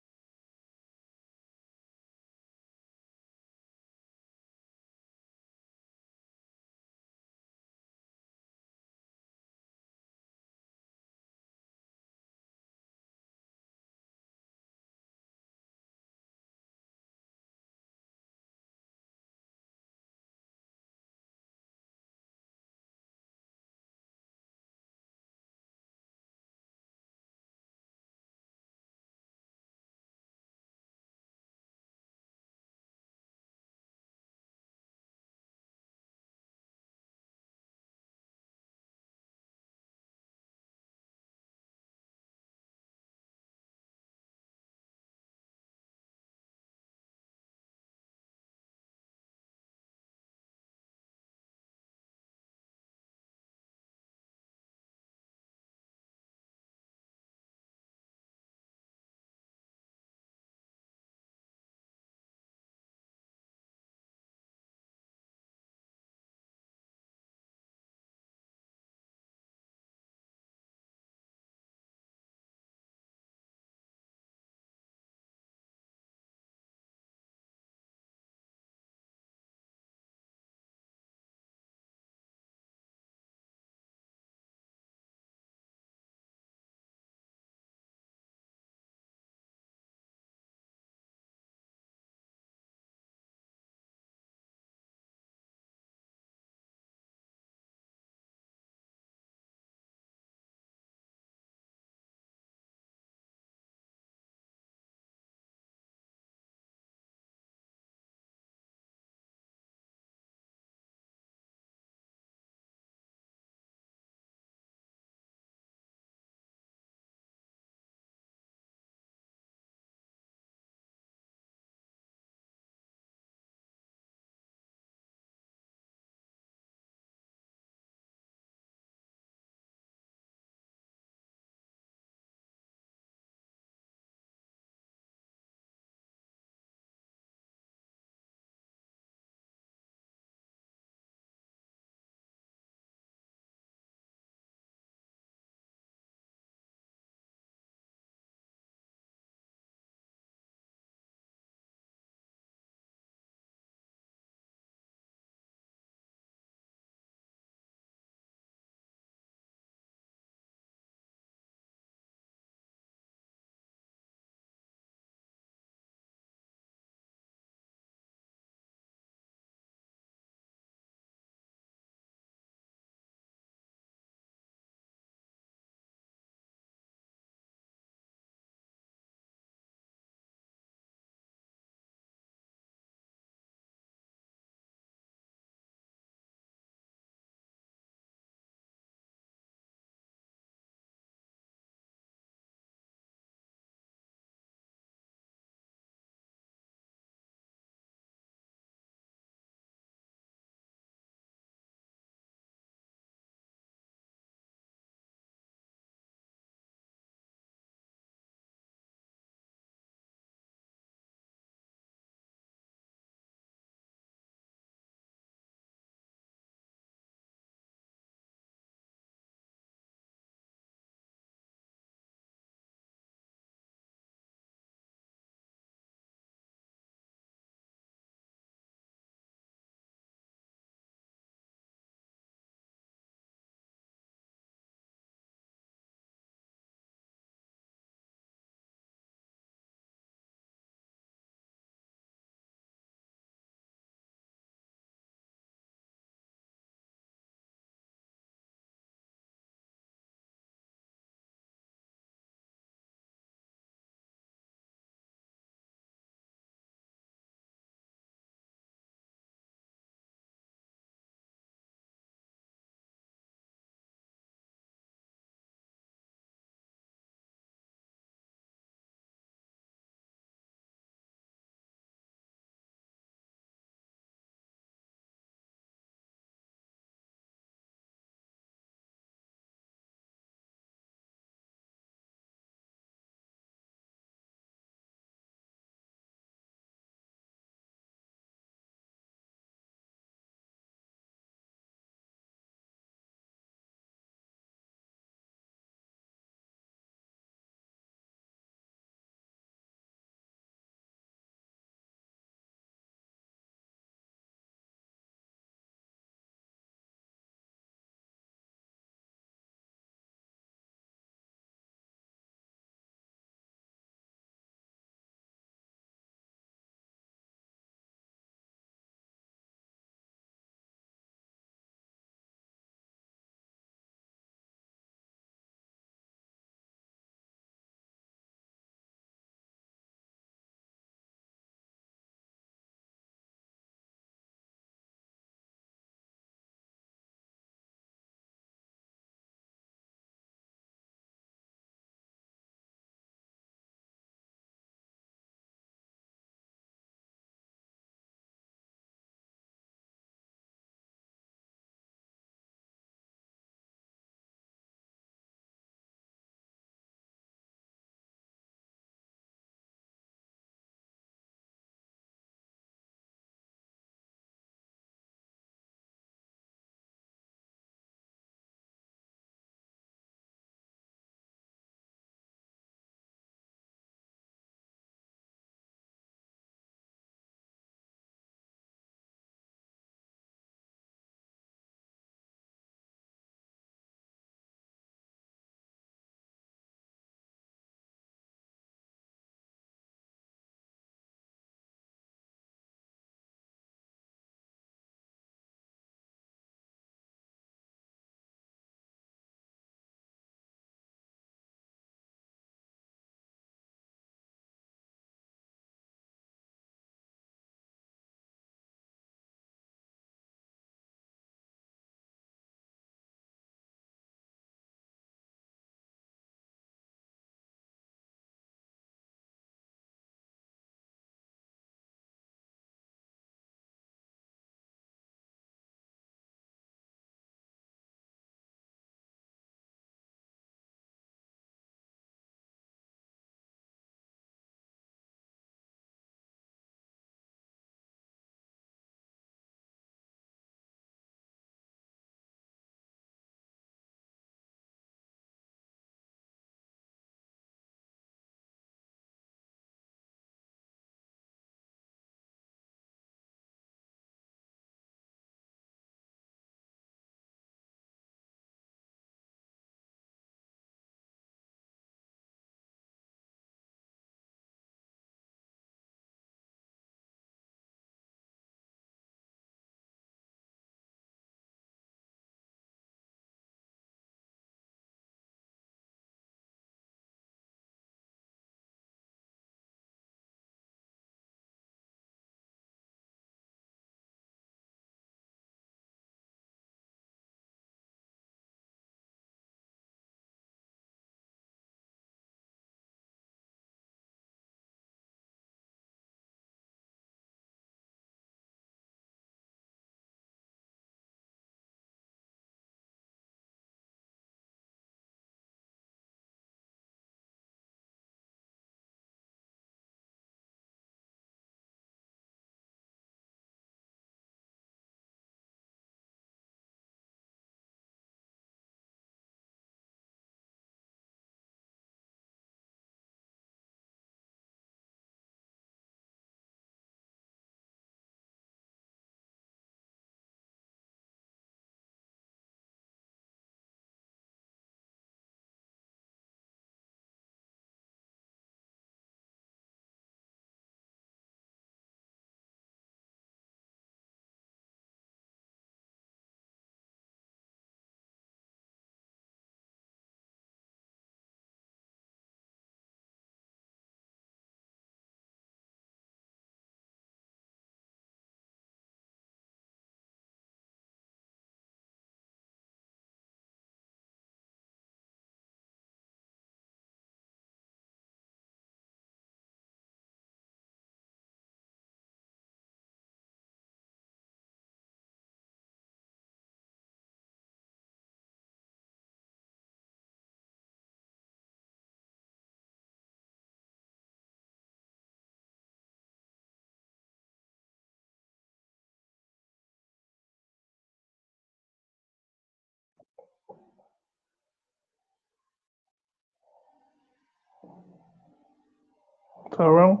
Tyrone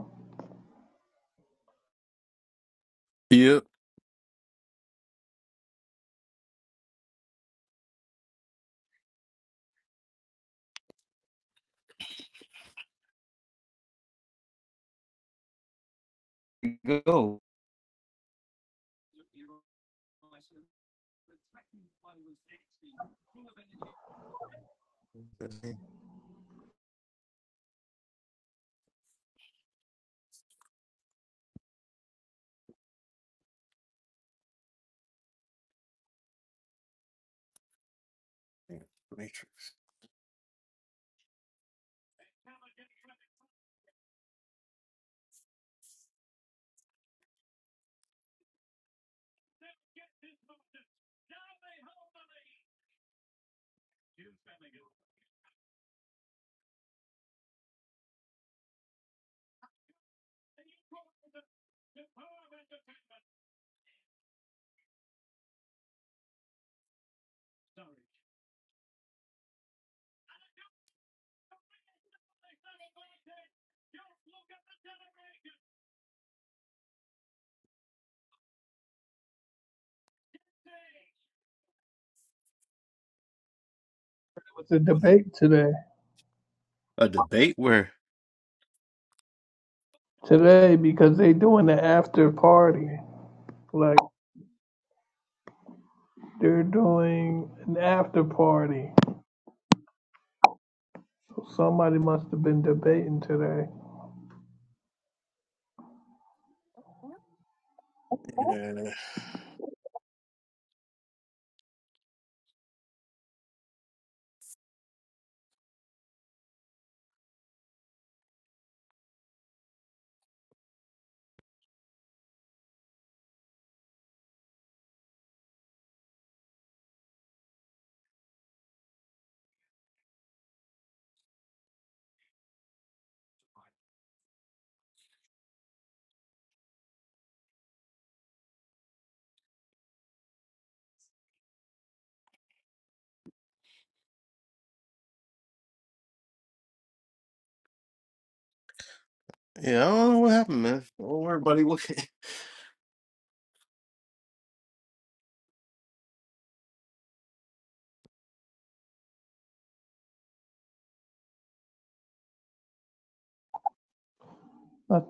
Yep. Go. Matrix.
it was a debate today.
A debate where?
Today because they doing the after party. Like they're doing an after party. So somebody must have been debating today.
Yeah, yeah, I don't know what happened, man. Don't worry, buddy. What?
I